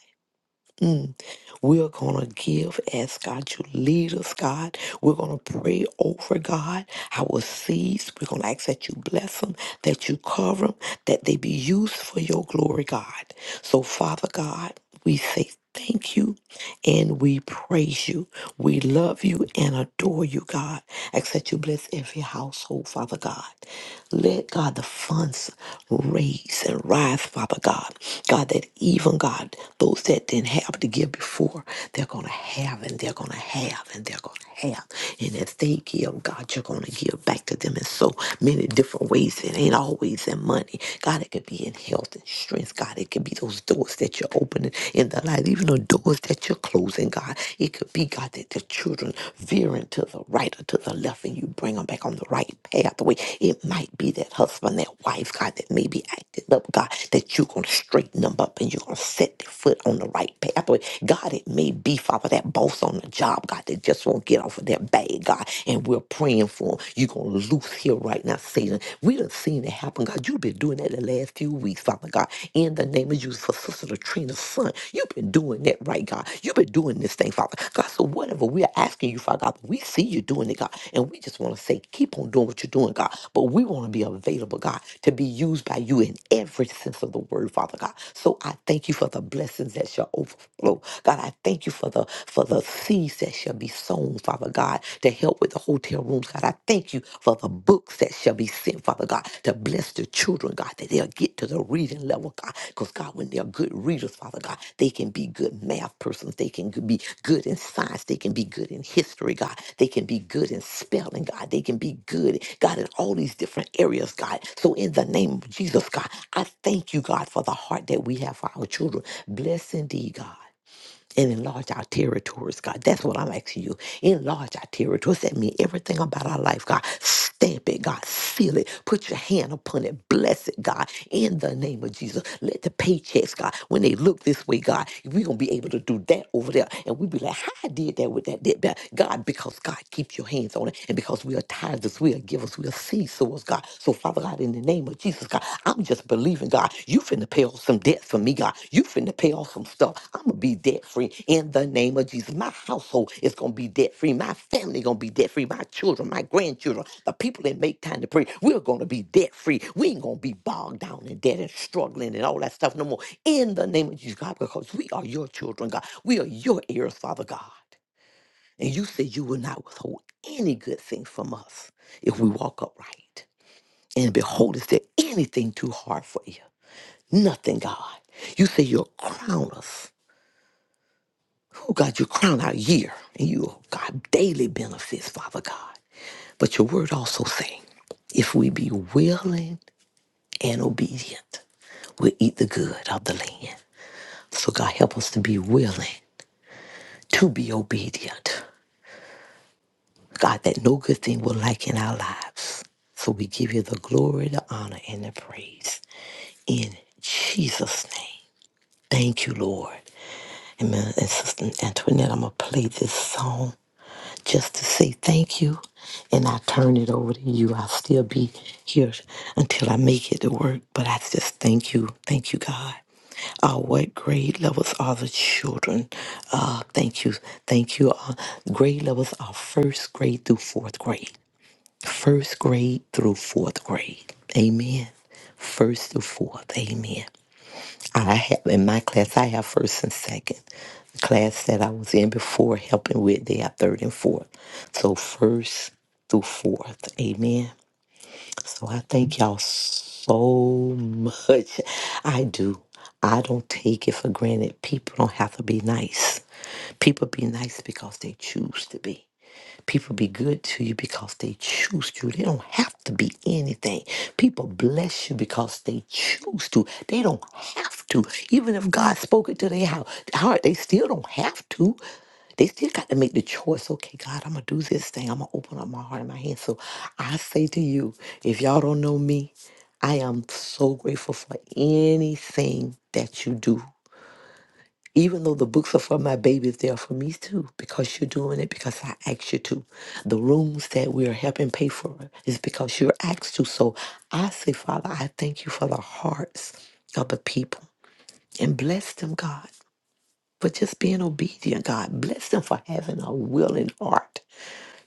Mm. We're going to give Ask God, you lead us, God. We're going to pray over God, our seeds. We're going to ask that you bless them, that you cover them, that they be used for your glory, God. So, Father God, we say thank you and we praise you. We love you and adore you, God. Ask that you bless every household, Father God. Let God the funds raise and rise, Father God. God, that even God, those that didn't have to give before for, they're going to have and they're going to have and they're going to have. And as they give, God, you're going to give back to them in so many different ways. It ain't always in money. God, it could be in health and strength. God, it could be those doors that you're opening in the light, even the doors that you're closing, God. It could be, God, that the children veering to the right or to the left and you bring them back on the right pathway. It might be that husband, that wife, God, that may be acting up, God, that you're going to straighten them up and you're going to set their foot on the right pathway. God, it may be, Father, that boss on the job, God, that just won't get off of that bag, God, and we're praying for him. You're going to loose here right now, Satan. We done seen it happen, God. You've been doing that the last few weeks, Father God. In the name of Jesus, for Sister Latrina's son, you've been doing that right, God. You've been doing this thing, Father. God, so whatever we're asking you, Father God, we see you doing it, God, and we just want to say, keep on doing what you're doing, God. But we want to be available, God, to be used by you in every sense of the word, Father God. So I thank you for the blessings that shall overflow overflow. God, I thank you for the for the seeds that shall be sown, Father God, to help with the hotel rooms. God, I thank you for the books that shall be sent, Father God, to bless the children, God, that they'll get to the reading level, God. Because God, when they're good readers, Father God, they can be good math persons. They can be good in science. They can be good in history, God. They can be good in spelling, God. They can be good, God, in all these different areas, God. So in the name of Jesus, God, I thank you, God, for the heart that we have for our children. Bless indeed, God and enlarge our territories, God. That's what I'm asking you. Enlarge our territories. That means everything about our life, God. Stamp it, God. Seal it. Put your hand upon it. Bless it, God. In the name of Jesus. Let the paychecks, God, when they look this way, God, we're going to be able to do that over there. And we be like, how I did that with that, did that. God, because God keeps your hands on it. And because we are tithers, we are givers, we are seed sowers, God. So, Father God, in the name of Jesus, God, I'm just believing, God, you finna pay off some debt for me, God. You finna pay off some stuff. I'm gonna be debt free in the name of Jesus. My household is gonna be debt free. My family gonna be debt free. My children, my grandchildren, the people that make time to pray, we're gonna be debt free. We ain't gonna be bogged down in debt and struggling and all that stuff no more. In the name of Jesus, God, because we are your children, God. We are your heirs, Father God. And you said you will not withhold any good thing from us if we walk upright. And behold, is there anything too hard for you? Nothing, God. You say you'll crown us. Oh, God, you crown our year and you, oh, God, daily benefits, Father God. But your word also saying, if we be willing and obedient, we'll eat the good of the land. So, God, help us to be willing to be obedient. God, that no good thing will lack in our lives. So we give you the glory, the honor, and the praise in Jesus' name. Thank you, Lord. Amen. And Sister Antoinette, I'm going to play this song just to say thank you. And I turn it over to you. I'll still be here until I make it to work. But I just thank you. Thank you, God. Uh, what grade levels are the children? Uh, thank you. Thank you. Uh, grade levels are first grade through fourth grade. First grade through fourth grade. Amen. First through fourth. Amen. I have in my class, I have first and second. The class that I was in before helping with, they have third and fourth. So first through fourth. Amen. So I thank y'all so much. I do. I don't take it for granted. People don't have to be nice. People be nice because they choose to be. People be good to you because they choose to. They don't have to be anything. People bless you because they choose to. They don't have to. Even if God spoke it to their hou- heart, they still don't have to. They still got to make the choice. Okay, God, I'm going to do this thing. I'm going to open up my heart and my hands. So I say to you, if y'all don't know me, I am so grateful for anything that you do even though the books are for my babies, they are for me too, because you're doing it because I asked you to. The rooms that we are helping pay for is because you're asked to. So I say, Father, I thank you for the hearts of the people and bless them, God, for just being obedient, God. Bless them for having a willing heart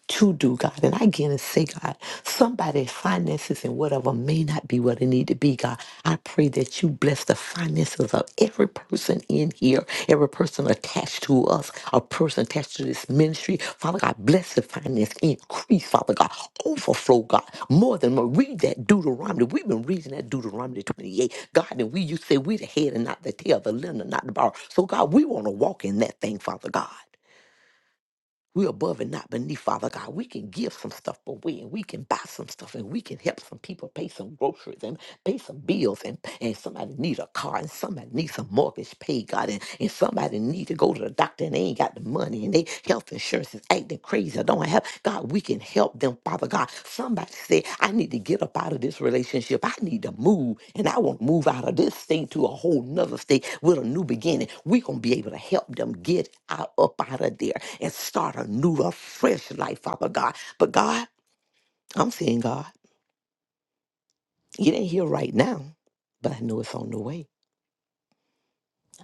to do, God. And I again say, God, somebody's finances and whatever may not be what it need to be, God. I pray that you bless the finances of every person in here, every person attached to us, a person attached to this ministry. Father God, bless the finance, increase, Father God, overflow, God, more than more. Read that Deuteronomy. We've been reading that Deuteronomy 28, God, and we you say we the head and not the tail, the lender, not the borrower. So God, we want to walk in that thing, Father God. We're above and not beneath, Father God. We can give some stuff away and we can buy some stuff and we can help some people pay some groceries. And pay some bills and, and somebody need a car and somebody need some mortgage paid god and, and somebody need to go to the doctor and they ain't got the money and they health insurance is acting crazy i don't have god we can help them father god somebody said i need to get up out of this relationship i need to move and i want to move out of this state to a whole nother state with a new beginning we gonna be able to help them get out up out of there and start a new a fresh life father god but god i'm saying god it ain't here right now but i know it's on the way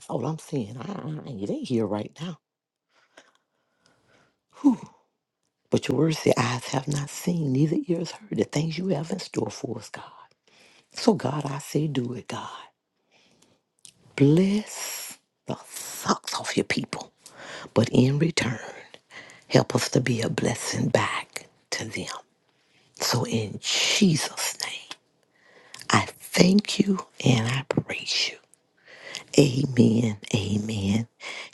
All I'm saying, I, I, it ain't here right now. Whew. But your words say, eyes have not seen, neither ears heard the things you have in store for us, God. So, God, I say, do it, God. Bless the socks off your people. But in return, help us to be a blessing back to them. So, in Jesus' name, I thank you and I praise you. Amen. Amen.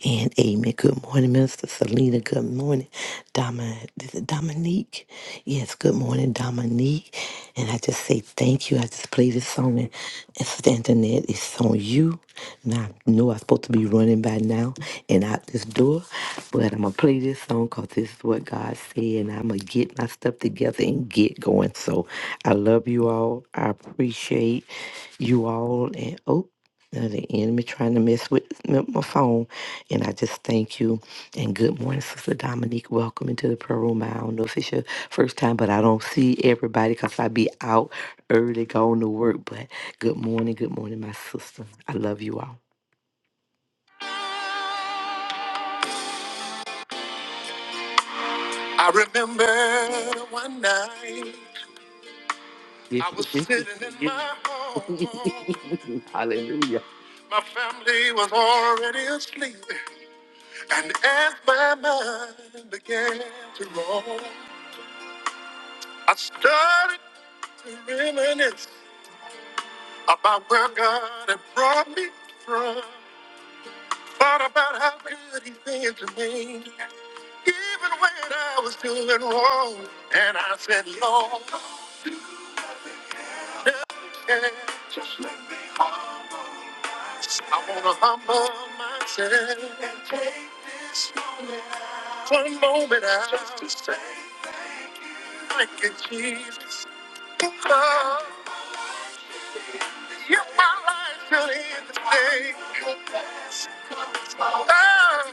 And amen. Good morning, Minister Selena. Good morning, Dom- is it Dominique. Yes, good morning, Dominique. And I just say thank you. I just play this song and, and standing there. It's on you. And I know I'm supposed to be running by now and out this door. But I'm going to play this song because this is what God said. And I'm going to get my stuff together and get going. So I love you all. I appreciate you all. And oh, now the enemy trying to mess with m- my phone. And I just thank you. And good morning, Sister Dominique. Welcome into the prayer room. I don't know if it's your first time, but I don't see everybody because I be out early going to work. But good morning, good morning, my sister. I love you all. I remember one night I was sitting in my home. Hallelujah. My family was already asleep, and as my mind began to roam, I started to reminisce about where God had brought me from. Thought about how good he's been to me, even when I was doing wrong. And I said, Lord, never Just let me I want to humble myself and take this moment out. One moment out. Just to say, thank you, Jesus. Lord, you're my life till the end of the day. All I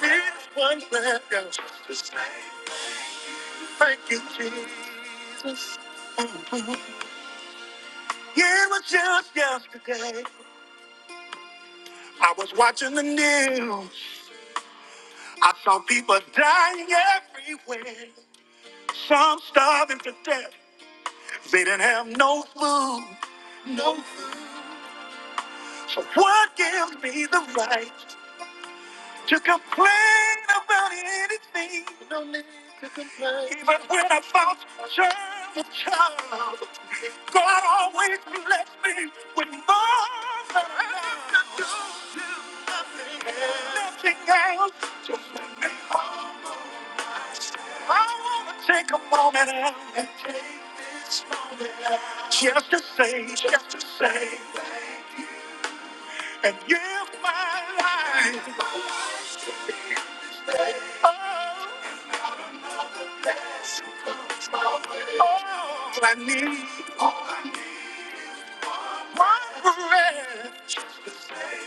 need is one man else to say thank you, Jesus. Yeah, It was just yesterday. I was watching the news. I saw people dying everywhere. Some starving to death. They didn't have no food. No. food. So what gives me the right to complain about anything? Even when I felt just a child, God always blessed me with more than I could do. Nothing else. Just I wanna take a moment and and take just to say, just to say, and give my life all I need. One breath, just to say,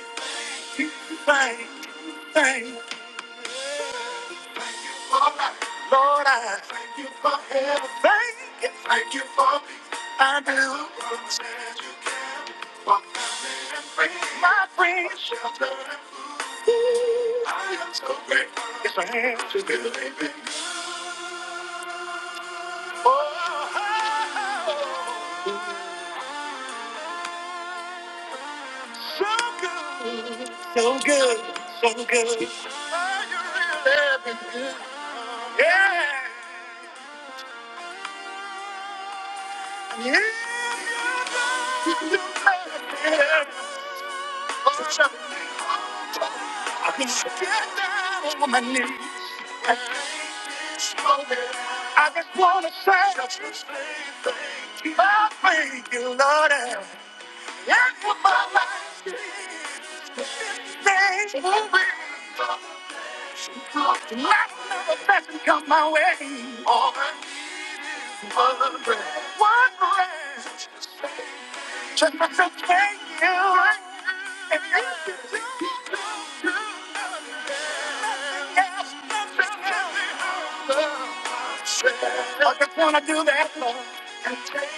thank, you, thank. Lord, I thank you for help. Thank you. Thank you for peace. I do. Promise that you can walk down there and free. My friend. Shelter and food. Ooh, I am so grateful. It's a hand to believe in. Oh, oh, oh. so good. So good. So good. Are you really having good? Yeah. Yeah. I just get down on my knees. and show it. I just wanna say, I thank you, Lord. And for my life, is. things will be. Let another blessing come my way. Over and One breath, just to thank you. And if you do, yes, thank you. I just wanna do that, Lord. And take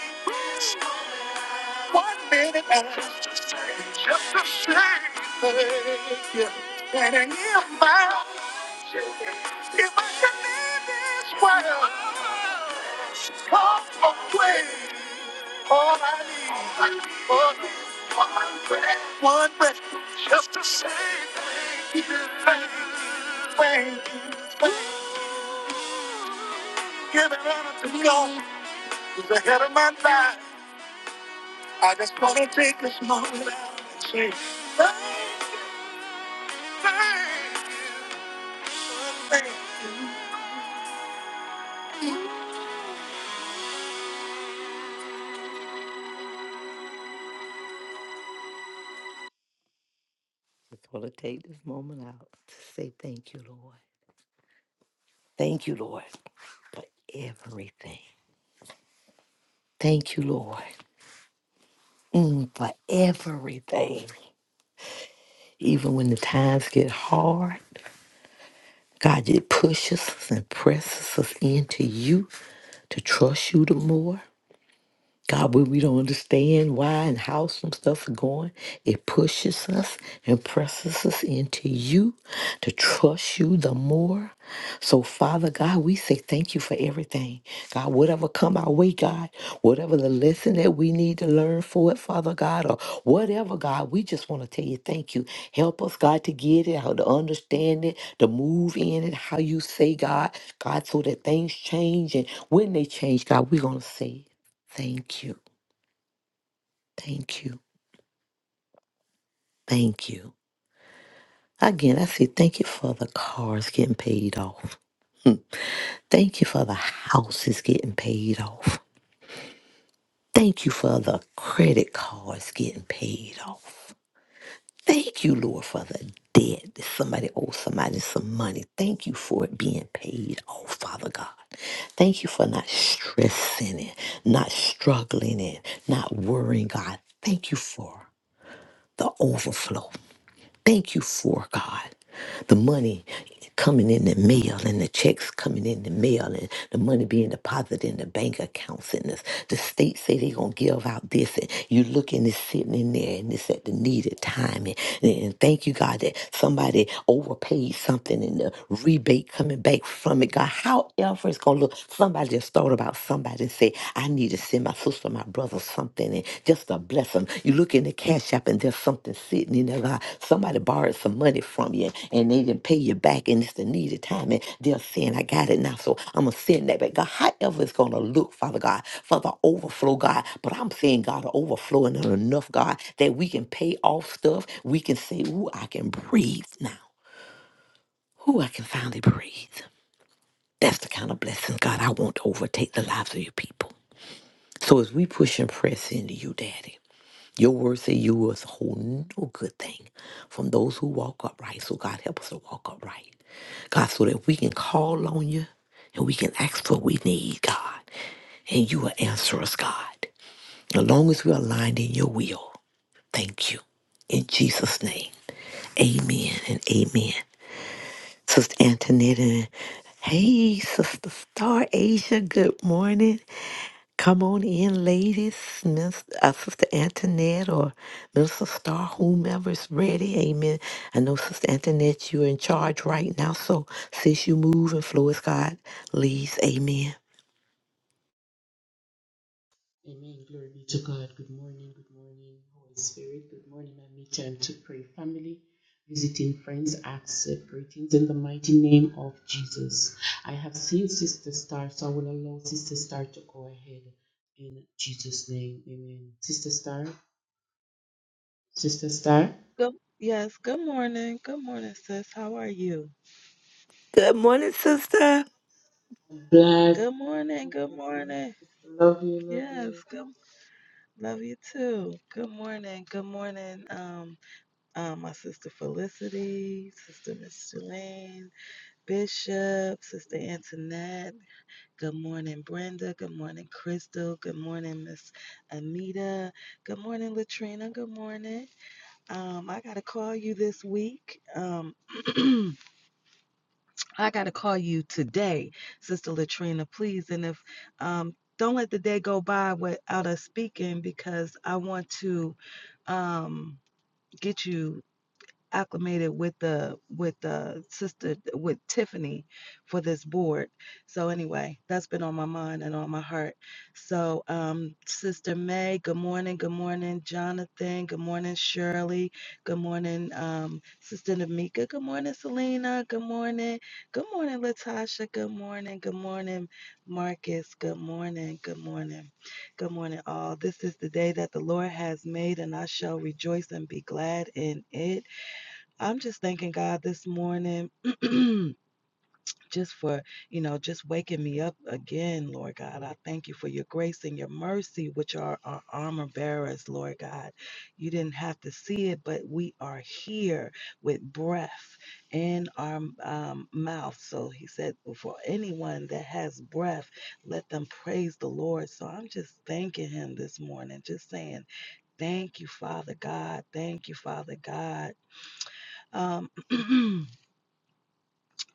one minute and just to say, just to say thank you. And in your mouth, if I can leave this world, come away. All I need, all I need, one breath, one breath, just to say thank you, thank you, thank you, thank you. Give it honor to me, Lord, who's ahead of my time. I just wanna take this moment and say thank you, thank Just wanna take this moment out to say thank you, Lord. Thank you, Lord, for everything. Thank you, Lord, mm, for everything. Even when the times get hard, God, you push us and presses us into you to trust you the more. God, when we don't understand why and how some stuff is going, it pushes us and presses us into you to trust you the more. So, Father God, we say thank you for everything. God, whatever come our way, God, whatever the lesson that we need to learn for it, Father God, or whatever, God, we just want to tell you thank you. Help us, God, to get it, how to understand it, to move in it, how you say, God, God, so that things change. And when they change, God, we're going to say it. Thank you. Thank you. Thank you. Again, I say thank you for the cars getting paid off. Thank you for the houses getting paid off. Thank you for the credit cards getting paid off. Thank you, Lord, for the debt that somebody owes somebody some money. Thank you for it being paid off, Father God. Thank you for not stressing it, not struggling it, not worrying, God. Thank you for the overflow. Thank you for God. The money coming in the mail and the checks coming in the mail and the money being deposited in the bank accounts and the, the state say they gonna give out this and you look and it's sitting in there and it's at the needed time and, and thank you God that somebody overpaid something and the rebate coming back from it God however it's gonna look somebody just thought about somebody and said I need to send my sister, my brother something and just to bless them. You look in the cash app and there's something sitting in there. like Somebody borrowed some money from you and they didn't pay you back and it's the needed time and they're saying, I got it now. So I'm going to send that back. God, however it's going to look, Father God, for the overflow, God. But I'm saying, God, overflowing and enough, God, that we can pay off stuff. We can say, ooh, I can breathe now. Ooh, I can finally breathe. That's the kind of blessing, God, I want to overtake the lives of your people. So as we push and press into you, Daddy, your word say you will hold no good thing from those who walk upright. So God help us to walk upright. God, so that we can call on you and we can ask for what we need, God. And you will answer us, God. As long as we are aligned in your will. Thank you. In Jesus' name. Amen and amen. Sister Antoinette and hey, Sister Star Asia, good morning. Come on in, ladies, Miss, uh, Sister Antoinette or Minister Star, whomever's ready. Amen. I know, Sister Antoinette, you're in charge right now. So, sis, you move and flow as God leads. Amen. Good, yes, good morning. Good morning, sis. How are you? Good morning, Sister. Good morning. Good morning. Yes, good. Love you too. Good morning. Good morning. Um, Uh. my sister Felicity, sister Miss Micheline, Bishop, sister Antoinette. Good morning, Brenda. Good morning, Crystal. Good morning, Miss Anita. Good morning, Latrina. Good morning. Um, I gotta call you this week. Um, I got to call you today, Sister Latrina, please. And if um, don't let the day go by without us speaking, because I want to um, get you acclimated with the with the sister with Tiffany for this board. So anyway, that's been on my mind and on my heart. So um Sister May, good morning, good morning, Jonathan, good morning, Shirley, good morning, um, Sister Namika, good morning, Selena, good morning, good morning, Latasha, good morning, good morning, Marcus, good morning, good morning, good morning all. This is the day that the Lord has made and I shall rejoice and be glad in it. I'm just thanking God this morning just for, you know, just waking me up again, Lord God. I thank you for your grace and your mercy, which are our armor bearers, Lord God. You didn't have to see it, but we are here with breath in our um, mouth. So he said, for anyone that has breath, let them praise the Lord. So I'm just thanking him this morning, just saying, thank you, Father God. Thank you, Father God. Um,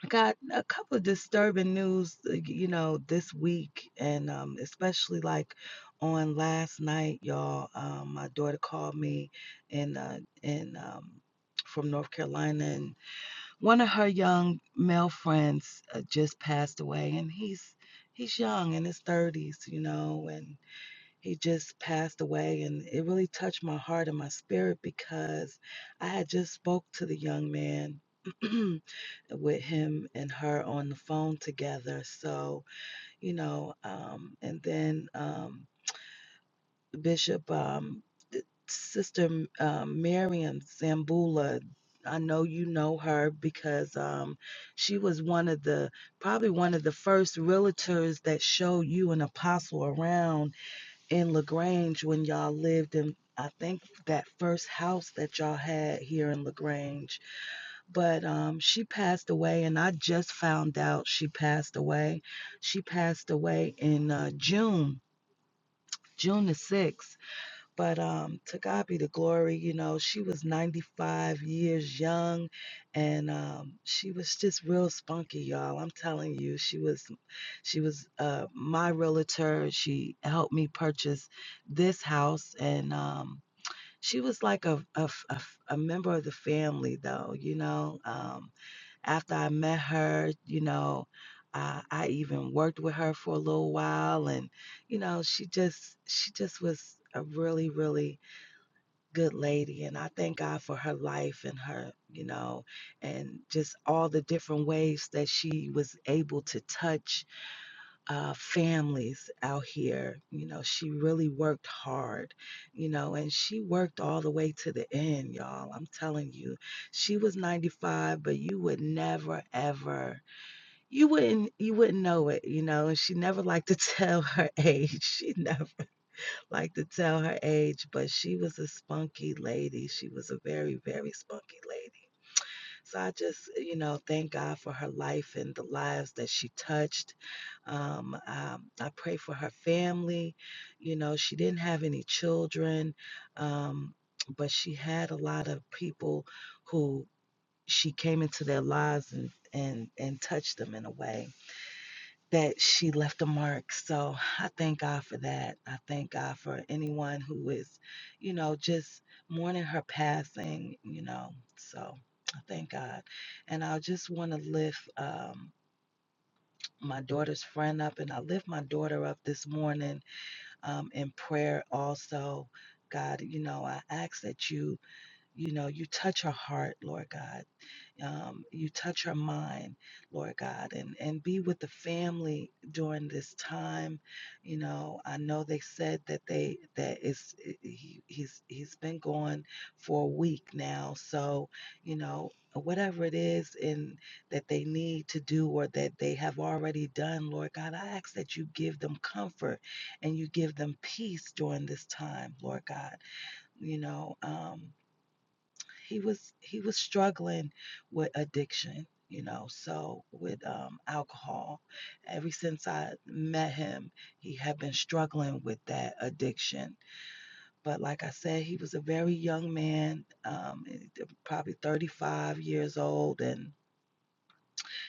got a couple of disturbing news, uh, you know, this week, and um, especially like on last night, y'all. Um, my daughter called me, and uh, and um, from North Carolina, and one of her young male friends uh, just passed away, and he's he's young in his thirties, you know, and he just passed away, and it really touched my heart and my spirit because I had just spoke to the young man. with him and her on the phone together. So, you know, um, and then um, Bishop, um, Sister um, Miriam Zambula, I know you know her because um, she was one of the, probably one of the first realtors that showed you an apostle around in LaGrange when y'all lived in, I think, that first house that y'all had here in LaGrange but um, she passed away, and I just found out she passed away. She passed away in uh, June, June the 6th. But um, to God be the glory, you know, she was 95 years young, and um, she was just real spunky, y'all. I'm telling you, she was she was uh, my realtor. She helped me purchase this house, and um, she was like a, a, a, a member of the family, though, you know. Um, after I met her, you know, uh, I even worked with her for a little while, and you know, she just she just was a really really good lady, and I thank God for her life and her, you know, and just all the different ways that she was able to touch uh, families out here. You know, she really worked hard, you know, and she worked all the way to the end, y'all. I'm telling you, she was 95, but you would never, ever, you wouldn't, you wouldn't know it, you know. And she never liked to tell her age. She never liked to tell her age, but she was a spunky lady. She was a very, very spunky lady so I just, you know, thank God for her life and the lives that she touched. Um, um, I pray for her family. You know, she didn't have any children, um, but she had a lot of people who she came into their lives and and and touched them in a way that she left a mark. So I thank God for that. I thank God for anyone who is, you know, just mourning her passing, you know. So I thank God. And I just want to lift um, my daughter's friend up, and I lift my daughter up this morning um, in prayer also. God, you know, I ask that you, you know, you touch her heart, Lord God um, you touch her mind, Lord God, and, and be with the family during this time. You know, I know they said that they that is he, he's he's been gone for a week now, so you know whatever it is in that they need to do or that they have already done lord god i ask that you give them comfort and you give them peace during this time lord god you know um, he was he was struggling with addiction you know so with um, alcohol ever since i met him he had been struggling with that addiction but like i said he was a very young man um, eh, probably 35 years old and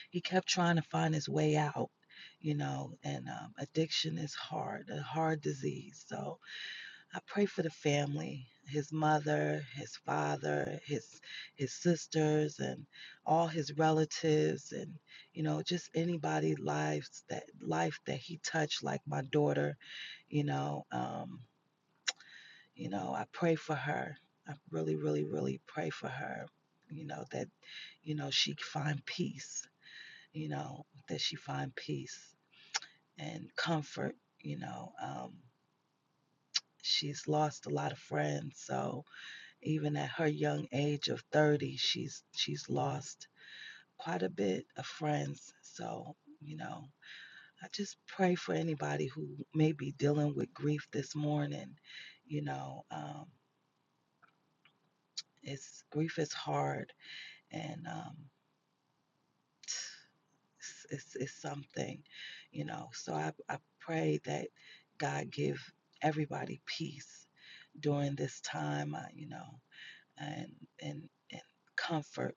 he kept trying to find his way out you know and um, addiction is hard a hard disease so I pray for the family, his mother, his father, his his sisters and all his relatives and you know just anybody lives that life that he touched like my daughter, you know, um, you know, I pray for her. I really really really pray for her, you know, that you know she find peace, you know, that she find peace and comfort, you know, um she's lost a lot of friends, so Even at her young age of 30, she's she's lost quite a bit of friends. So, you know, I just pray for anybody who may be dealing with grief this morning. You know, um, it's grief is hard and um, it's, it's, it's something, you know. So I, I pray that God give everybody peace during this time, uh, you know, and and and comfort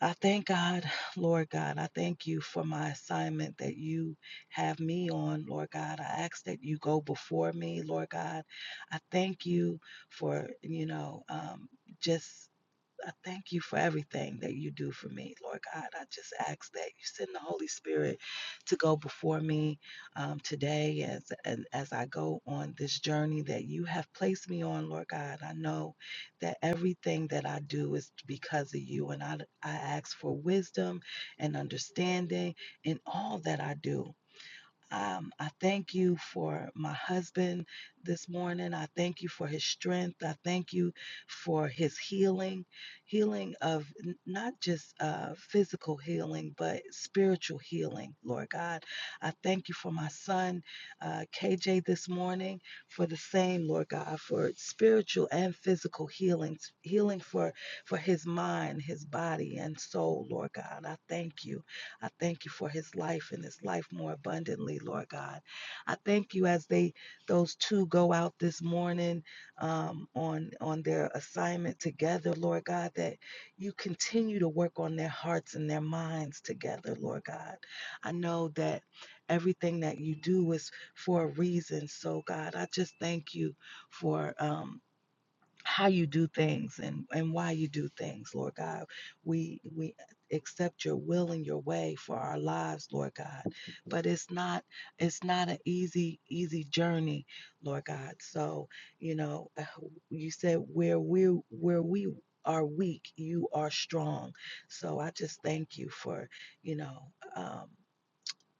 I thank God, Lord God. I thank you for my assignment that you have me on, Lord God. I ask that you go before me, Lord God. I thank you for, you know, um, just I thank you for everything that you do for me, Lord God. I just ask that you send the Holy Spirit to go before me um, today as, and as I go on this journey that you have placed me on, Lord God. I know that everything that I do is because of you, and I, I ask for wisdom and understanding in all that I do. Um, I thank you for my husband this morning. I thank you for his strength. I thank you for his healing, healing of not just uh, physical healing, but spiritual healing, Lord God. I thank you for my son, uh, KJ, this morning for the same, Lord God, for spiritual and physical healing, healing for, for his mind, his body, and soul, Lord God. I thank you. I thank you for his life and his life more abundantly, Lord God. I thank you as they those two go out this morning um, on on their assignment together, Lord God, that you continue to work on their hearts and their minds together, Lord God. I know that everything that you do is for a reason. So God, I just thank you for um, how you do things and and why you do things lord god we we accept your will and your way for our lives lord god but it's not it's not an easy easy journey lord god so you know uh, you said where we where we are weak you are strong so i just thank you for you know um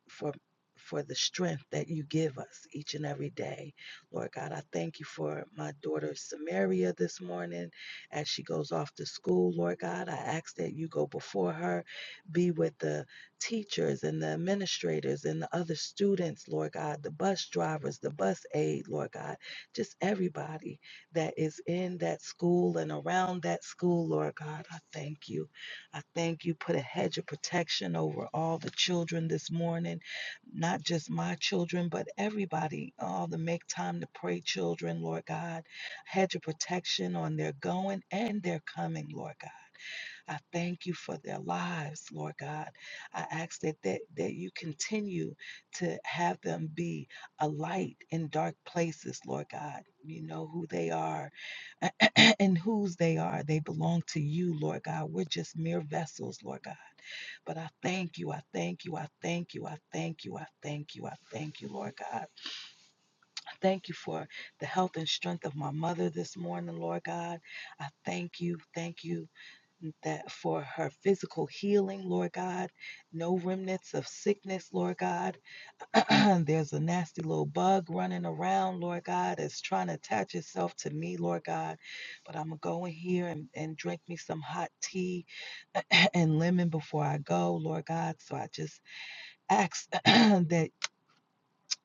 for for the strength that you give us each and every day. Lord God, I thank you for my daughter Samaria this morning as she goes off to school. Lord God, I ask that you go before her, be with the teachers and the administrators and the other students, Lord God, the bus drivers, the bus aide, Lord God, just everybody that is in that school and around that school, Lord God. I thank you. I thank you. Put a hedge of protection over all the children this morning, not just my children, but everybody, all the make time to pray children, Lord God. Hedge of protection on their going and their coming, Lord God. I thank you for their lives, Lord God. I ask that, that, that you continue to have them be a light in dark places, Lord God. You know who they are and whose they are. They belong to you, Lord God. We're just mere vessels, Lord God. But I thank you. I thank you. I thank you. I thank you. I thank you. I thank you, Lord God. I thank you for the health and strength of my mother this morning, Lord God. I thank you. Thank you that for her physical healing, Lord God. No remnants of sickness, Lord God. There's a nasty little bug running around, Lord God, that's trying to attach itself to me, Lord God. But I'm going to go in here and, and drink me some hot tea and lemon before I go, Lord God. So I just ask that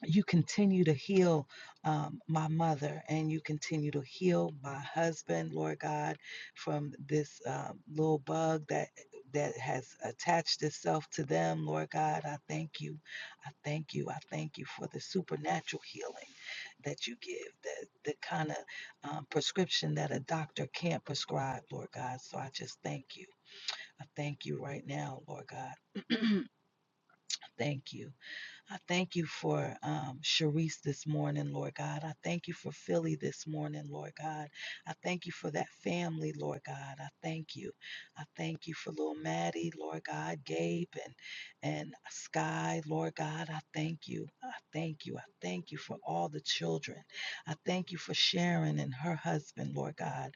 you continue to heal um, my mother and you continue to heal my husband lord god from this uh, little bug that that has attached itself to them lord god i thank you i thank you i thank you for the supernatural healing that you give the, the kind of um, prescription that a doctor can't prescribe lord god so i just thank you i thank you right now lord god I thank you I thank you for um, Sharice this morning, Lord God. I thank you for Philly this morning, Lord God. I thank you for that family, Lord God. I thank you. I thank you for little Maddie, Lord God, Gabe and and Sky, Lord God. I thank you. I thank you. I thank you for all the children. I thank you for Sharon and her husband, Lord God.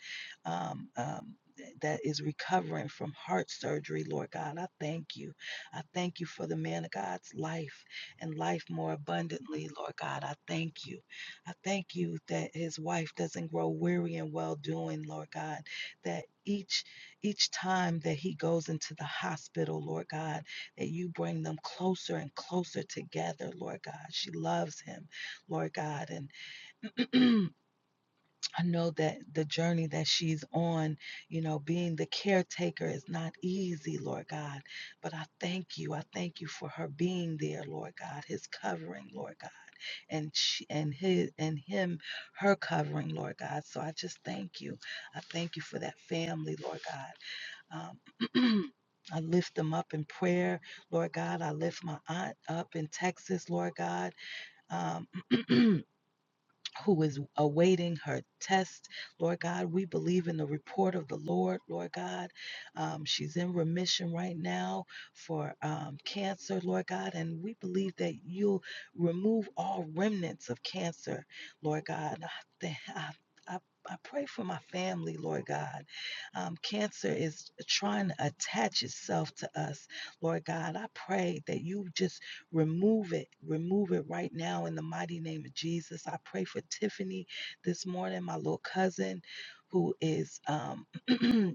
Um, um, th- that is recovering from heart surgery, Lord God. I thank you. I thank you for the man of God's life and life more abundantly, Lord God. I thank you. I thank you that his wife doesn't grow weary in well doing, Lord God, that each each time that he goes into the hospital, Lord God, that you bring them closer and closer together, Lord God. She loves him, Lord God, and I know that the journey that she's on, you know, being the caretaker is not easy, Lord God. But I thank you. I thank you for her being there, Lord God, his covering, Lord God, and she, and his and him, her covering, Lord God. So I just thank you. I thank you for that family, Lord God. Um, I lift them up in prayer, Lord God. I lift my aunt up in Texas, Lord God. Um, who is awaiting her test. Lord God, we believe in the report of the Lord, Lord God. Um, she's in remission right now for um, cancer, Lord God, and we believe that you'll remove all remnants of cancer, Lord God. I th- I- I- pray for my family, Lord God. Um, cancer is trying to attach itself to us, Lord God. I pray that you just Remove it. Remove it right now in the mighty name of Jesus. I pray for Tiffany this morning, my little cousin who is um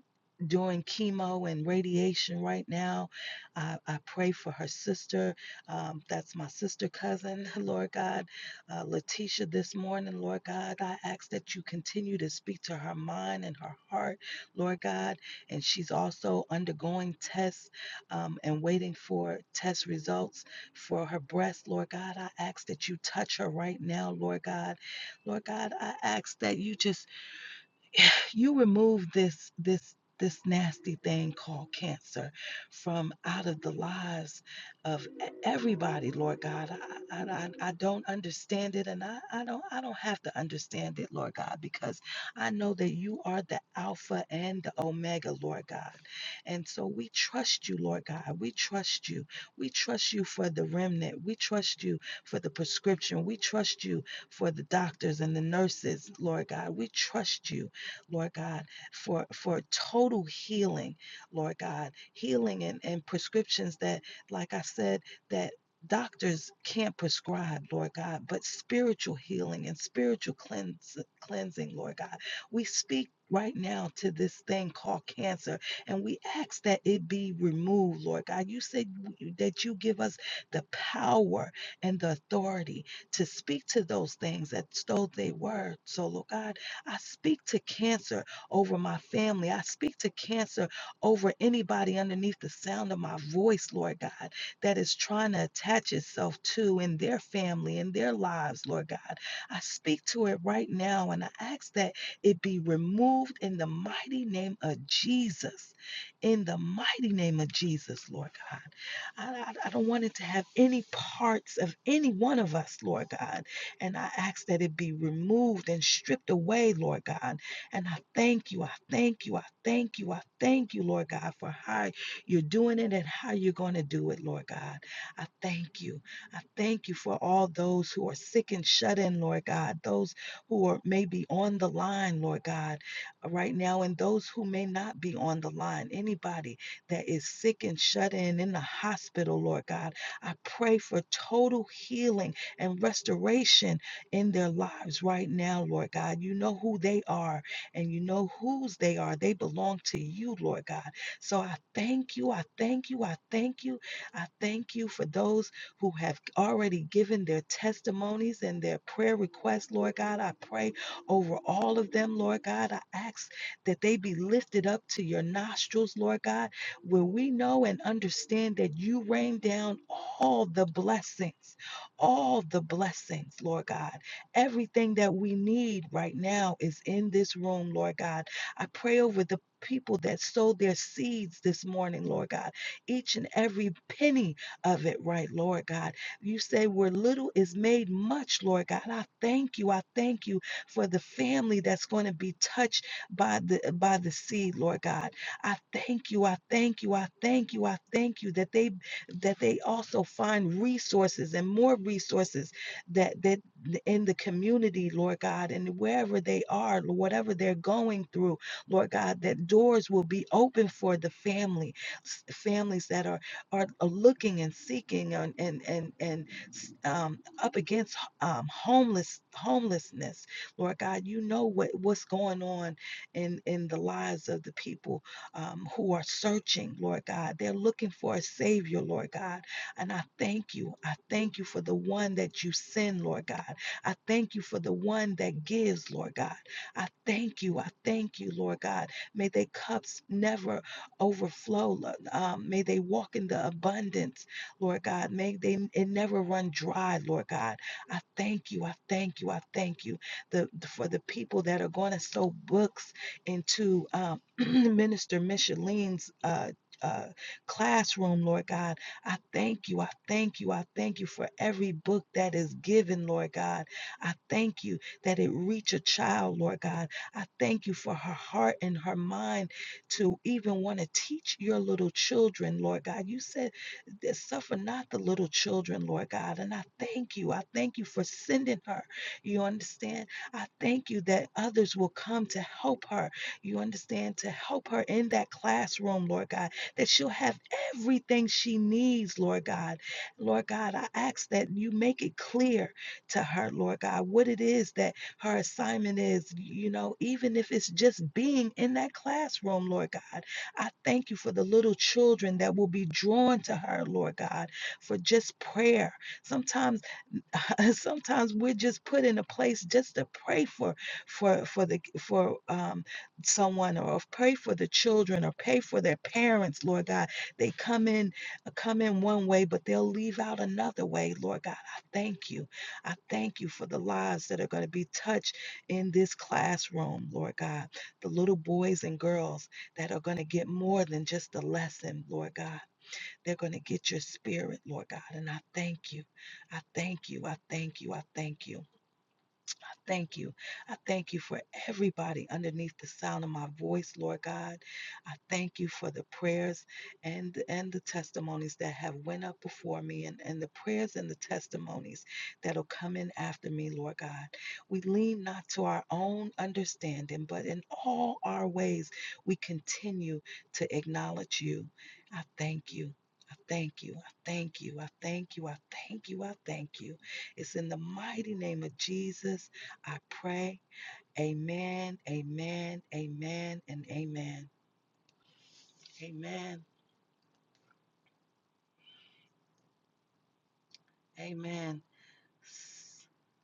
doing chemo and radiation right now. I, I pray for her sister. Um, that's my sister cousin, Lord God. Uh, Letitia, this morning, Lord God, I ask that you continue to speak to her mind and her heart, Lord God. And she's also undergoing tests um, and waiting for test results for her breast, Lord God. I ask that you touch her right now, Lord God. Lord God, I ask that you just you remove this this this nasty thing called cancer from out of the lives of e- everybody lord god I, I I don't understand it and I, I don't i don't have to understand it lord god because i know that you are the alpha and the omega lord god and so we trust you lord god we trust you we trust you for the remnant we trust you for the prescription we trust you for the doctors and the nurses lord god we trust you Lord God, for, for total healing, Lord God, healing and, and prescriptions that, like I said, that doctors can't prescribe, Lord God, but spiritual healing and spiritual cleanse, cleansing, Lord God. We speak right now to this thing called cancer and we ask that it be removed, Lord God. You said that you give us the power and the authority to speak to those things as though they were. So, Lord God, I speak to cancer over my family. I speak to cancer over anybody underneath the sound of my voice, Lord God, that is trying to attach itself to in their family, in their lives, Lord God. I speak to it right now and I ask that it be removed in the mighty name of Jesus. In the mighty name of Jesus, Lord God. I, I I don't want it to have any parts of any one of us, Lord God. And I ask that it be removed and stripped away, Lord God. And I thank you. I thank you. I thank you. I thank you, Lord God, for how you're doing it and how you're going to do it, Lord God. I thank you. I thank you for all those who are sick and shut in, Lord God. Those who are maybe on the line, Lord God, right now, and those who may not be on the line. Anybody that is sick and shut in in the hospital, Lord God, I pray for total healing and restoration in their lives right now, Lord God. You know who they are and you know whose they are. They belong to you, Lord God. So I thank you. I thank you. I thank you. I thank you for those who have already given their testimonies and their prayer requests, Lord God. I pray over all of them, Lord God. I ask that they be lifted up to your nostrils, Lord God, where we know and understand that you rain down all the blessings all the blessings, Lord God. Everything that we need right now is in this room, Lord God. I pray over the people that sowed their seeds this morning, Lord God. Each and every penny of it, right, Lord God. You say where little is made much, Lord God. I thank you. I thank you for the family that's going to be touched by the by the seed, Lord God. I thank you. I thank you. I thank you. I thank you that they that they also find resources and more resources that that in the community, Lord God, and wherever they are, whatever they're going through, Lord God, that doors will be open for the family, families that are are uh, looking and seeking and and and, and um, up against um, homeless homelessness, Lord God, you know what what's going on in in the lives of the people um, who are searching, Lord God. They're looking for a Savior, Lord God. And I thank you. I thank you for the one that you send, Lord God. I thank you for the one that gives, Lord God. I thank you. I thank you, Lord God. May their cups never overflow. Um, may they walk in the abundance, Lord God. May they it never run dry, Lord God. I thank you. I thank you. I thank you the, for the people that are going to sow books into um, Minister Micheline's uh, uh, classroom, Lord God. I thank you. I thank you. I thank you for every book that is given, Lord God. I thank you that it reach a child, Lord God. I thank you for her heart and her mind to even want to teach your little children, Lord God. You said, suffer not the little children, Lord God. And I thank you. I thank you for sending her. You understand? I thank you that others will come to help her you understand? To help her in that classroom, Lord God, that she'll have everything she needs, Lord God. Lord God, I ask that you make it clear to her, Lord God, what it is that her assignment is, you know, even if it's just being in that classroom, Lord God. I thank you for the little children that will be drawn to her, Lord God, for just prayer. Sometimes sometimes we're just put in a place just to pray for for for the for um, someone or pray for the children or pray for their parents lord god they come in come in one way but they'll leave out another way lord god i thank you i thank you for the lives that are going to be touched in this classroom lord god the little boys and girls that are going to get more than just a lesson lord god they're going to get your spirit, Lord God. And I thank you. I thank you. I thank you. I thank you thank you. I thank you for everybody underneath the sound of my voice, Lord God. I thank you for the prayers and and the testimonies that have went up before me and, and the prayers and the testimonies that'll come in after me, Lord God. We lean not to our own understanding, but in all our ways we continue to acknowledge you. I thank you. I thank you. I thank you. I thank you. I thank you. I thank you. It's in the mighty name of Jesus I pray. Amen, amen, amen, and amen. Amen, amen.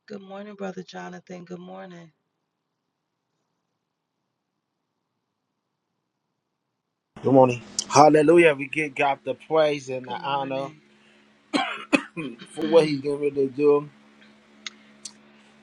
Good morning, Brother Jonathan. Good morning. Good morning. Hallelujah. We give God the praise and the Good honor morning. for what He's getting ready to do.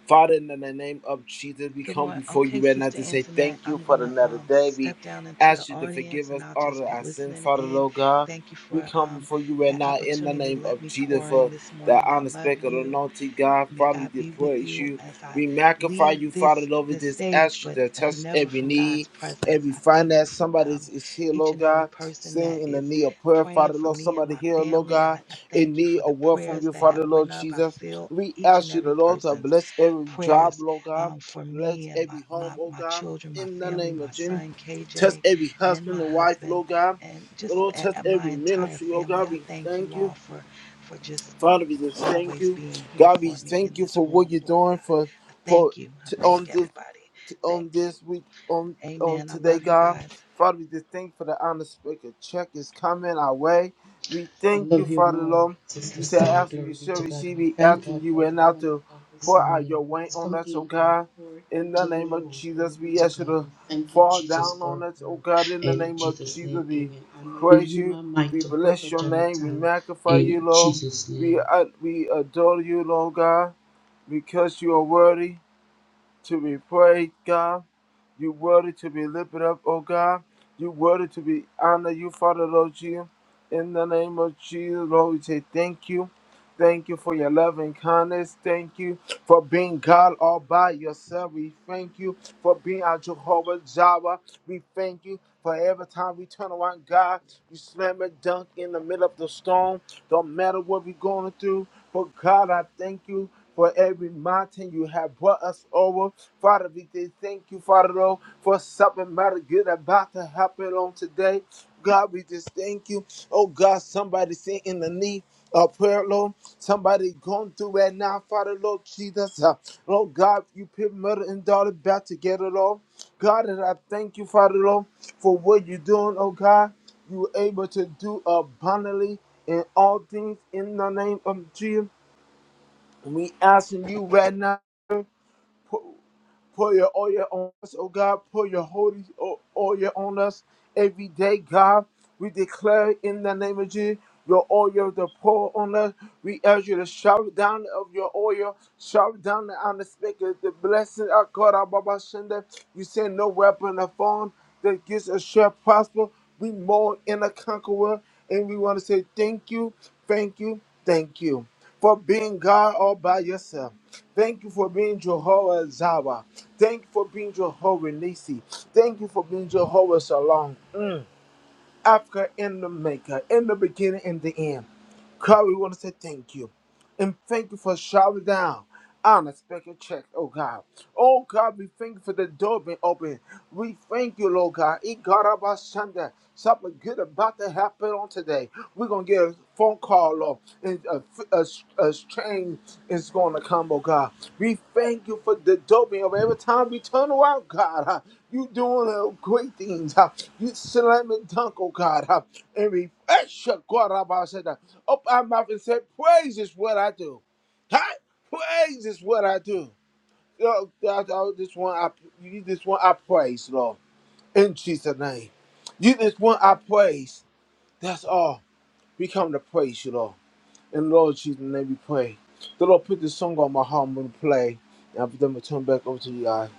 Father, in the name of Jesus, we Good come morning. before you Okay, right now Sister to say Antoinette, thank you I'm going for to another um, day. We step down into the ask you to audience forgive us and I'll all of just be our sins, listening Father, in. Lord God. Thank you We for come um, before you right that now in the opportunity. name Let of me Jesus pour in for this the morning. I love unexpected you. anointing, God. May Father, we God did be with praise you you. as I We magnify leave you, Father, this Lord. We this just stage, ask you but to touch never every from God's need, presence. every I thank you, finance. for, Somebody um, is here, each Lord and every God, person that sitting in the is need of prayer, praying Father, for Lord. me and Somebody my here, Lord family. I, God, I in thank you need for the of word from prayers you, that have Father, went Lord up. I Jesus. feel We each and ask you, every the Lord, to person's bless every job, prayers Lord God. um, for Bless me and my, every home, my oh my God. children, my In the family, name my of Jesus. son Test KJ, every and my husband and wife, husband, Lord God. and The just Lord, a, test a- my every entire ministry, oh family. God. I We thank you thank you. all for for just Father, we just thank always you. being here God, we for me thank in you this for what room, you're Lord doing for God. I for thank you. I t- thank on this everybody. t- Thank on you. this week on on Amen. I today, love you God. guys. Father, we just thank you for the honest speaker. Check is coming our way. We thank you, Father Lord. You said asking you shall receive, we asking you right now to pour out your weight on us, oh God. In the name of Jesus, we ask you to fall down on us, oh God. In the name of Jesus, we praise you. We bless your name. We magnify you, Lord. We uh, we adore you, Lord God, because you are worthy to be praised, God. You worthy to be lifted up, oh God. You worthy to be honored, you Father Lord Jesus. In the name of Jesus, Lord, we say thank you. Thank you for your love and kindness. Thank you for being God all by yourself. We thank you for being our Jehovah Jireh. We thank you for every time we turn around, God, you slam a dunk in the middle of the storm. Don't matter what we're going through. But God, I thank you for every mountain you have brought us over. Father, we say thank you, Father, Lord, for something mighty good about to happen on today. God, we just thank you. Oh God, somebody say in the need of prayer, Lord. Somebody going through right now, Father, Lord Jesus. Uh, Lord God, you put mother and daughter back together, Lord. God, and I thank you, Father, Lord, for what you're doing, oh God. You were able to do abundantly in all things in the name of Jesus. We asking you right now. Pour your oil on us, oh God. Pour your holy o- oil on us every day, God. We declare in the name of Jesus your oil to pour on us. We ask you to shower down of your oil, shower down the unexpected, the blessing of God, our Baba Shende. You say no weapon of form that gives us shall prosper. We more in a conqueror, and we want to say thank you, thank you, thank you for being God all by yourself. Thank you for being Jehovah Zawa. Thank you for being Jehovah Nisi. Thank you for being Jehovah Salon. Mm. Africa in the maker, in the beginning and the end. God, we want to say thank you. And thank you for shouting down unexpected check, oh God. Oh God, we thank you for the door being open. We thank you, Lord God. It got up our Sunday. Something good about to happen on today. We're gonna get a phone call, Lord, and a, a, a train is gonna come, oh God. We thank you for the door being open. Every time we turn around, God, huh, you doing uh, great things. huh. You slam and dunk, oh God, huh. and we. Esha, God, Rabbi, said that. Open our mouth and say, Praise is what I do. Hi, praise is what I do. Lord, God, I just want I you just want I praise, Lord. In Jesus' name. You just want I praise. That's all. We come to praise you, Lord. In Lord Jesus' name we pray. The Lord put this song on my heart and play. And I'm gonna turn back over to you guys.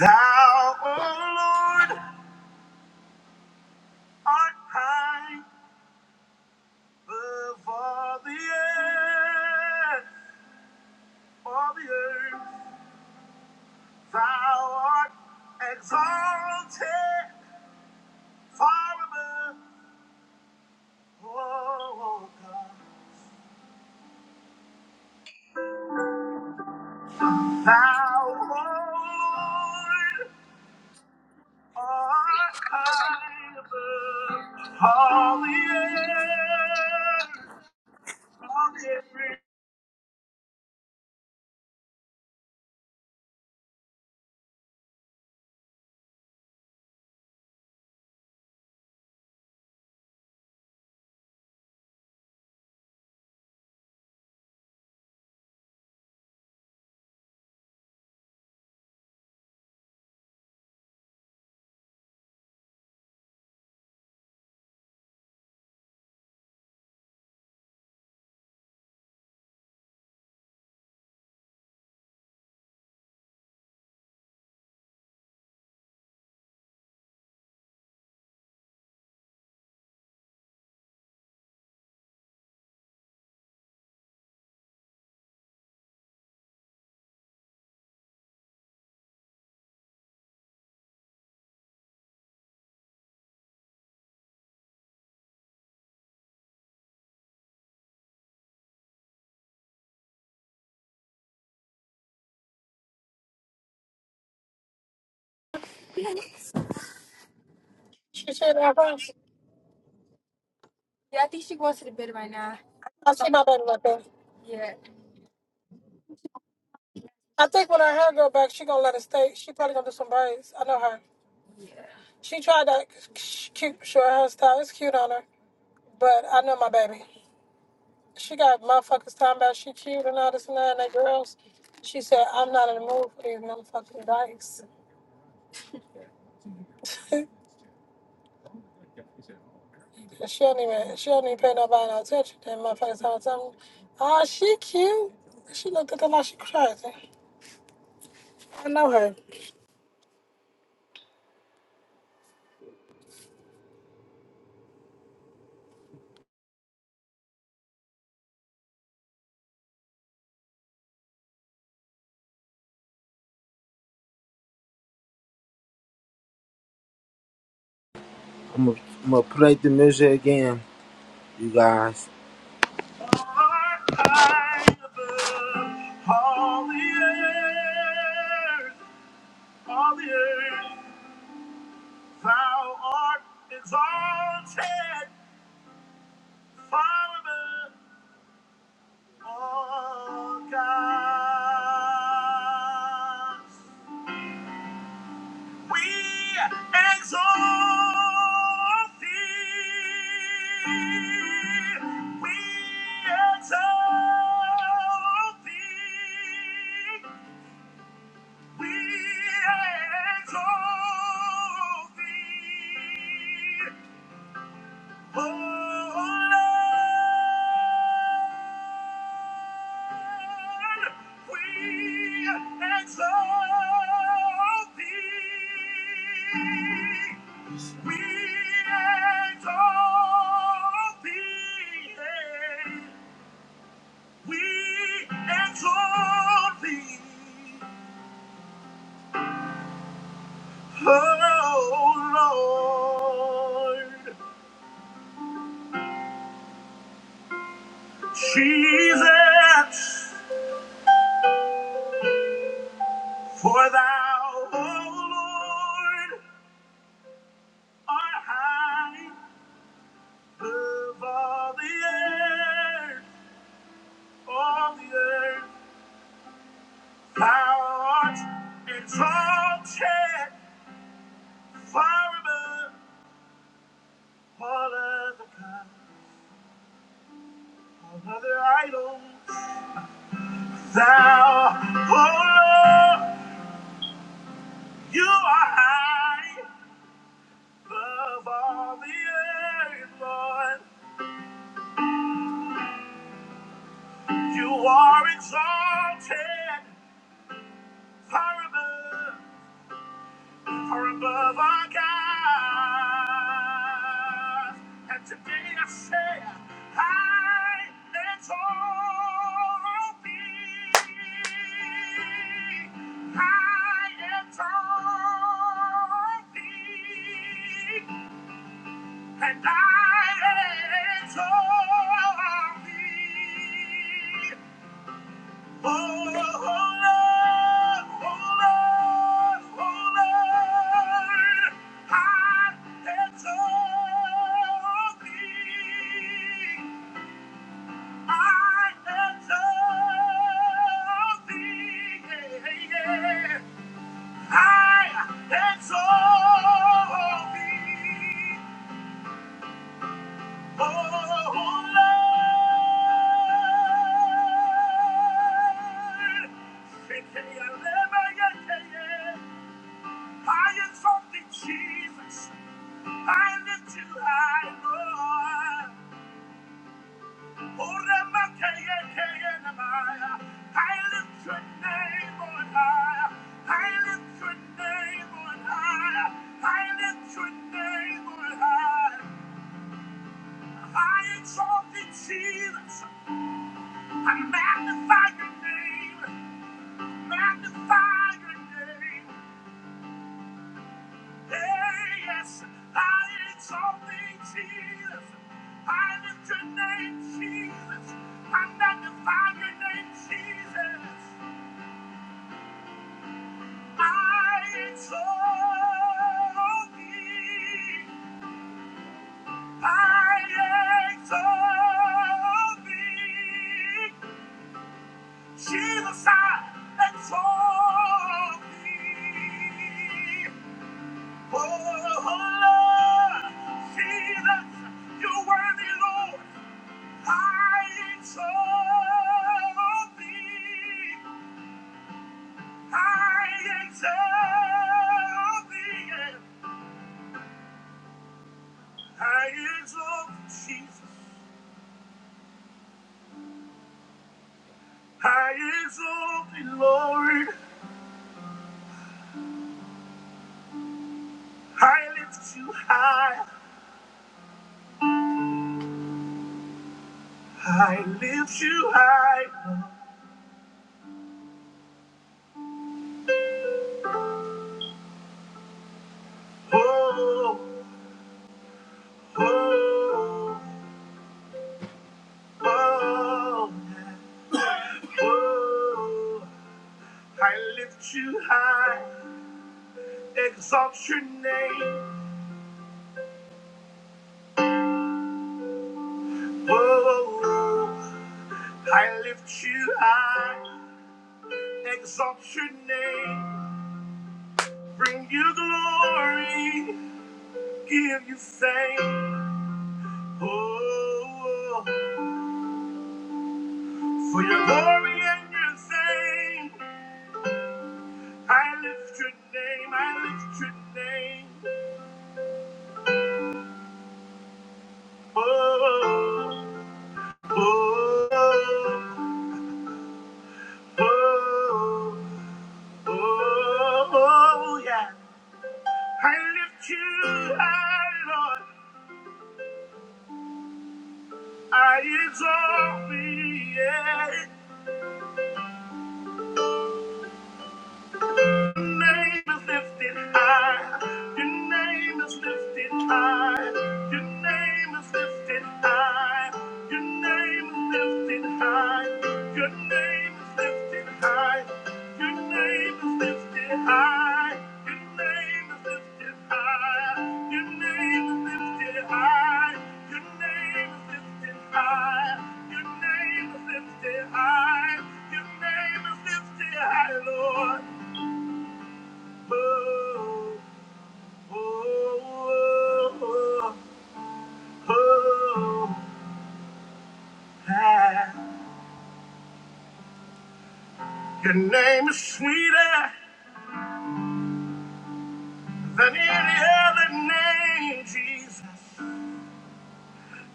Thou, O Lord, art high above all the earth, all the earth. Thou art exalted far above, O God. Thou, O Lord, art high above all the earth. All the earth. I see my baby right there. Yeah. I think when her hair grow back, she gonna let it stay. She probably gonna do some braids. I know her. She tried that c- cute short hairstyle. It's cute on her, but I know my baby. She got motherfuckers talking about she cute and all this and that. And they girls, she said I'm not in the mood for these motherfucking dykes. she don't even she don't even pay nobody no attention. Then motherfuckers all the time. Ah, she cute. She looked at them like she crazy. I know her. I'm gonna, I'm gonna play the music again, you guys. Art high above all the earth, all the earth. Thou art exalted forever, O God. We exalt thee. We exalt thee. We exalt thee. Oh Lord, Jesus. For thou, O Lord, art high above all the earth, all the earth. Thou art exalted far above all other gods, all other idols. Thou, O Lord, you are high above all the earth, Lord. You are exalted Far above, far above our God. And today I say, I let all be. I let all be. And I let all be. Hold on, hold on, hold on, I am something. I am something. Yeah, yeah. I am something. Jesus, I lift you high, Lord. I lift your name on high. I lift your name on high. I lift your name on high. I exalt thee, Jesus. I magnify your name, magnify your name. Hey, yes, I exalt thee, Jesus. I lift your name, Jesus. I magnify your name, Jesus. I exalt thee. I exalt thee. Jesus, I exalt thee. Oh, Lord, Jesus, you're worthy, Lord. I exalt thee. I exalt thee. yeah. I exalt Jesus. I exalt thee, Lord. I lift you high. I lift you high. Oh, oh, oh, oh. I lift you high, exalt your name. Oh, I lift you high, exalt your name. Bring you glory, give you fame. Oh, for your glory and your fame. I lift your name, I lift your name. Oh, oh, oh, oh, oh yeah. I lift you high, Lord. I exalt thee. yeah. Your name is lifted high, Your Your Your Your Your Your Your Your Your Your name name name name name name name name name name is is is is is is is is is is lifted lifted lifted lifted lifted lifted lifted lifted lifted lifted high. high. high. high. high. high. high. high. high. high, Lord. Your name is sweeter than any other name, Jesus.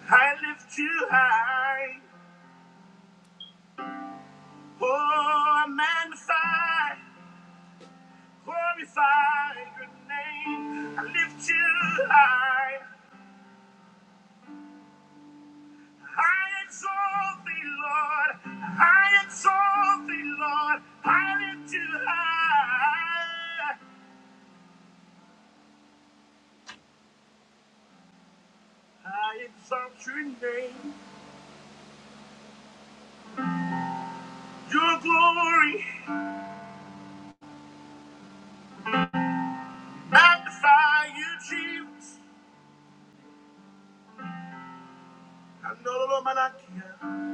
I lift you high. Oh, I magnify, glorify your name. I lift you high. I exalt thee, Lord. I exalt thee, Lord. I lift you high. I exalt your name, your glory, magnify you, Jesus. Andorolo manakia,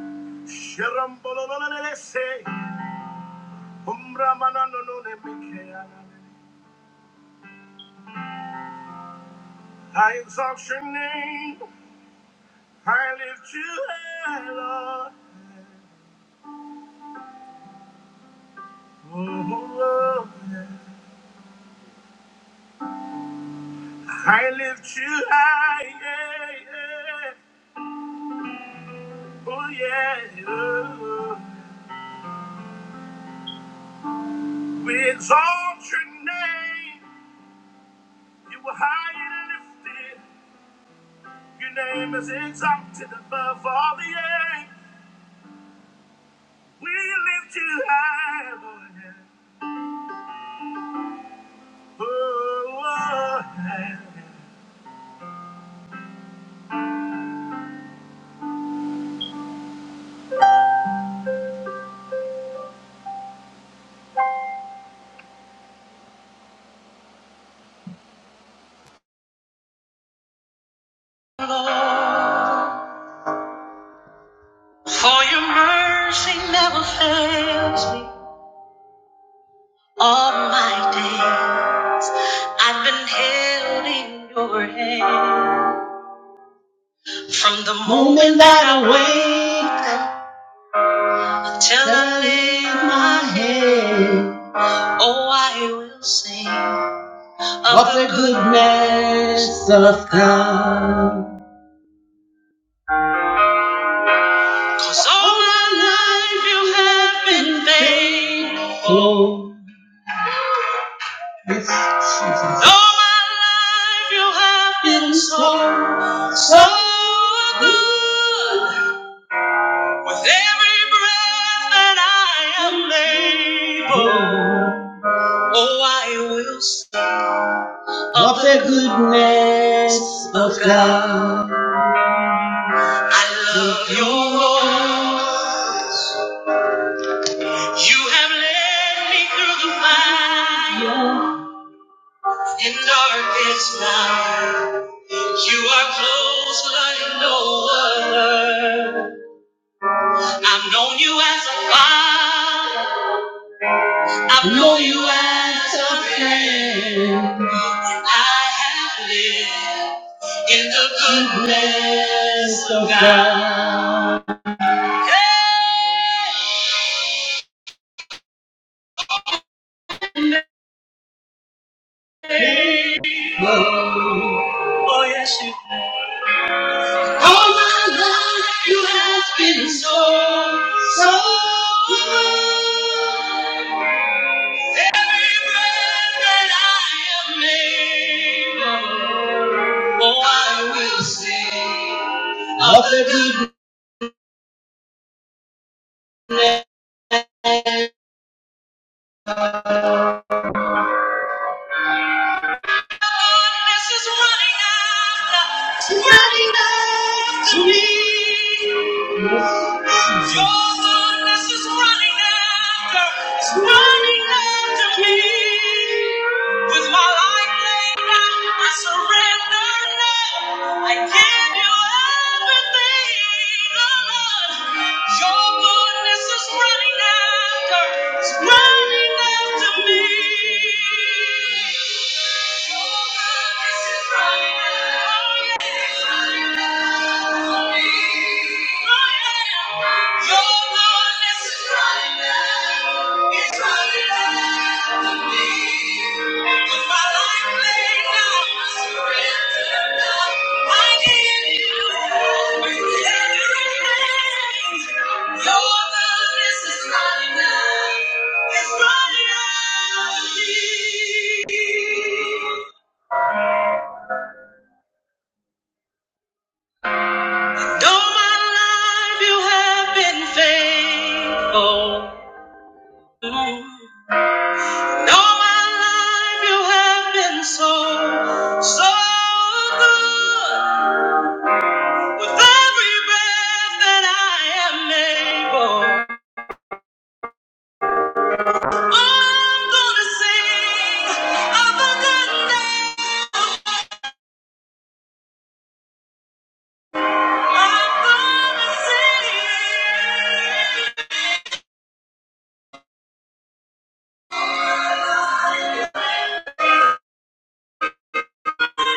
I exalt your name, I lift you high, Lord. Oh, oh, yeah. I lift you high, yeah, yeah. oh yeah. Oh, oh. We exalt your name. You were high and lifted. Your name is exalted above all the earth. We lift you high, Lord. Oh, Lord. Lord, for your mercy never fails me. All my days I've been held in your hand. From the morning till oh, I will sing. Cause all, my life you have so with every breath that I am able. Oh, I will sing. Love it. I love your voice. You have led me through the fire and darkest night. You are close like no other. I've known you as a father. I've known you as a I have lived in the goodness of God. Yeah. Oh yes, you All my life you have been so, so good. Every breath that I have made, oh, I will sing. of the good Darkness is running after, it's running after me. Your darkness is running after, it's running after me. With my life laid down, I surrender now. I give you everything, oh Lord. Your goodness is running after, it's running after me. It's running out of me. All my life you have been faithful. All my life you have been so, so good. With every breath that I am able, I'm gonna sing of the goodness. I'm gonna sing. Thank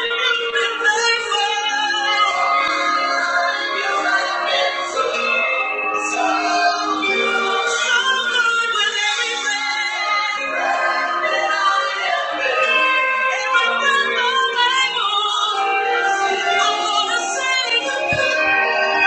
you.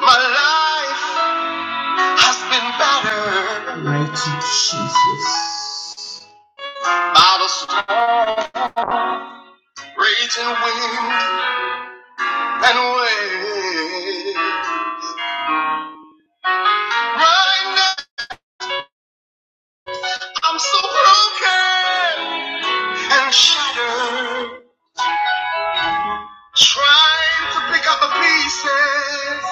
My life has been battered by the raging wind. and wait. Right now, I'm so broken and shattered, trying to pick up the pieces.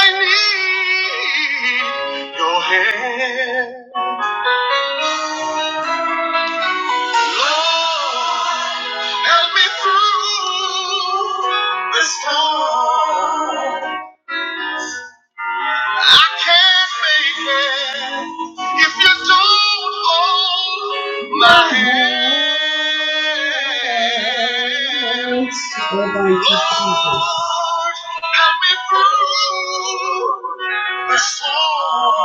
I need your hand. Lord, help me through this storm. I can't make it if you don't hold my hand. Lord, help me through the storm.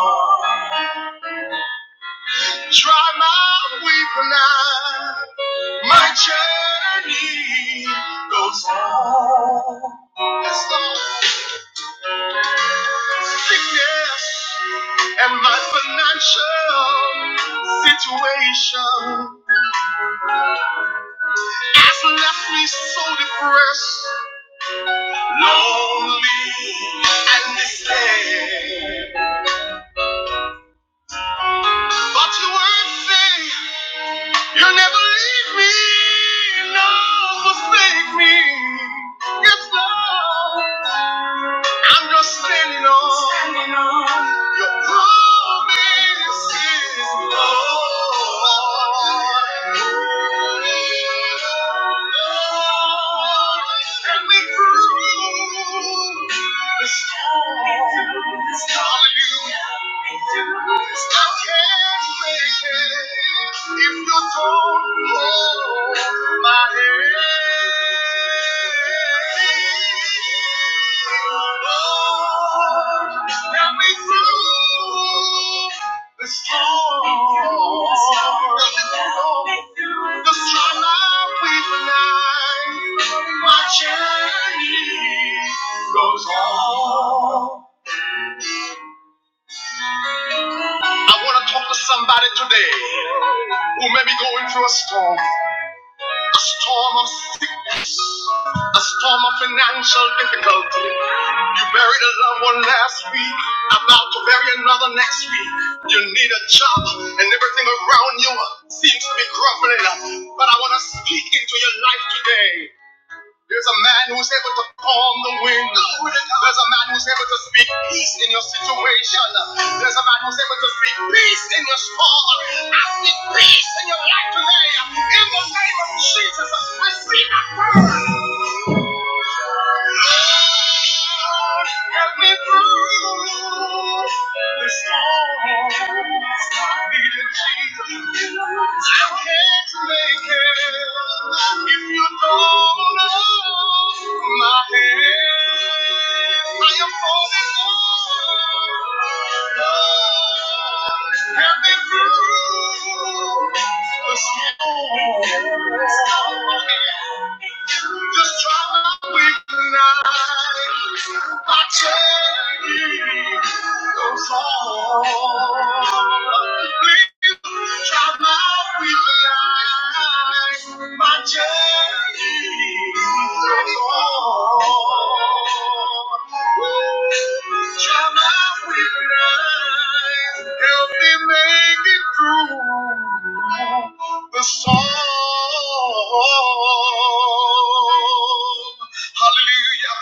Dry my weeping eye. My journey goes on. Yes, Lord. sickness and my financial situation has left me so depressed, lonely, and despair. But your word say you'll never leave me, nor forsake me. Yes, Lord. I'm just standing on, standing on your promises, Lord. Lord. And we prove this time. Hallelujah. I can't make it if you don't hold my hand. Lord, and we prove storm. The storm. The sunlight with night, my journey goes on. I want to talk to somebody today who may be going through a storm, a storm of a storm of financial difficulty. You buried a loved one last week, about to bury another next week. You need a job, and everything around you seems to be crumbling. But I want to speak into your life today. There's a man who's able to calm the wind. There's a man who's able to speak peace in your situation. There's a man who's able to speak peace in your storm. I speak peace in your life today. In the name of Jesus, receive that word. Lord, help me through this storm. I need you, Jesus. I can't make if you don't know my hand, I am falling low. Help me through the storm. Just try my weakness. I tell you, don't Come out with life, my journey is on. Come out with life, help me make it through the storm. Hallelujah.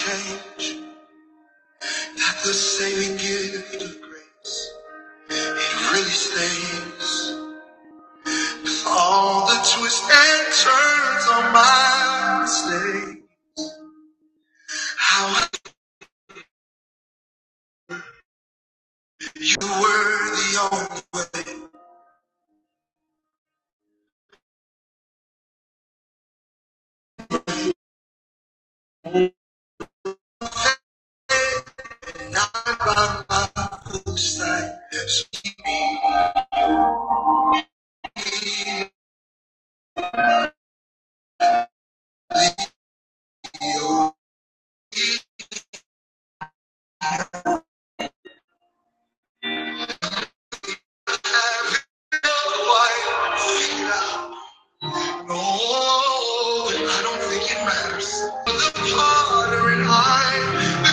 Change, not the saving gift of grace. It really stays. All the twists and turns on my mistake. How you were the only way. Have it quite figured out. No, I don't think it matters. But The harder and I the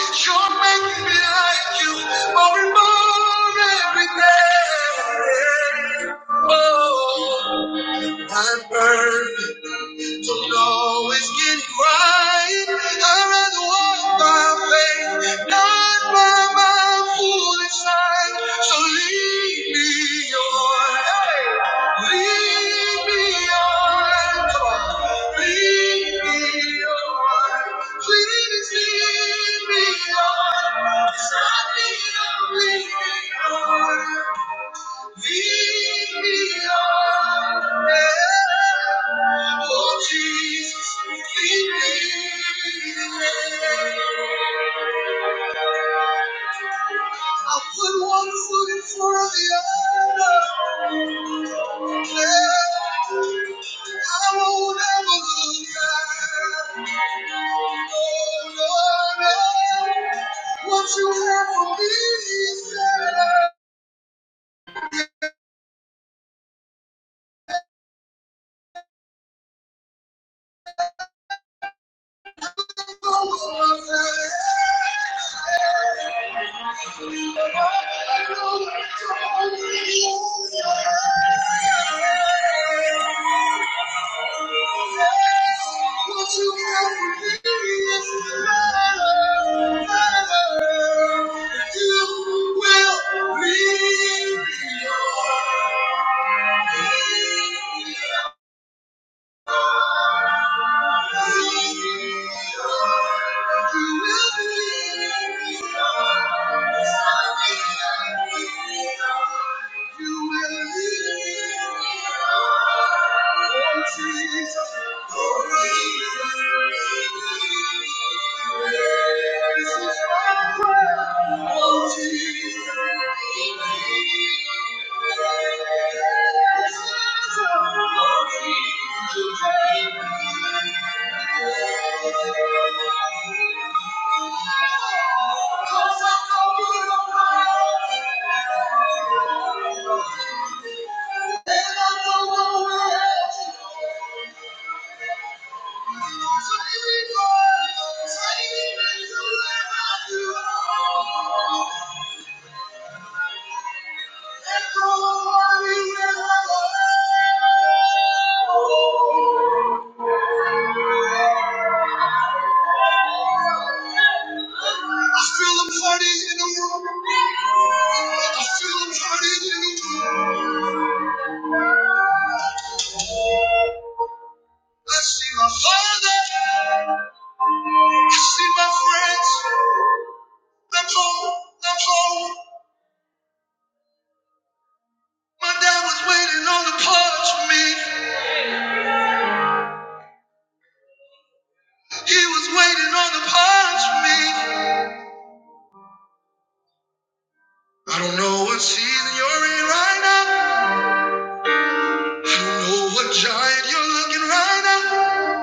declare, you're making me like you more and more every day. Oh. I'm burning, don't always get it right. I'd rather walk by faith, not by my foolish sight. So lead me on, hey, lead me on, come on, lead me on. Please lead me on, 'cause I need a leading on. Lead me on. yeah. Oh, Jesus, lead me. I put one foot in front of the other. Yeah. I won't ever look back. Oh, Lord, yeah. What you have for me is better. Jesus. Thank you. I feel them hurting in the room. I feel them hurting in the room. I see my father. I see my friends. That's all. That's all. My dad was waiting on the parts for me. He was waiting on the parts for me. I don't know what season you're in right now. I don't know what giant you're looking right now.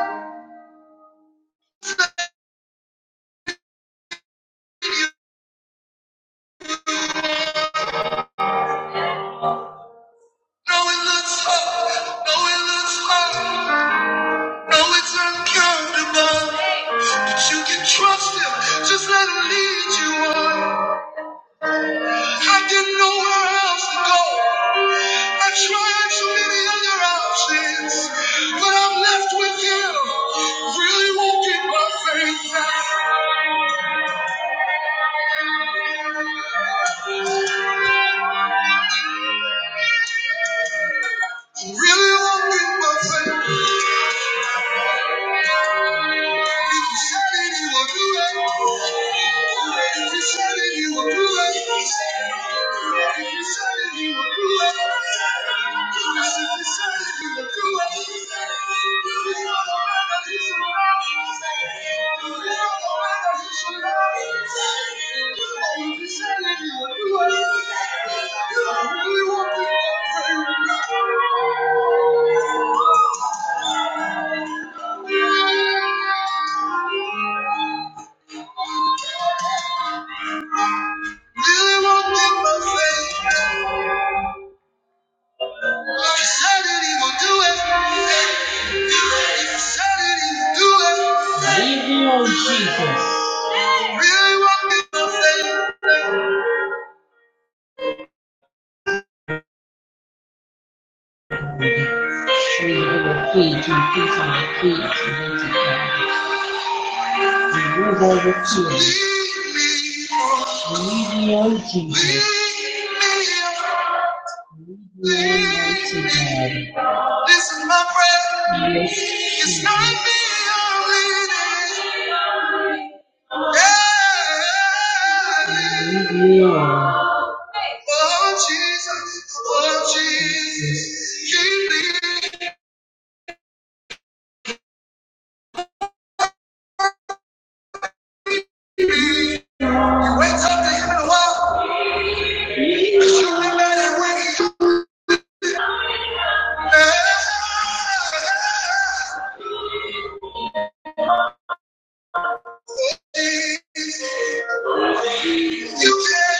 No, it looks hard. No, it looks hard. No, it's uncountable. But you can trust him. Just let him lead you on. I didn't know where else to go. I tried so many other options. But I'm left with him. Really walking by faith. Really walking by faith. If you said it, he will do it. If you said it, he will do it. If you said it, he will do it. Because if you said it, he will do it. He's not the man that he should lie. He's not the man that he should lie. If you said it, he will do it. You don't really want to pray with me. He said that he will do it. He will do it. Really want me. This is my prayer. It's not me I'm leading. Yeah. Oh, Jesus. Oh, Jesus. You can let it win. Yeah. You can.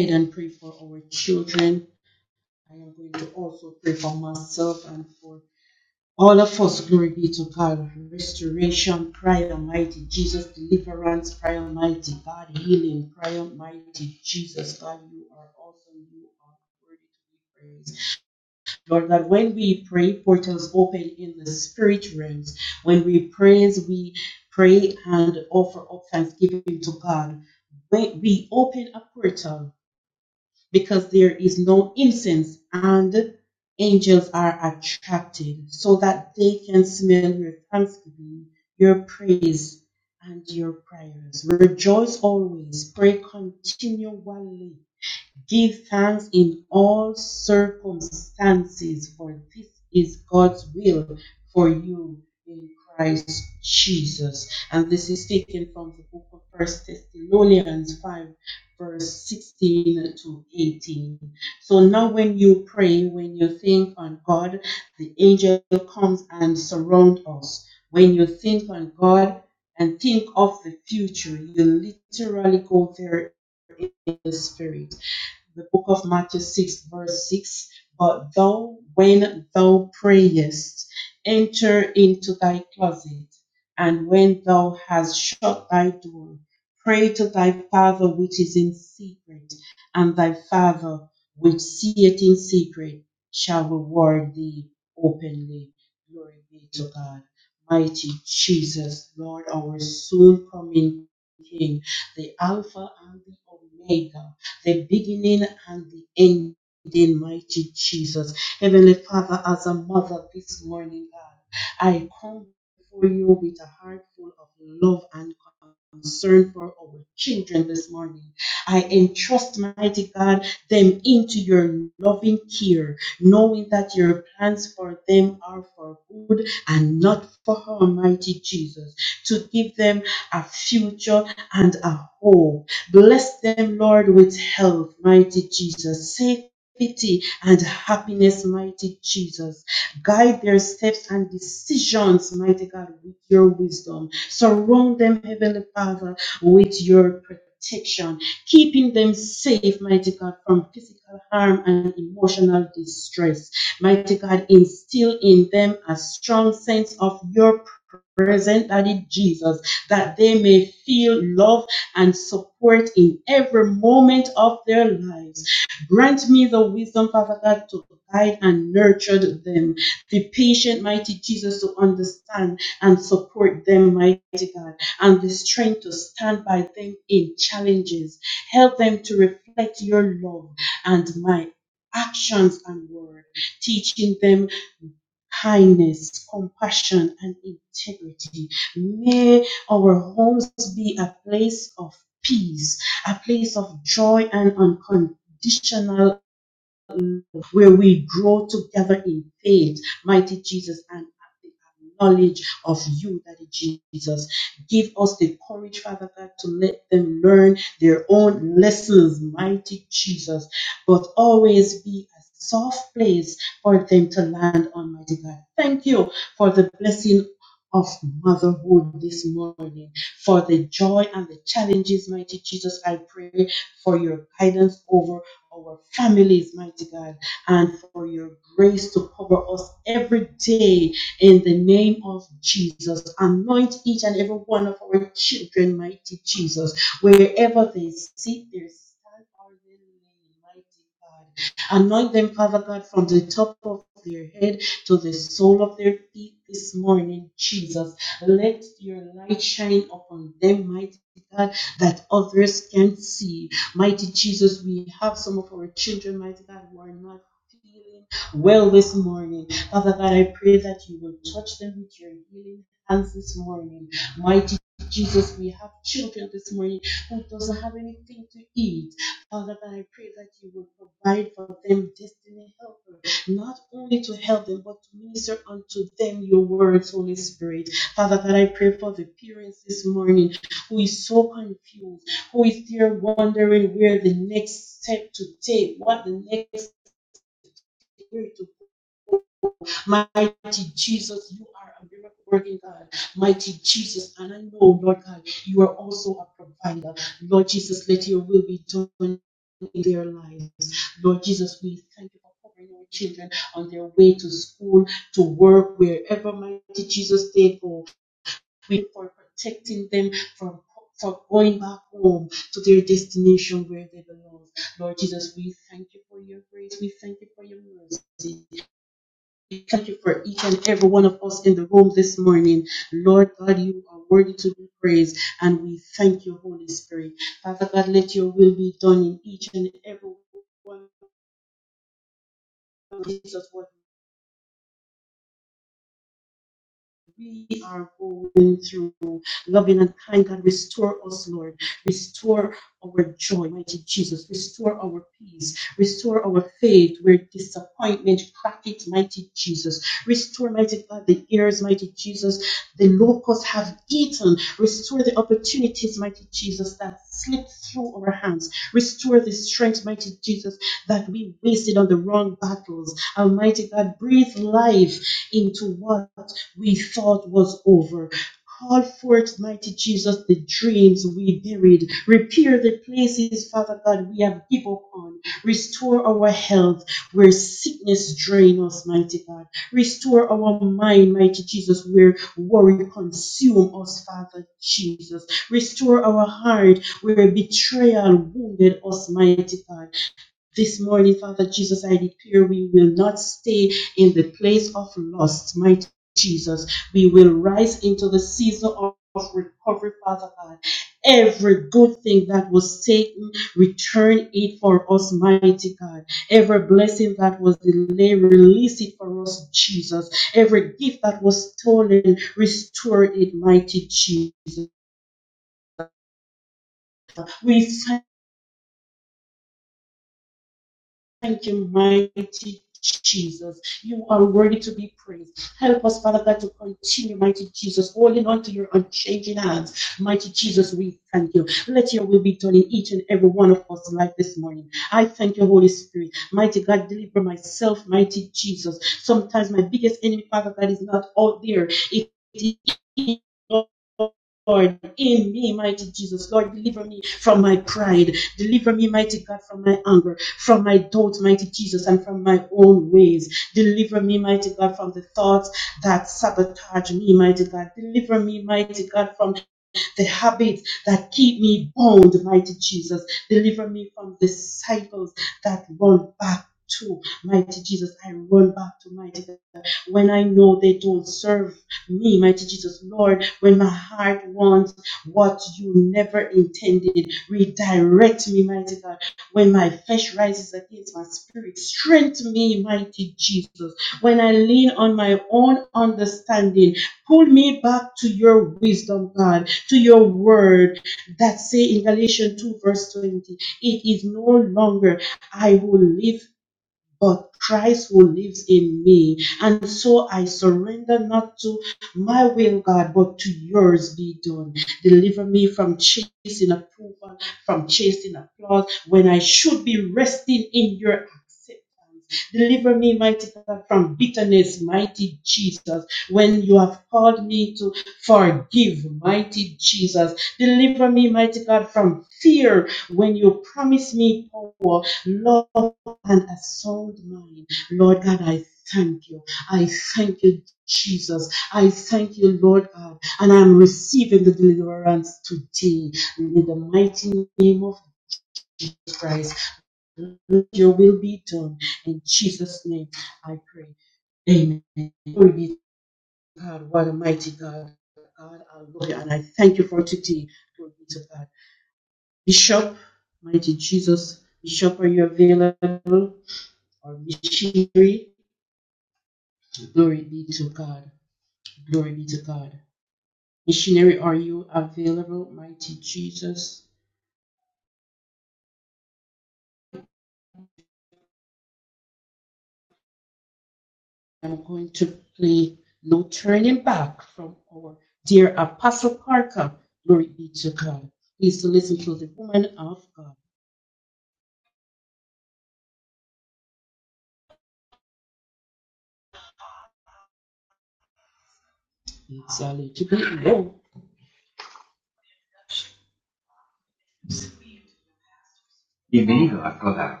Bienvenido a Coda.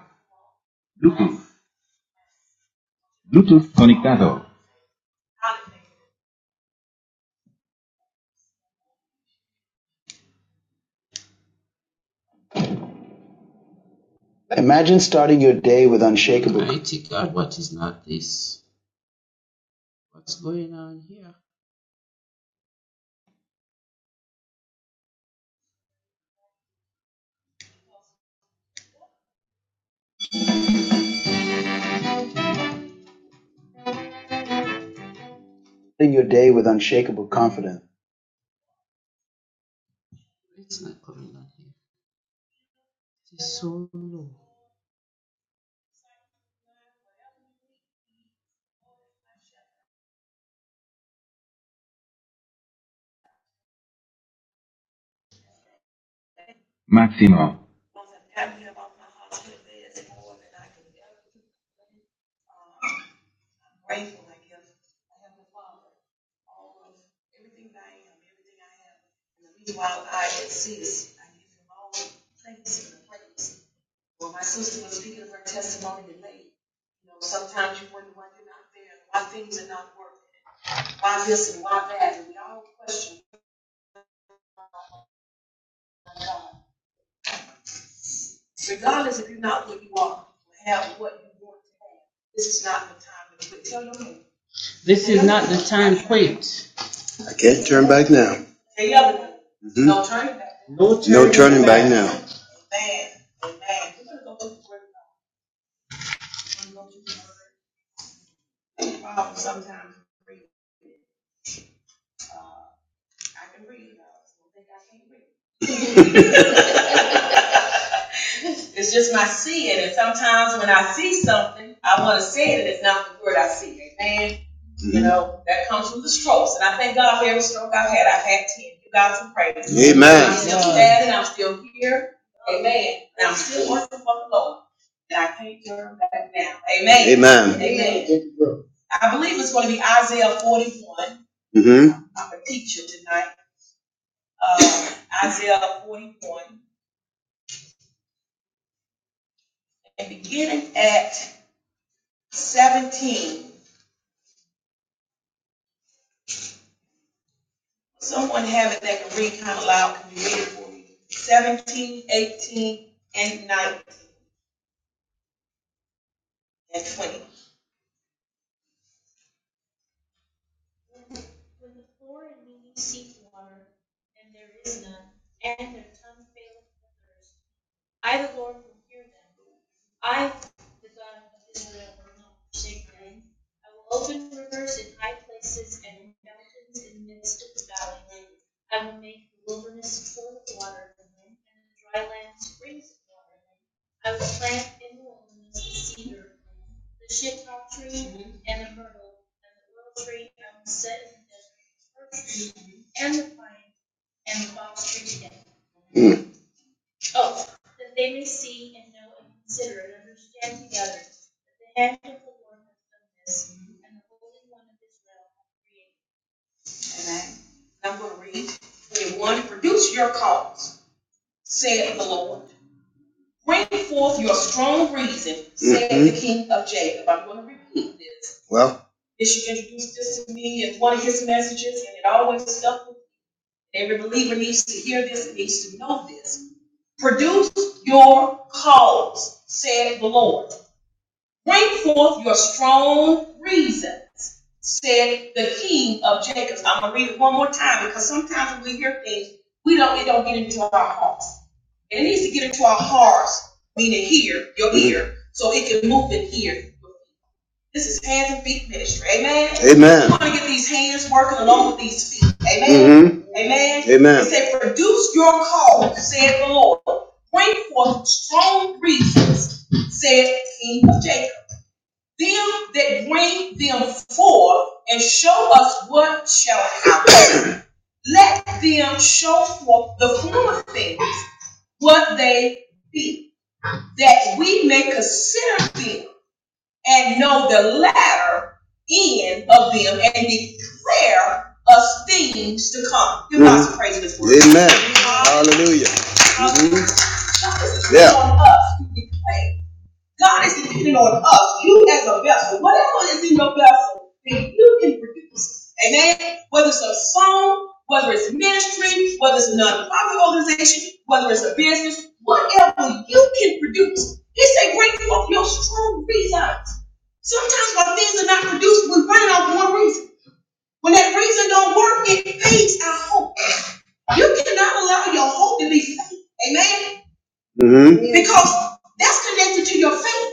Bluetooth. Bluetooth conectado. Imagine starting your day with unshakable, Mighty God, what is not this? starting your day with unshakable confidence. Grateful, I guess. I have a Father. All of everything that I am, everything I have. And the reason why I exist, I give Him all the thanks and the praise. Well, my sister was speaking of her testimony today. You know, sometimes you wonder why you're not there, why things are not working, why this and why that, and we all question. Regardless if you're not where you are, you have what you want to have. This is not the time to quit. Tell your neighbor. I can't turn back now. Tell the other neighbor. Mhm. No turning back. No turning, no turning back. back now. Amen. Amen. We're gonna go to the word of God. We're gonna go to the word. Wow, sometimes I can read. Uh, I can read. I don't think I can read. It's just my seeing, and sometimes when I see something, I want to say it, and it's not the word I see. Amen. Mm-hmm. You know, that comes from the strokes, and I thank God for every stroke I've had. I've had ten. Give God some praise. Amen. And I'm still here. Amen. And I'm still working for the Lord, and I can't turn back now. Amen. Amen. Amen. I believe it's going to be Isaiah 41. hmm I'm a teacher tonight, uh, Isaiah 41, and beginning at 17. Someone have it that can read kind of loud, can you read it for me? 17, 18, and 19, and 20. Hmm. Amen. I'm going to read. 21. Produce your cause, said the Lord. Bring forth your strong reason, said mm-hmm. the King of Jacob. I'm going to repeat this. Bishop introduced this to me as one of his messages, and it always stuck with me. Every believer needs to hear this, needs to know this. Produce your cause, said the Lord. Bring forth your strong reasons, said the king of Jacob's. I'm gonna read it one more time because sometimes when we hear things, we don't it don't get into our hearts. And it needs to get into our hearts, meaning here, your ear, so it can move in here. This is hands and feet ministry, amen. Amen. We want to get these hands working along with these feet, amen. Mhm. Amen. Amen. It said, produce your call, said the Lord. Bring forth strong reasons, said the king of Jacob them that bring them forth and show us what shall happen. Let them show forth the former things, what they be, that we may consider them and know the latter end of them and declare us things to come. Give God some praise this word. Amen. Hallelujah. Mm. So this is Yeah. on us to declare God is depending on us, you as a vessel, whatever is in your vessel, then you can produce. Amen. Whether it's a song, whether it's ministry, whether it's a nonprofit organization, whether it's a business, whatever you can produce. He said, bring forth your strong reasons. Sometimes when things are not produced, we find out one reason. When that reason don't work, it fades our hope. You cannot allow your hope to be fake. Amen? Because that's connected to your faith.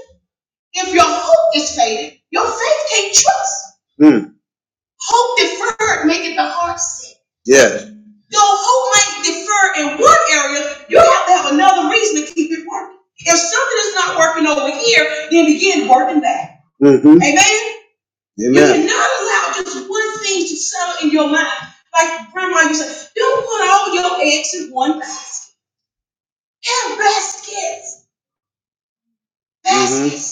If your hope is faded, your faith can't trust. Mm. Hope deferred maketh the heart sick. Yeah. Your hope might defer in one area, you have to have another reason to keep it working. If something is not working over here, then begin working back. Mhm. Amen. Amen. You cannot allow just one thing to settle in your mind. Like grandma used to say, don't put all your eggs in one basket. Have baskets. Baskets.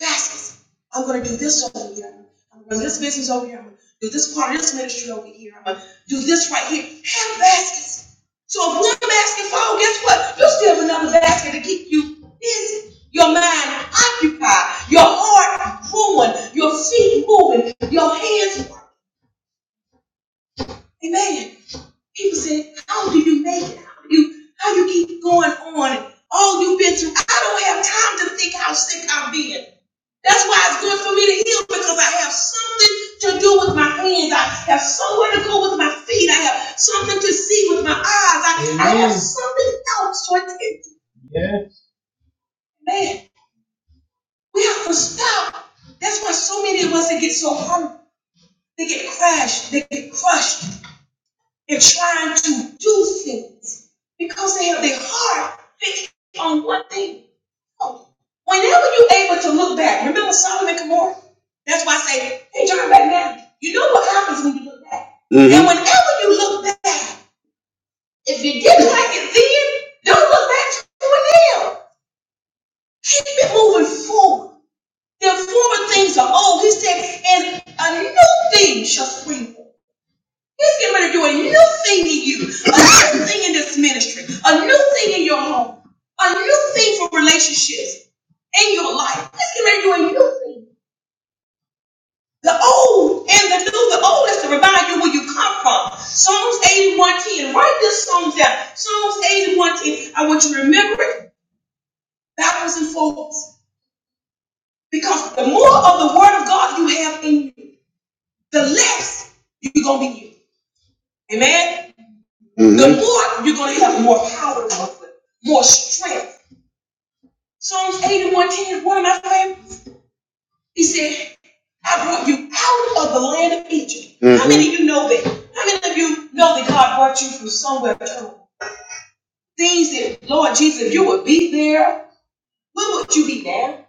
baskets. I'm gonna do this over here. I'm gonna do this business over here. I'm gonna do this part of this ministry over here. I'm gonna do this right here. Have baskets. So if one basket falls, guess what? You still have another basket to keep you busy. Your mind occupied, your heart growing, your feet moving, your hands. working. Amen. People say, "How do you make it? How do you how you keep going on? All you've been through. I don't have time to think how sick I've been. That's why it's good for me to heal because I have something to do with my hands. I have somewhere to go with my feet. I have something to see with my eyes. I, I have Amen. something else to attend. to. Man, we have to stop. That's why so many of us they get so hurt. They get crashed. They get crushed in trying to do things because they have their heart on one thing. Whenever you're able to look back, remember Solomon and Gomorrah? That's why I say, hey, turn back now. You know what happens when you look back. Mhm. And whenever you look back, you get like it then, don't look back to it now. Keep it moving forward. The former things are old. He said, and a new thing shall spring forth. He's getting ready to do a new thing in you, a new thing in this ministry, a new thing in your home, a new thing for relationships in your life. He's getting ready to do a new thing. The old and the new, the old is to remind you where you come from. Psalms 81.10. Write this song down. Psalms 81.10. I want you to remember it backwards and forwards. Because the more of the word of God you have in you, the less you're going to be you. Amen? Mm-hmm. The Mhm. more powerful, more strong. Psalms 81.10 one of my favorites. He said, you out of the land of Egypt. Mm-hmm. How many of you, you know that God brought you out Things that, Lord Jesus, if you would be there, where would you be now?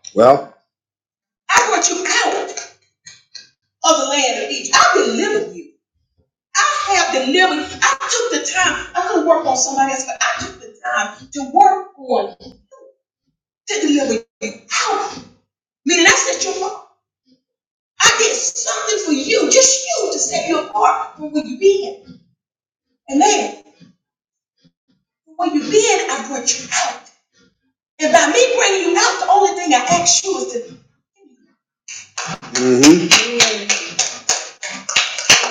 I brought you out of the land of Egypt. I delivered you. I have delivered. you. I took the time. I could work on somebody else, but I took the time to work on to deliver you out. Meaning that's not your fault. I did something for you, just you, to set you apart from where you've been. And then, from where you've been, I brought you out. And by me bringing you out, the only thing I ask you is to,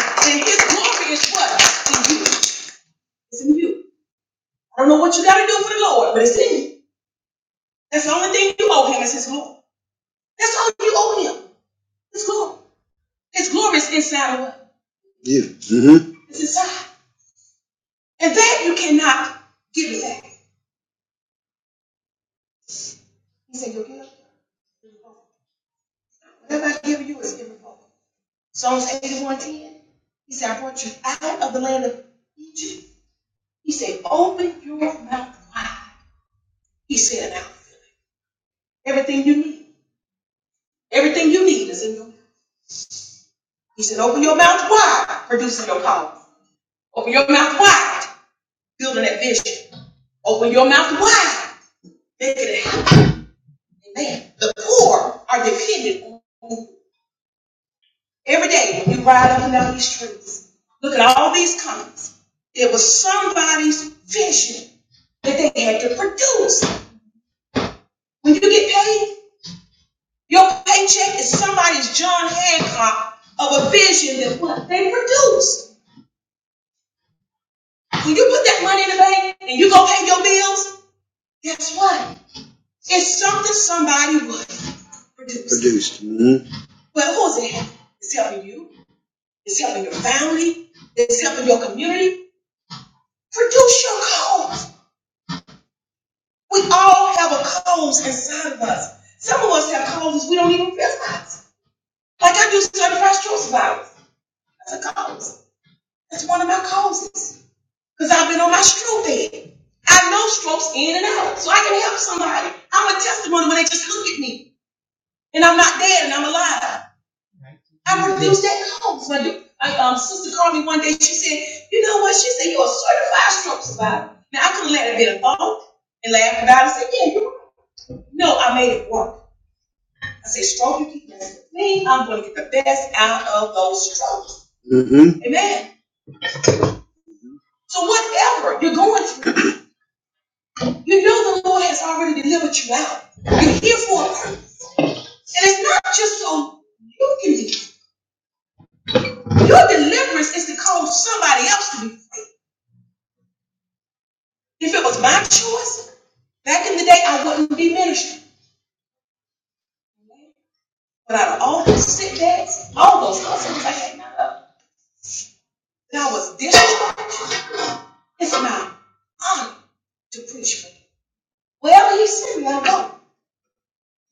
and his glory is what? In you. It's in you. I don't know what you got to do for the Lord, but it's in you. That's the only thing you owe him is his glory. That's all you owe him. His glory. His glory is inside of us. It's inside. And that you cannot give it back. He said, You'll give. it. Whatever I give you is irrevocable. Psalms 81:10. He said, I brought you out of the land of Egypt. He said, Open your mouth wide. He said, Now everything you need. Everything you need is in your mouth. He said, Open your mouth wide, producing your power. Open your mouth wide, building that vision. Open your mouth wide, making it Man, the poor are dependent on you. every day when you ride up and down these streets. Look at all these comments. It was somebody's vision that they had to produce. When you get paid, your paycheck is somebody's John Hancock of a vision that what they produce. When you put that money in the bank and you go pay your bills, guess what? It's something somebody would produce. Produced. Mhm. Well, who's it? It's helping you. It's helping your family. It's helping your community. Produce your cause. We all have a cause inside of us. Some of us have causes we don't even realize. Like I do certified stroke survivors. A cause. That's one of my causes. Because I've been on my stroke bed. I know strokes in and out. So I can help somebody. I'm a testimony when they just look at me. And I'm not dead and I'm alive. I refuse that call. My do- I, um, sister called me one day. She said, "You know what?" She said, "You're a certified stroke survivor." Now I could have let it be a thought and laughed about it. I said, "Yeah, you know, I made it work." I said, "Stroke, you keep messing with me. I'm going to get the best out of those strokes." Amen. So whatever you're going through, you know the Lord has already delivered you out. You're here for a purpose, and it's not just so you can be. Your deliverance is to cause somebody else to be. free. If it was my choice, back in the day, I wouldn't be ministering. But out of all those setbacks, all those hustles, I had none of And I was discharged. It's my honor to preach for him. Wherever he sent me, I go.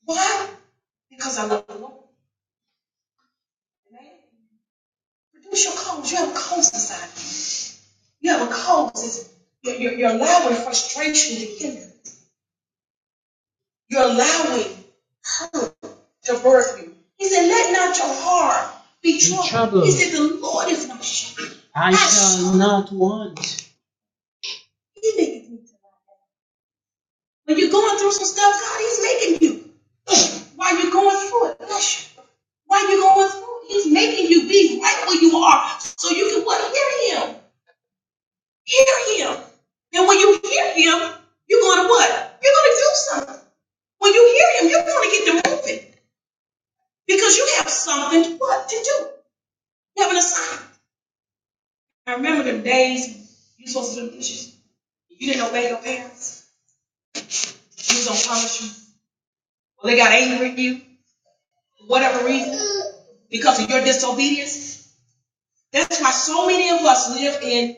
Why? Because I love the Lord. Amen. Produce your calls. You have a cause inside you. You have a cause. You're, you're, you're allowing frustration to hinder. You're allowing to birth you. He said, let not your heart be tempted. The Lord is not shepherd. He maketh me When you're going through some stuff, God is making you. While you're going through it, bless you. while you're going through it, He's making you be right where you are so you can what? Hear Him. Hear Him. And when you hear Him, you're going to what? You're going to do something. When you hear Him, you're going to get to moving because you have something what to do. You have an assignment. I remember them days you were supposed to do dishes. You didn't obey your parents. You was going to punish you. Well, they got angry at you. for whatever reason, because of your disobedience. That's why so many of us live in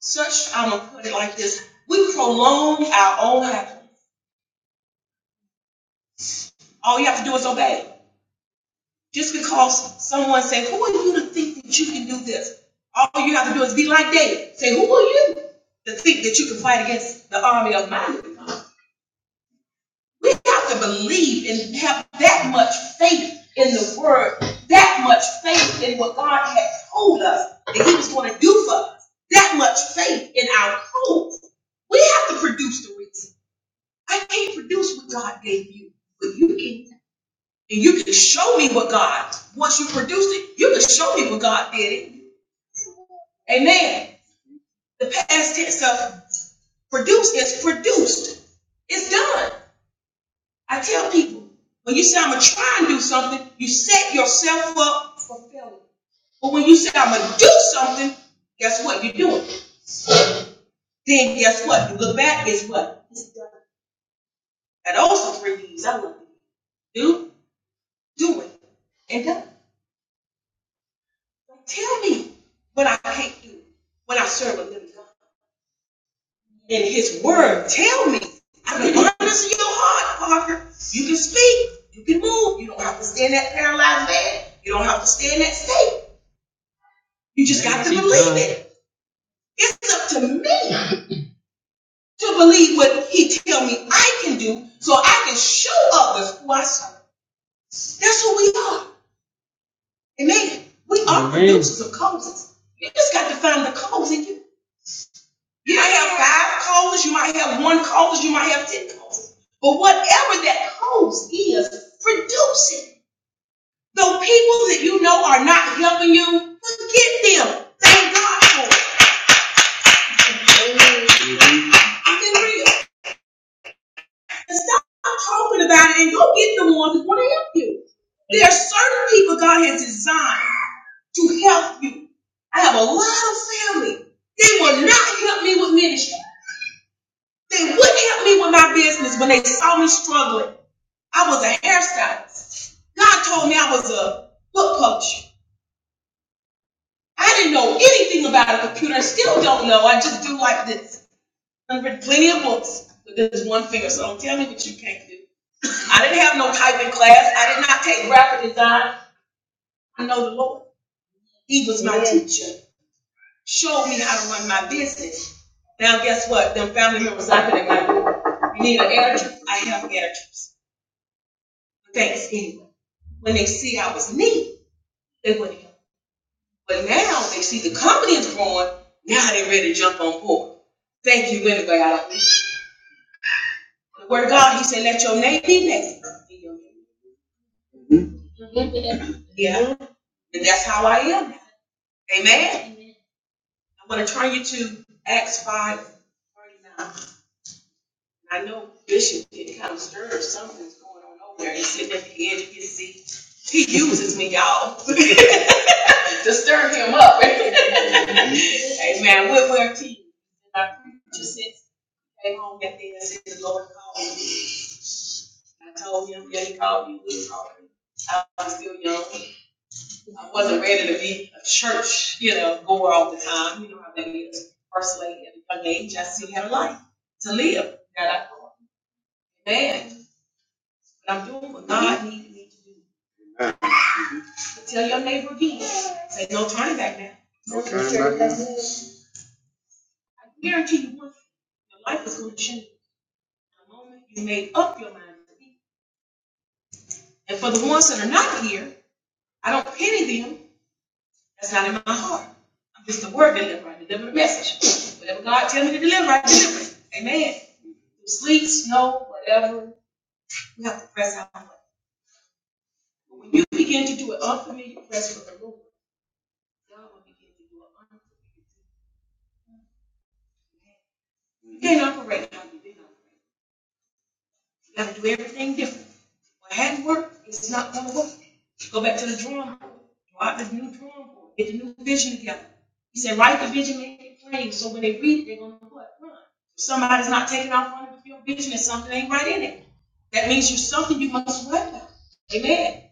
such, I'm going to put it like this, we prolong our own happiness. All you have to do is obey. Just because someone says, who are you to think that you can do this? All you have to do is be like David. Say, who are you to think that you can fight against the army of my We have to believe and have that much faith in the word, that much faith in what God had told us that He was going to do for us, that much faith in our hope. We have to produce the reason. I can't produce what God gave you, but you can. And you can show me what God, once you produce it, you can show me what God did it. Amen. The past tense of produce is produced. It's done. I tell people, when you say I'm gonna try and do something, you set yourself up for failure. But when you say I'm gonna do something, guess what? You do it. Then guess what? You look back, guess what? That also three D's. I love it. Do, do it, and do it. Don't Tell me when I can't do it, when I serve a living God. I can learn this in your heart, Parker. You can speak, you can move. You don't have to stay in that paralyzed man. You don't have to stay in that state. You just got to believe it. It's up to me. see what he tell me I can do so I can show others who I serve. That's who we are. Amen. We are Amen. producers of causes. You just got to find the cause in you. You might have five causes, you might have one cause, you might have ten causes. But whatever that cause is, produce it. The people that you know are not helping you, forget them. Thank God for it. I'm being real. And stop talking about it and go get the ones that want to help you. There are certain people God has designed. to help you. I have a lot of family. They would not help me with ministry. They wouldn't help me with my business when they saw me struggling. I was a hairstylist. God told me I was a book publisher. I didn't know anything about a computer. I still don't know. I just do like this. I've read plenty of books with this one finger, so don't tell me what you can't do. I didn't have no typing class. I did not take graphic design. I know the Lord. He was my teacher. showed me how to run my business. Now, guess what? Them family members out there, that might, you need an editor? I have editors. Thanks anyway. When they see I was me, they wouldn't help. But now they see the company is growing, now they ready to jump on board. Thank you anyway, I don't The word of God, he said, let your name be next. in your Yeah, and that's how I am. now. Amen. I want to turn you to Acts 5, thirty-nine. I know Bishop get kind of stirred. Something's going on over there. He's sitting at the edge of his seat. He uses me, y'all, to stir him up. Amen. What where I preacher since he came home that day. I said, "The Lord called me." I told him, "Yeah, he called me. He called me." I was still young. I wasn't ready to be a church, you know, goer all the time. You know how that is. First lady at a young age, I still had a life to live. God, I thought, man. But I'm doing what God needed me to do. So tell your neighbor again. Say no turning back now. I Guarantee you one that was commission you made. And for the ones that are not here, I don't pity them. That's not in my heart. I'm just a word deliverer. I deliver the message. Whatever God deliver, I deliver it. Amen. Through sleep, snow, whatever, you have to press out. But when you begin to do an unfamiliar press for the Lord, God will begin to do an unfamiliar. You can't operate how you did. You have to do everything different. Well, handwork is not gonna work. Go back to the drawing board, draw out the new drawing board, get the new vision together. He said, write the vision, make it plain, so when they read it, they're gonna what, run. If Somebody's not taking off on it, your vision and something ain't right in it. That means you're something you must work on. Amen.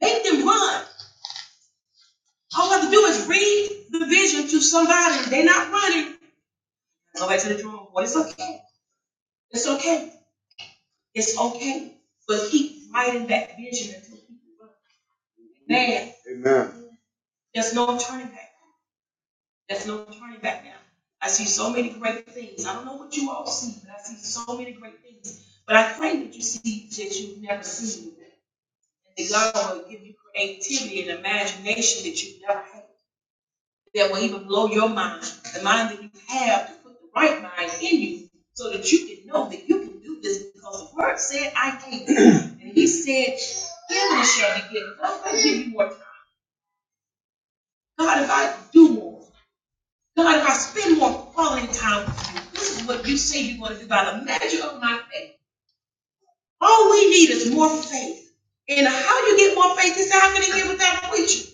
Make them run. All I have to do is read the vision to somebody, and they're not running. Go back to the drawing board, it's okay, it's okay, it's okay. But keep writing that vision until people run. Man, there's no turning back. There's no turning back now. I see so many great things. I don't know what you all see, but I see so many great things. But I pray that you see that you've never seen. And that God will give you creativity and imagination that you've never had. That will even blow your mind, the mind that you have to put the right mind in you so that you can know that you can do this because the word said I can. And he said, Give me shall be given. God, if I give you more time. God, if I do more. God, if I spend more quality time with you, this is what you say you want to do by the measure of my faith. All we need is more faith. And how you get more faith is how can you get without a preacher?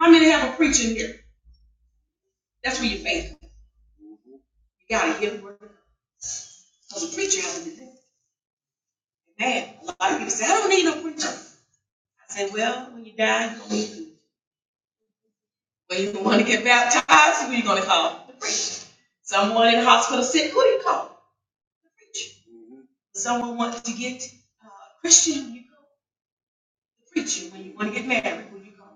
How many have a preacher here? That's where your faith. is. You gotta hear the word. Because a preacher has to do this. Man, a lot of people say, I don't need no preacher. I say, well, when you die, you don't need it. when you want to get baptized, who are you gonna call? Someone in the hospital sick, who do you call? Preacher. Someone wants to get uh, Christian, you call the preacher. When you want to get married, who do you call?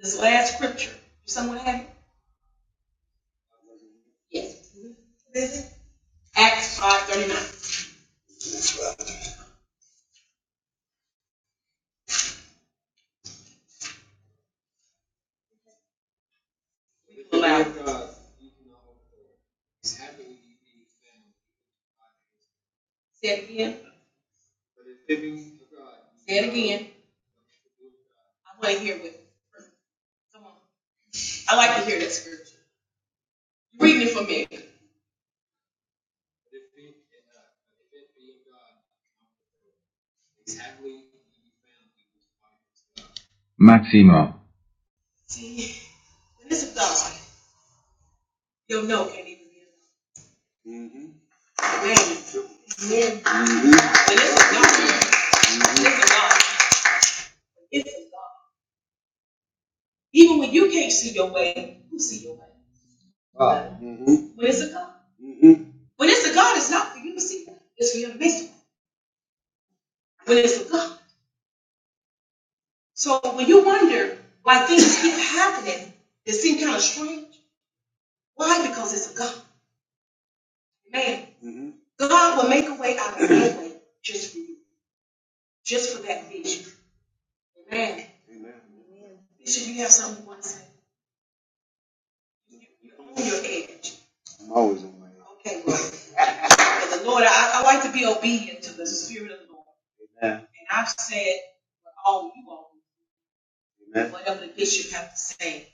This last scripture, someone have it? Yes. Is it? Acts five thirty-nine. Say it again. Say it again. I want to hear with. you. Come on. I like to hear that scripture. Reading it for me. Sorry. Okay. Even when you can't see your way, who see your way? When it's a God, it's not for you to see. It's for you to make it. When it's a God. So when you wonder why things keep happening that seem kind of strange, why? Because it's a God. Man, mm-hmm. God will make a way out of no way just for you, just for that vision. Amen. Amen. Bishop, you have something you want to say? You, you own your edge. I'm always on my edge. Okay, well, and the Lord, I, I like to be obedient to the Spirit of the Lord. Amen. And I've said what all you all, Amen. whatever the bishop have to say,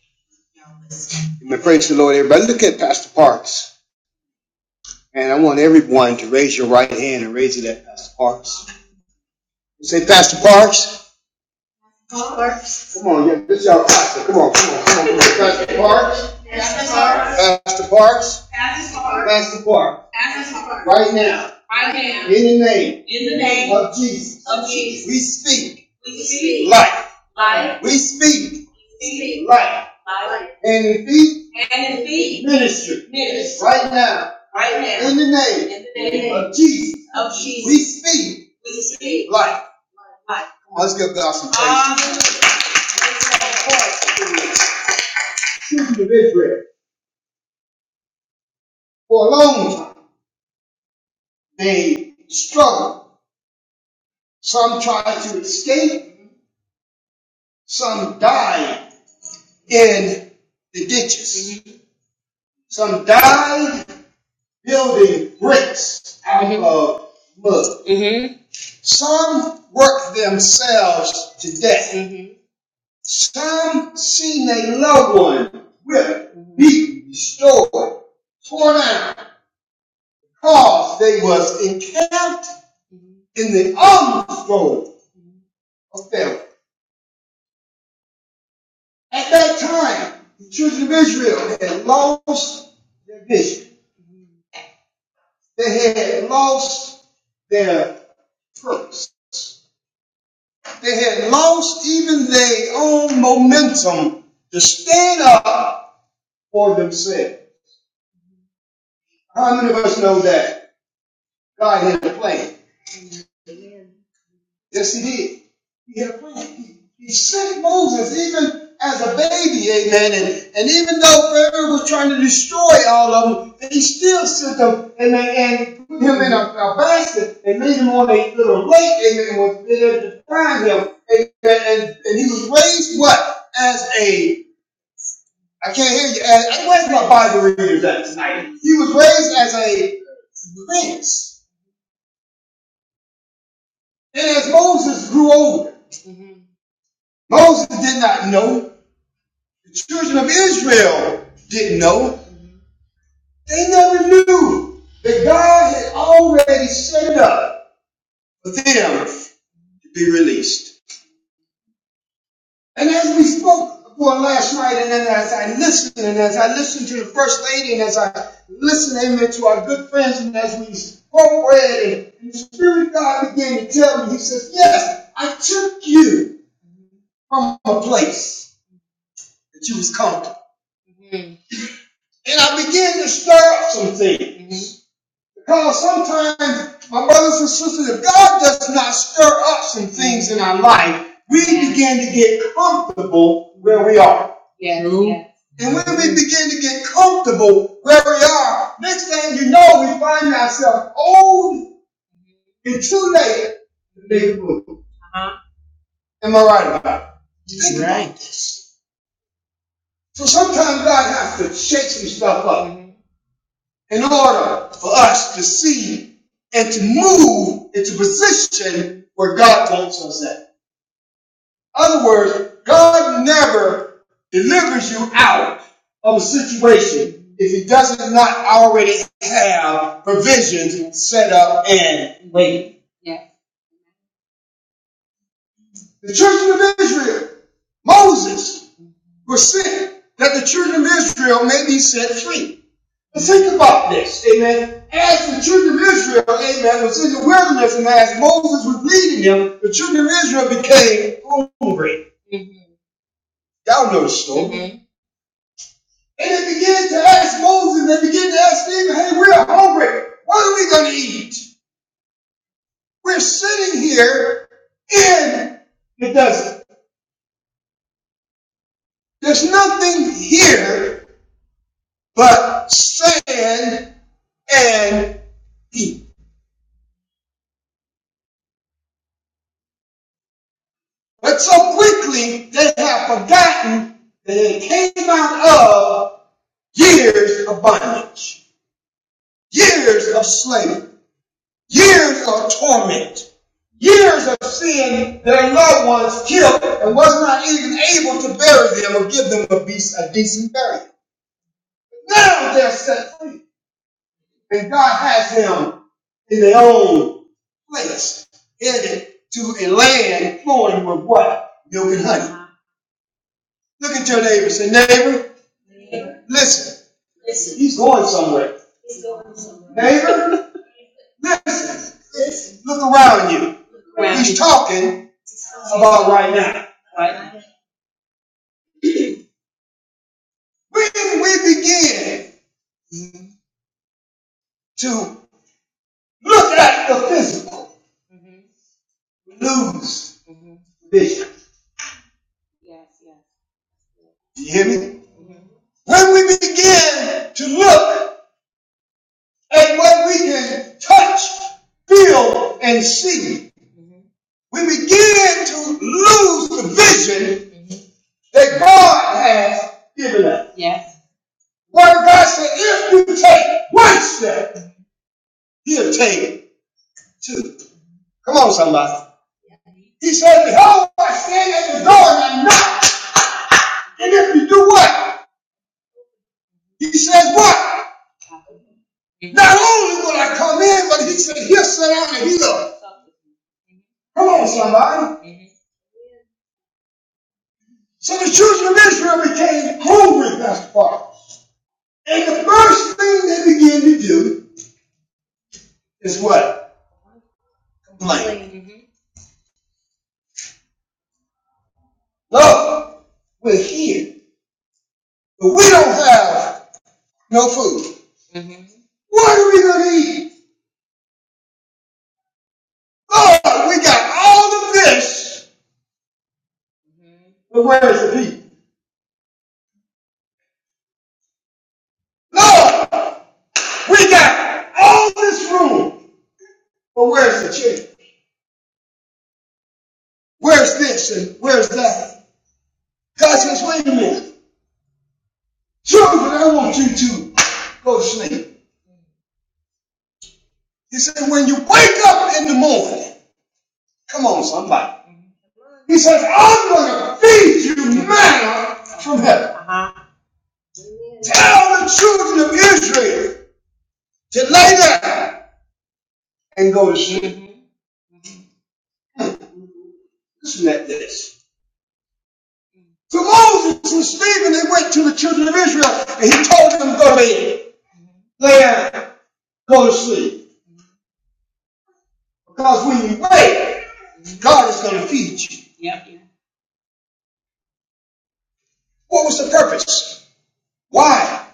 y'all listen. Amen. Praise the Lord, everybody. Look at Pastor Parks. And I want everyone to raise your right hand and raise it at Pastor Parks. Say, Pastor Parks. Parks. Come on, yeah, this is our pastor. Come on, come on, come on. Come on. Pastor Parks. Pastor Pastor Parks, as is Pastor Parks, as is right now, right now, in the name in the name of Jesus, of Jesus, we speak we speak life. life, We speak we speak life. life, And defeat and in feet, ministry ministry, right now, right now, in the name in the name of Jesus, of Jesus. we speak we speak life. life. Let's give God some praise. For a long time, they struggled Some tried to escape, some died in the ditches. Some died building bricks of mud. Some worked themselves to death. Some seen a loved one whipped, beaten, destroyed, torn out, cause they was encamped in the armsfold of Pharaoh. At that time, the children of Israel had lost their vision. They had lost their purpose. They had lost even their own momentum to stand up for themselves. How many of us know that God had a plan? Yes, he did. He had a plan. He, he sent Moses even as a baby, amen. And, and even though Pharaoh was trying to destroy all of them, he still sent them, amen, and put him in a, a basket and made him on a little lake, amen, and was there to find him. Amen. And, and he was raised what? As a, I can't hear you. As, I where's my Bible readers at tonight? He was raised as a prince. And as Moses grew older, Moses did not know. The children of Israel didn't know. They never knew that God had already set it up for them to be released. And as we spoke upon last night, and then as I listened, and as I listened to the First Lady, and as I listened, amen, to our good friends, and as we spoke, read, and the Spirit of God began to tell me, He says, Yes, I took you from a place that you was comfortable. And I began to stir up some things. Because sometimes, my brothers and sisters, if God does not stir up some things in our life, we Yeah. begin to get comfortable where we are. Yes. True. Yes. And when we begin to get comfortable where we are, next thing you know, we find ourselves old and too late. Am I right about it? Think about Right. about this. So sometimes God has to shake some stuff up Mhm. in order for us to see and to move into position where God wants us at. other words, God never delivers you out of a situation if He does not already have provisions set up. And the children of Israel, Moses, was sent that the children of Israel may be set free. But think about this, amen. As the children of Israel, amen, was in the wilderness, and as Moses was leading them, the children of Israel became, y'all know the story. And they began to ask Moses, they began to ask Stephen, hey, we're hungry. What are we going to eat? Years of slavery, years of torment, years of seeing their loved ones killed and was not even able to bury them or give them a, beast, a decent burial. Now they're set free, and God has them in their own place, headed to a land flowing with what? Milk and honey. Look at your neighbor and say, neighbor, listen. He's going somewhere. Neighbor, look around you. Around you. He's you. talking about right now. When we begin to look at the physical, lose vision. Do you hear me? When we begin to look at what we can touch, feel, and see, we begin to lose the vision that God has given us. Word of God said, if you take one step, he'll take two. Come on, somebody. He says, Behold, I stand at the door and I knock. And if you do what? He says, What? Not only will I come in, but he said, He'll sit down and heal. Come on, somebody. So the children of Israel became hungry, Pastor Parker. And the first thing they begin to do is what? Complain. Look, we're here, but we don't have no food. What are we going to eat? Lord, we got all the fish. but where's the people? Lord, we got all the children of Israel to lay down and go to sleep. Listen at this. So Moses and Stephen, they went to the children of Israel and he told them, go lay, lay down, go to sleep. Because when you wake, God is going to feed you. What was the purpose? Why?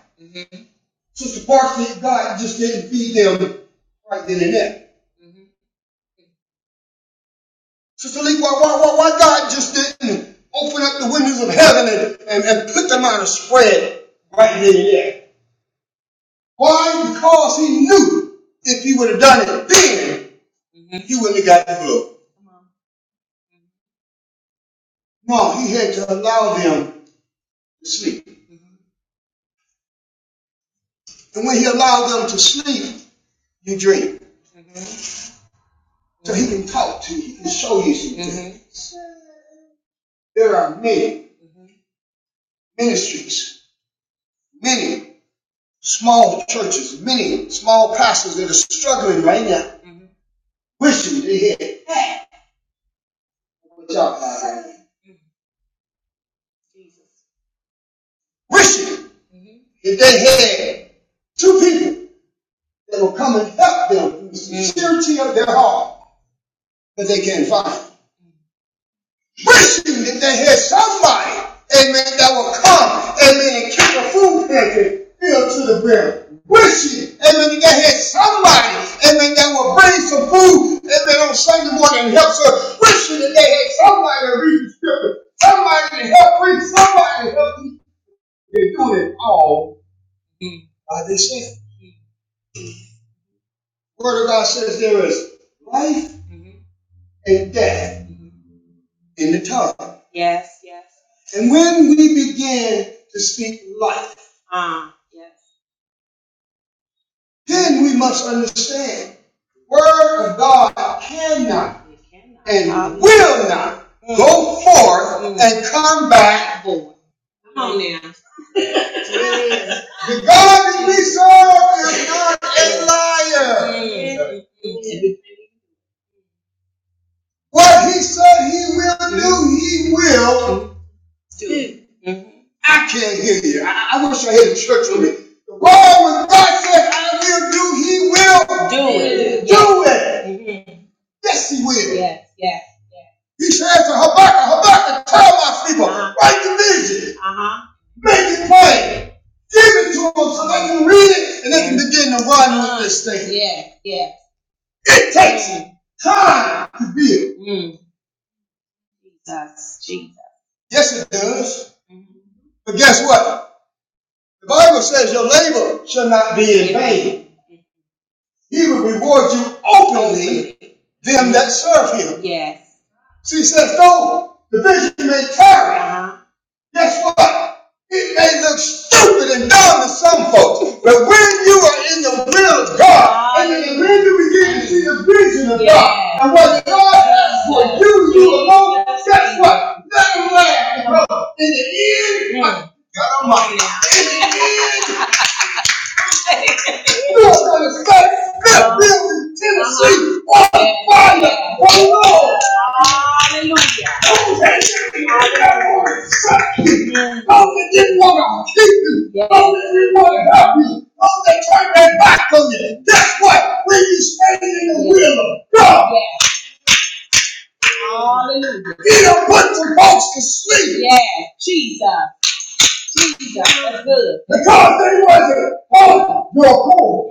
Sister Parsley, God just didn't feed them right then and there. Sister Lee, why, why, why, God just didn't open up the windows of heaven and, and, and put them out a spread right then and there? Why? Because he knew if he would have done it then, he wouldn't have got the glory. No, he had to allow them to sleep. And when he allowed them to sleep, you dream. So he can talk to you, he can show you some things. There are many ministries, many small churches, many small pastors that are struggling right now, wishing they had what you Wishing that they had two people that will come and help them from the sincerity of their heart, but they can't find. it. wishing that they had somebody, amen, that will come, amen, and keep the food pantry filled to the brim. Wishing, amen, that they had somebody, amen, that will bring some food, amen, on Sunday morning and help us. Wishing that they had somebody to read the scripture, somebody to help preach, somebody to help teach. They're doing it all by themselves. Word of God says there is life and death in the tongue. Yes, yes. And when we begin to speak life, Ah, yes. then we must understand the word of God cannot and Hallelujah. will not Mm, go forth mm. and come back. Come on now. The God we serve is a Mm, liar. mm, What he said he will mm. do, he will Do and hear you. I, I wish I had a church with me. The word when God said I will do, he will Do do Yes. it. Yes, he will. Yeah. He said to Habakkuk, Habakkuk, tell my people, write the vision, make it plain, give it to them so they can read it and they can begin to run with this thing. Yeah. It takes time to build. Yes, it does. But guess what? The Bible says your labor shall not be in vain. He will reward you openly, them that serve him. Yeah. See, it says, though the vision may tarry, Guess what? It may look stupid and dumb to some folks, but when you are in the will of God, and in the when you begin to see the vision of God, and what God will do you alone, guess what? Nothing lasts, In the end, at the you are going to say, Smithfield, in Tennessee, on fire, for the Lord. Oh, they didn't want to keep you. Yes. Oh, they didn't want to help you. Oh, they turned their back on you. Guess what? When you stand in the yes. will of God, He don't put the folks to sleep. Yes. Because they wasn't on your core.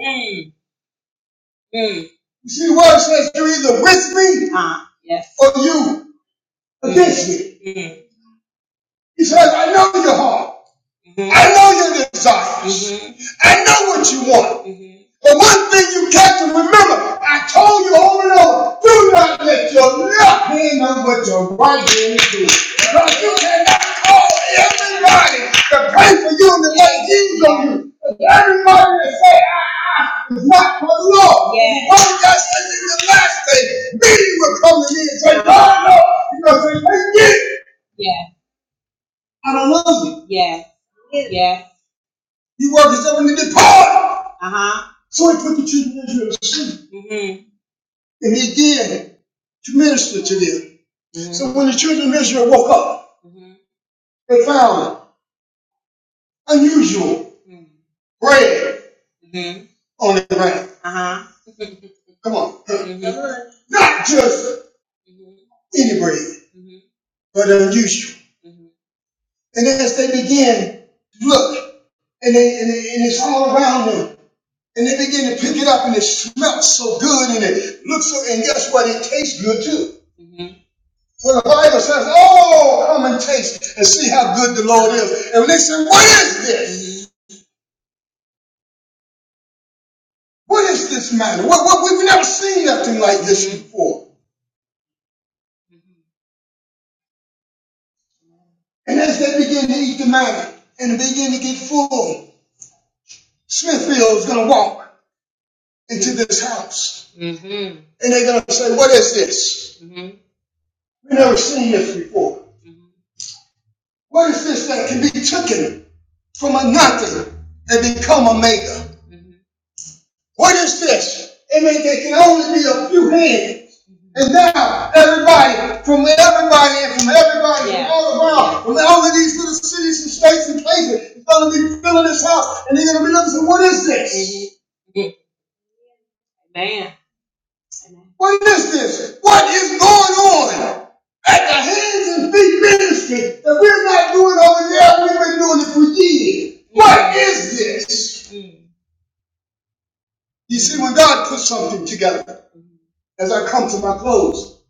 You see, the word says you're either with me or you against me. He says, I know your heart. I know your desires. I know what you want. But one thing you got to remember, I told you over and over, do not let your left hand know what your right hand. is. You cannot call everybody to pray for you and to lay hands on you. Everybody that say, ah, ah, is not for the Lord. Yeah. One of us said in the last day, many will come to me and say, God, no. You're going to say, hey, yeah. Yeah. I don't love you. Yeah. Yeah. You work yourself into the part. Uh-huh. So he put the children of Israel to sleep. Mm-hmm. And he did to minister to them. So Mm-hmm. So when the children of Israel woke up, Mm-hmm. they found unusual mm-hmm. bread Mm-hmm. on the ground. Uh-huh. Come on. huh? Mm-hmm. Not just Mm-hmm. any bread, Mm-hmm. but unusual. Mm-hmm. And as they began to look, and, they, and, they- and it's all around them, and they begin to pick it up, and it smells so good, and it looks so, and guess what? It tastes good too. For the Bible says, Oh, come and taste and see how good the Lord is. And when they say, What is this? What is this manna? What, what, we've never seen nothing like this before. And as they begin to eat the manna and begin to get full, Smithfield is going to walk into this house. And they're going to say, What is this? We've never seen this before. What is this that can be taken from a nothing and become a maker? What is this? I mean, there can only be a few hands. And now, everybody, from everybody and from everybody yeah. and all around, from all of these little cities and states and places, is going to be filling this house. And they're going to be looking and what is this? What is this? What is going on? At the hands and feet ministry that we're not doing over there, we've been doing it for years. What is this? You see, when God puts something together, as I come to my close,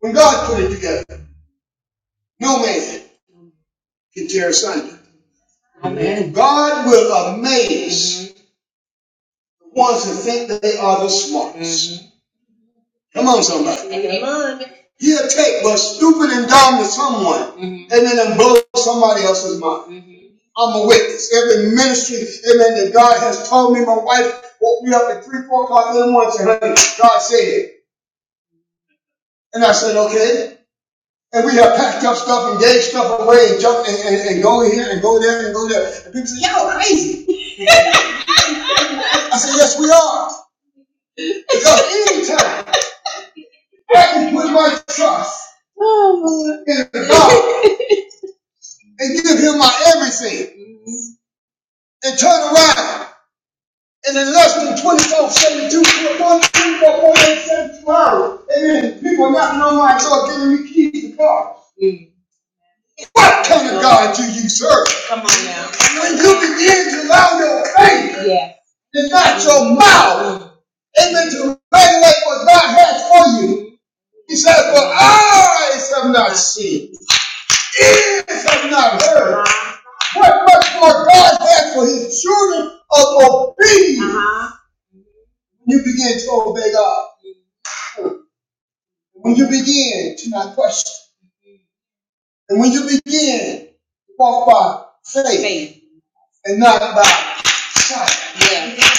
when God put it together, No man can tear asunder. And God will amaze mm-hmm. the ones who think that they are the smartest. Mm-hmm. Come on, somebody. Mm-hmm. He'll take but stupid and dumb to someone, amen, and then it'll blow somebody else's mind. Mm-hmm. I'm a witness. Every ministry, amen, that God has told me, my wife woke me up at 3, 4 o'clock in the morning and said, honey, God said it. And I said, okay. And we have packed up stuff and gave stuff away and jumped and, and, and go here and go there and go there. And people say, yeah. I said, yes, we are. Because anytime I can put my trust in God and give Him my everything and turn around and in less than 24, 72, 24, 48, seventy-two hours, amen, people knocking on my door giving me keys to cars. What kind of God do you serve? When you begin to allow your faith yes. and not your mouth, amen, to regulate what God has for you, He says, But eyes have not seen, ears have not heard. What much more God has for his children of obedience Uh-huh. when you begin to obey God, when you begin to not question, and when you begin to walk by faith, Faith. and not by sight. Yeah.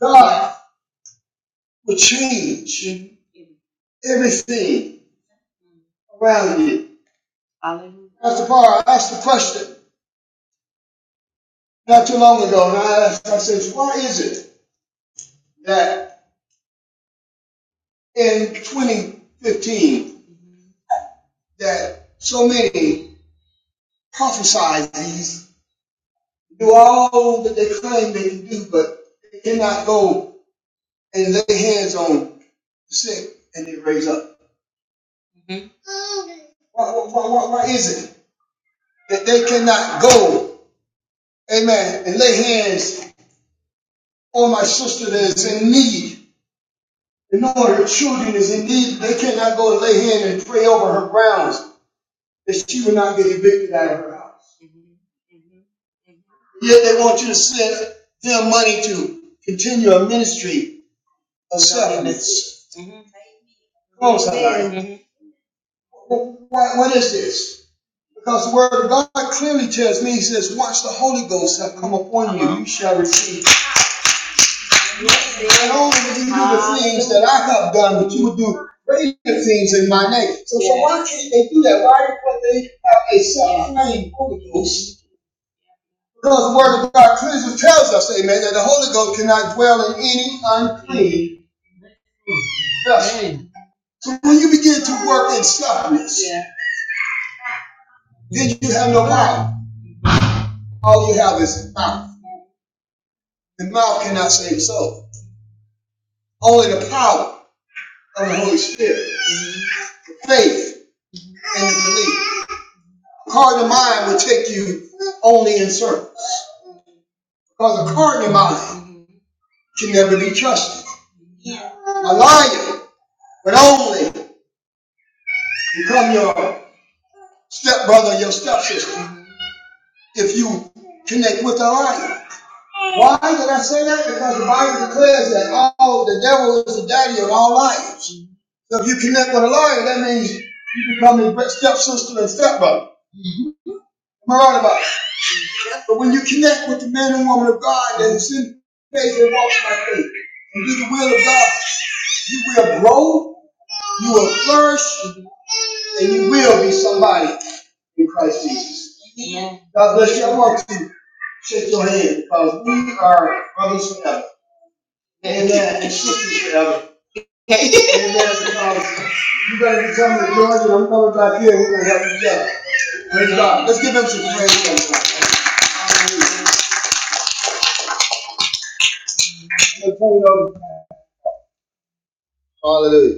God yeah. will change Mhm. everything around you. Pastor Parr asked the question not too long ago, and I asked, I said, why is it that in 2015 that so many Prophesize these, do all that they claim they can do, but they cannot go and lay hands on the sick and they raise up. Why, why, why, why is it that they cannot go, amen, and lay hands on my sister that is in need? And on her children is in need, they cannot go and lay hands and pray over her grounds that she will not get evicted out of her house. Yet they want you to send them money to continue a ministry of settlements. Come on, somebody. What, what is this? Because the word of God clearly tells me, he says, once the Holy Ghost have come upon you, you shall receive. Not only will you do the things that I have done, but you will do greater things in my name. So, so why can't they do that? Why can't they have a self-claimed Holy Ghost? Because the word of God clearly tells us, amen, that the Holy Ghost cannot dwell in any unclean vessel. So when you begin to work in stubbornness, yeah. then you have no power. All you have is power. The mouth cannot save the soul. Only the power of the Holy Spirit, the faith, and the belief. A carnal mind will take you only in circles. Because a carnal mind can never be trusted. A lion would only become your stepbrother, your stepsister, if you connect with a lion. Why did I say that? Because the Bible declares that all the devil is the daddy of all liars. So if you connect with a liar, that means you become his stepsister and stepbrother. Am I right about it? Yeah. But when you connect with the man and woman of God that is in faith and walks by faith and do the will of God, you will grow, you will flourish, and you will be somebody in Christ Jesus. God bless you. I want to shake your hand because we are brothers forever. Amen. And sisters forever. Amen. Because you're going to be coming to Georgia and I'm coming back here. and We're going to help each other. Praise God. Let's give him some praise. Let's turn Hallelujah.